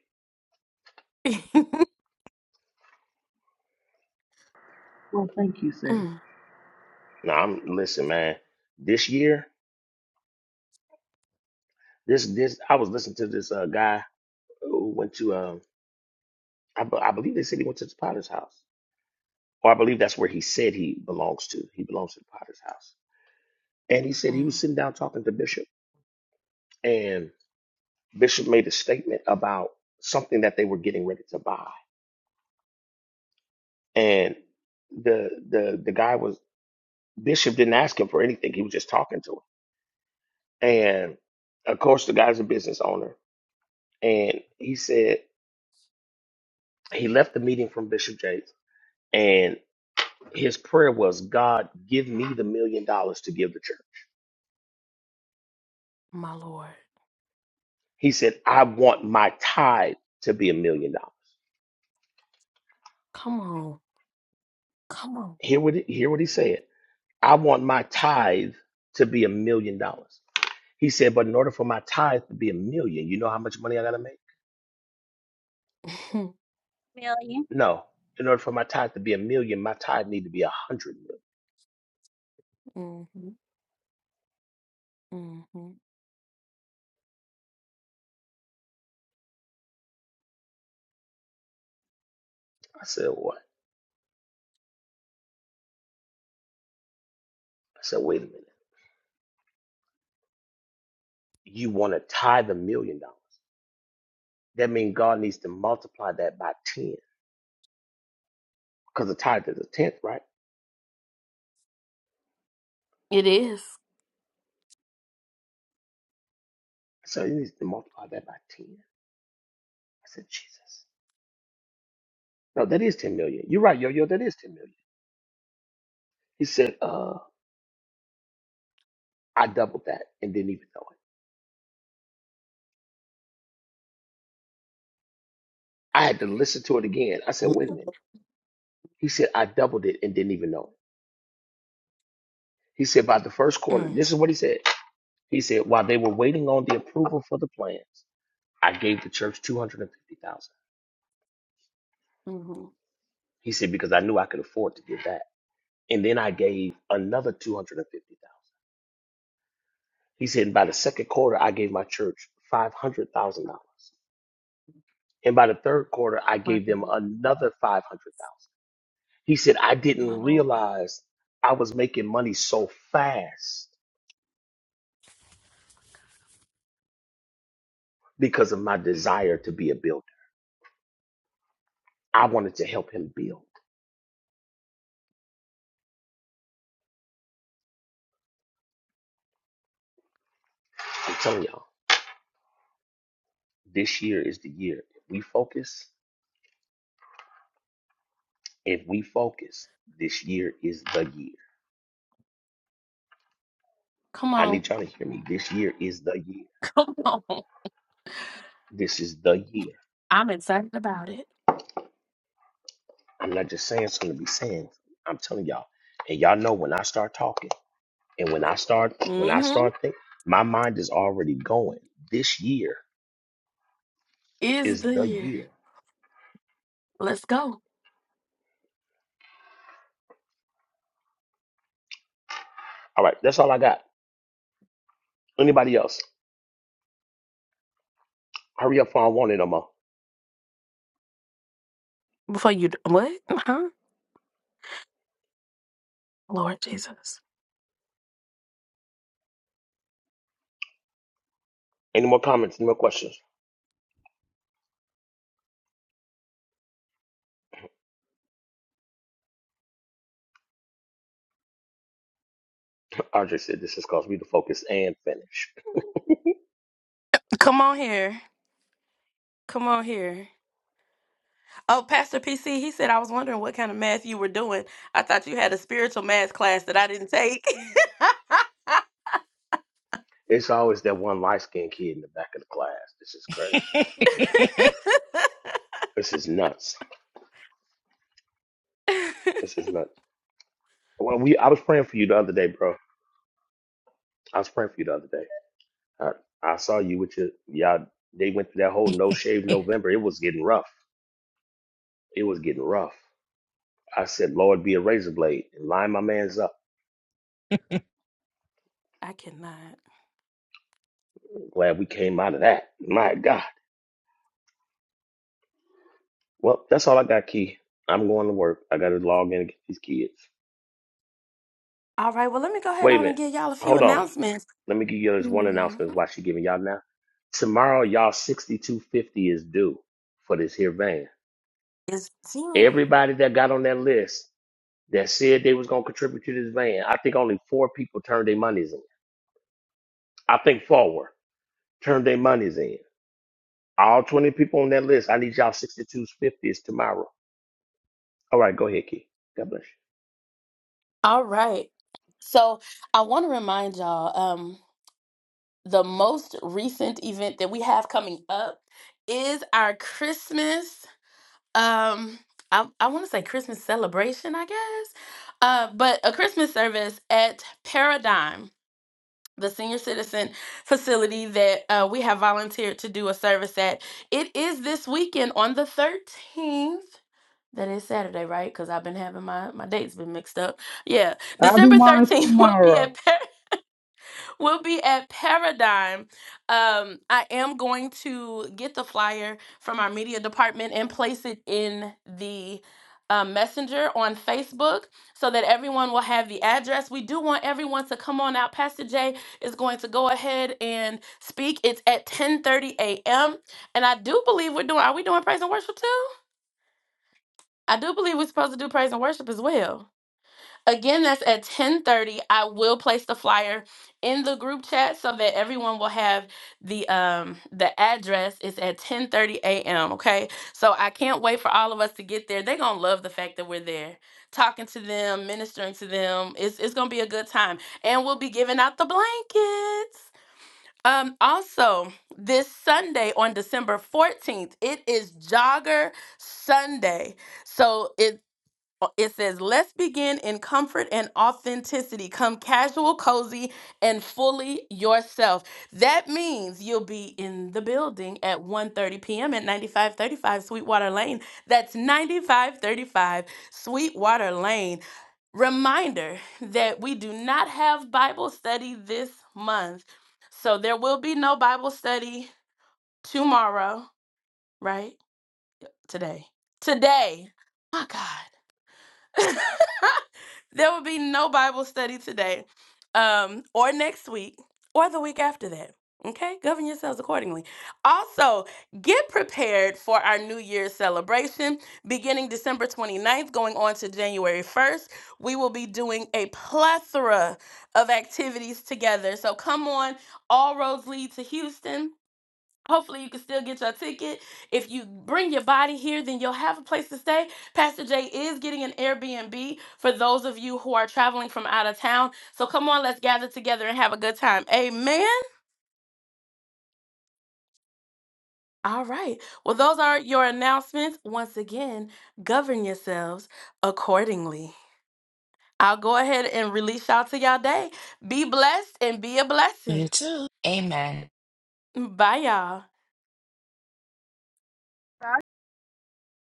Speaker 11: Well, thank you, sis.
Speaker 2: Now, I'm listen, man. This year, This this I was listening to this uh, guy who went to um I, be- I believe they said he went to the Potter's house, or I believe that's where he said he belongs to. He belongs to the Potter's house, and he said he was sitting down talking to Bishop, and Bishop made a statement about something that they were getting ready to buy, and the the the guy was Bishop didn't ask him for anything. He was just talking to him, and of course the guy's a business owner, and he said he left the meeting from Bishop Jakes. His prayer was, God, give me the million dollars to give the church. He said, I want my tithe to be a million dollars. Hear what, he- hear what he said. I want my tithe to be a million dollars. He said, but in order for my tithe to be a million, you know how much money I got to make?
Speaker 17: million
Speaker 2: No. In order for my tithe to be a million, my tithe need to be a hundred million. I said, what? I said, wait a minute. You want to tithe a million dollars. That means God needs to multiply that by 10 because the tithe is a tenth, right? So he needs to multiply that by 10. I said, Jesus. No, that is 10 million. You're right, yo, yo, that is 10 million. He said, uh, I doubled that and didn't even know it. I had to listen to it again. I said, wait a minute. He said, I doubled it and didn't even know it. He said, by the first quarter, this is what he said. He said, while they were waiting on the approval for the plans, I gave the church 250000 He said, because I knew I could afford to give that. And then I gave another 250000 He said, and by the second quarter, I gave my church $500,000. And by the third quarter, I gave them another 500,000. He said, I didn't realize I was making money so fast because of my desire to be a builder. I wanted to help him build. I'm telling y'all, this year is the year. If we focus, if we focus, this year is the year. I need y'all to hear me. This year is the year. This is the year. I'm not just saying something to be saying. I'm telling y'all. And y'all know when I start talking. And when I start, when I start thinking, my mind is already going. This year is the year. All right, that's all I got. Anybody else? Hurry up, for I don't want it no more. Any more comments? Any more questions? Audrey said this has caused me to focus and finish. It's always that one light skinned kid in the back of the class. This is crazy. This is nuts. This is nuts. Well, we I was praying for you the other day, bro. I was praying for you the other day. I, I saw you with your y'all. They went through that whole no shave November. It was getting rough. It was getting rough. I said, Lord, be a razor blade and line my man's up. Glad we came out of that. My God. Well, that's all I got, Key. I'm going to work. I got to log in and get these kids. Wait a minute. Hold on. Let me give you this one announcement while she giving y'all now. Tomorrow, y'all 6250 is due for this here van. Everybody that got on that list that said they was going to contribute to this van, I think only four people turned their monies in. I think four turned their monies in. All 20 people on that list. I need y'all 62s, 50s tomorrow. All right, go ahead, Key. God bless you.
Speaker 6: I'll do mine tomorrow.
Speaker 3: you too. Amen.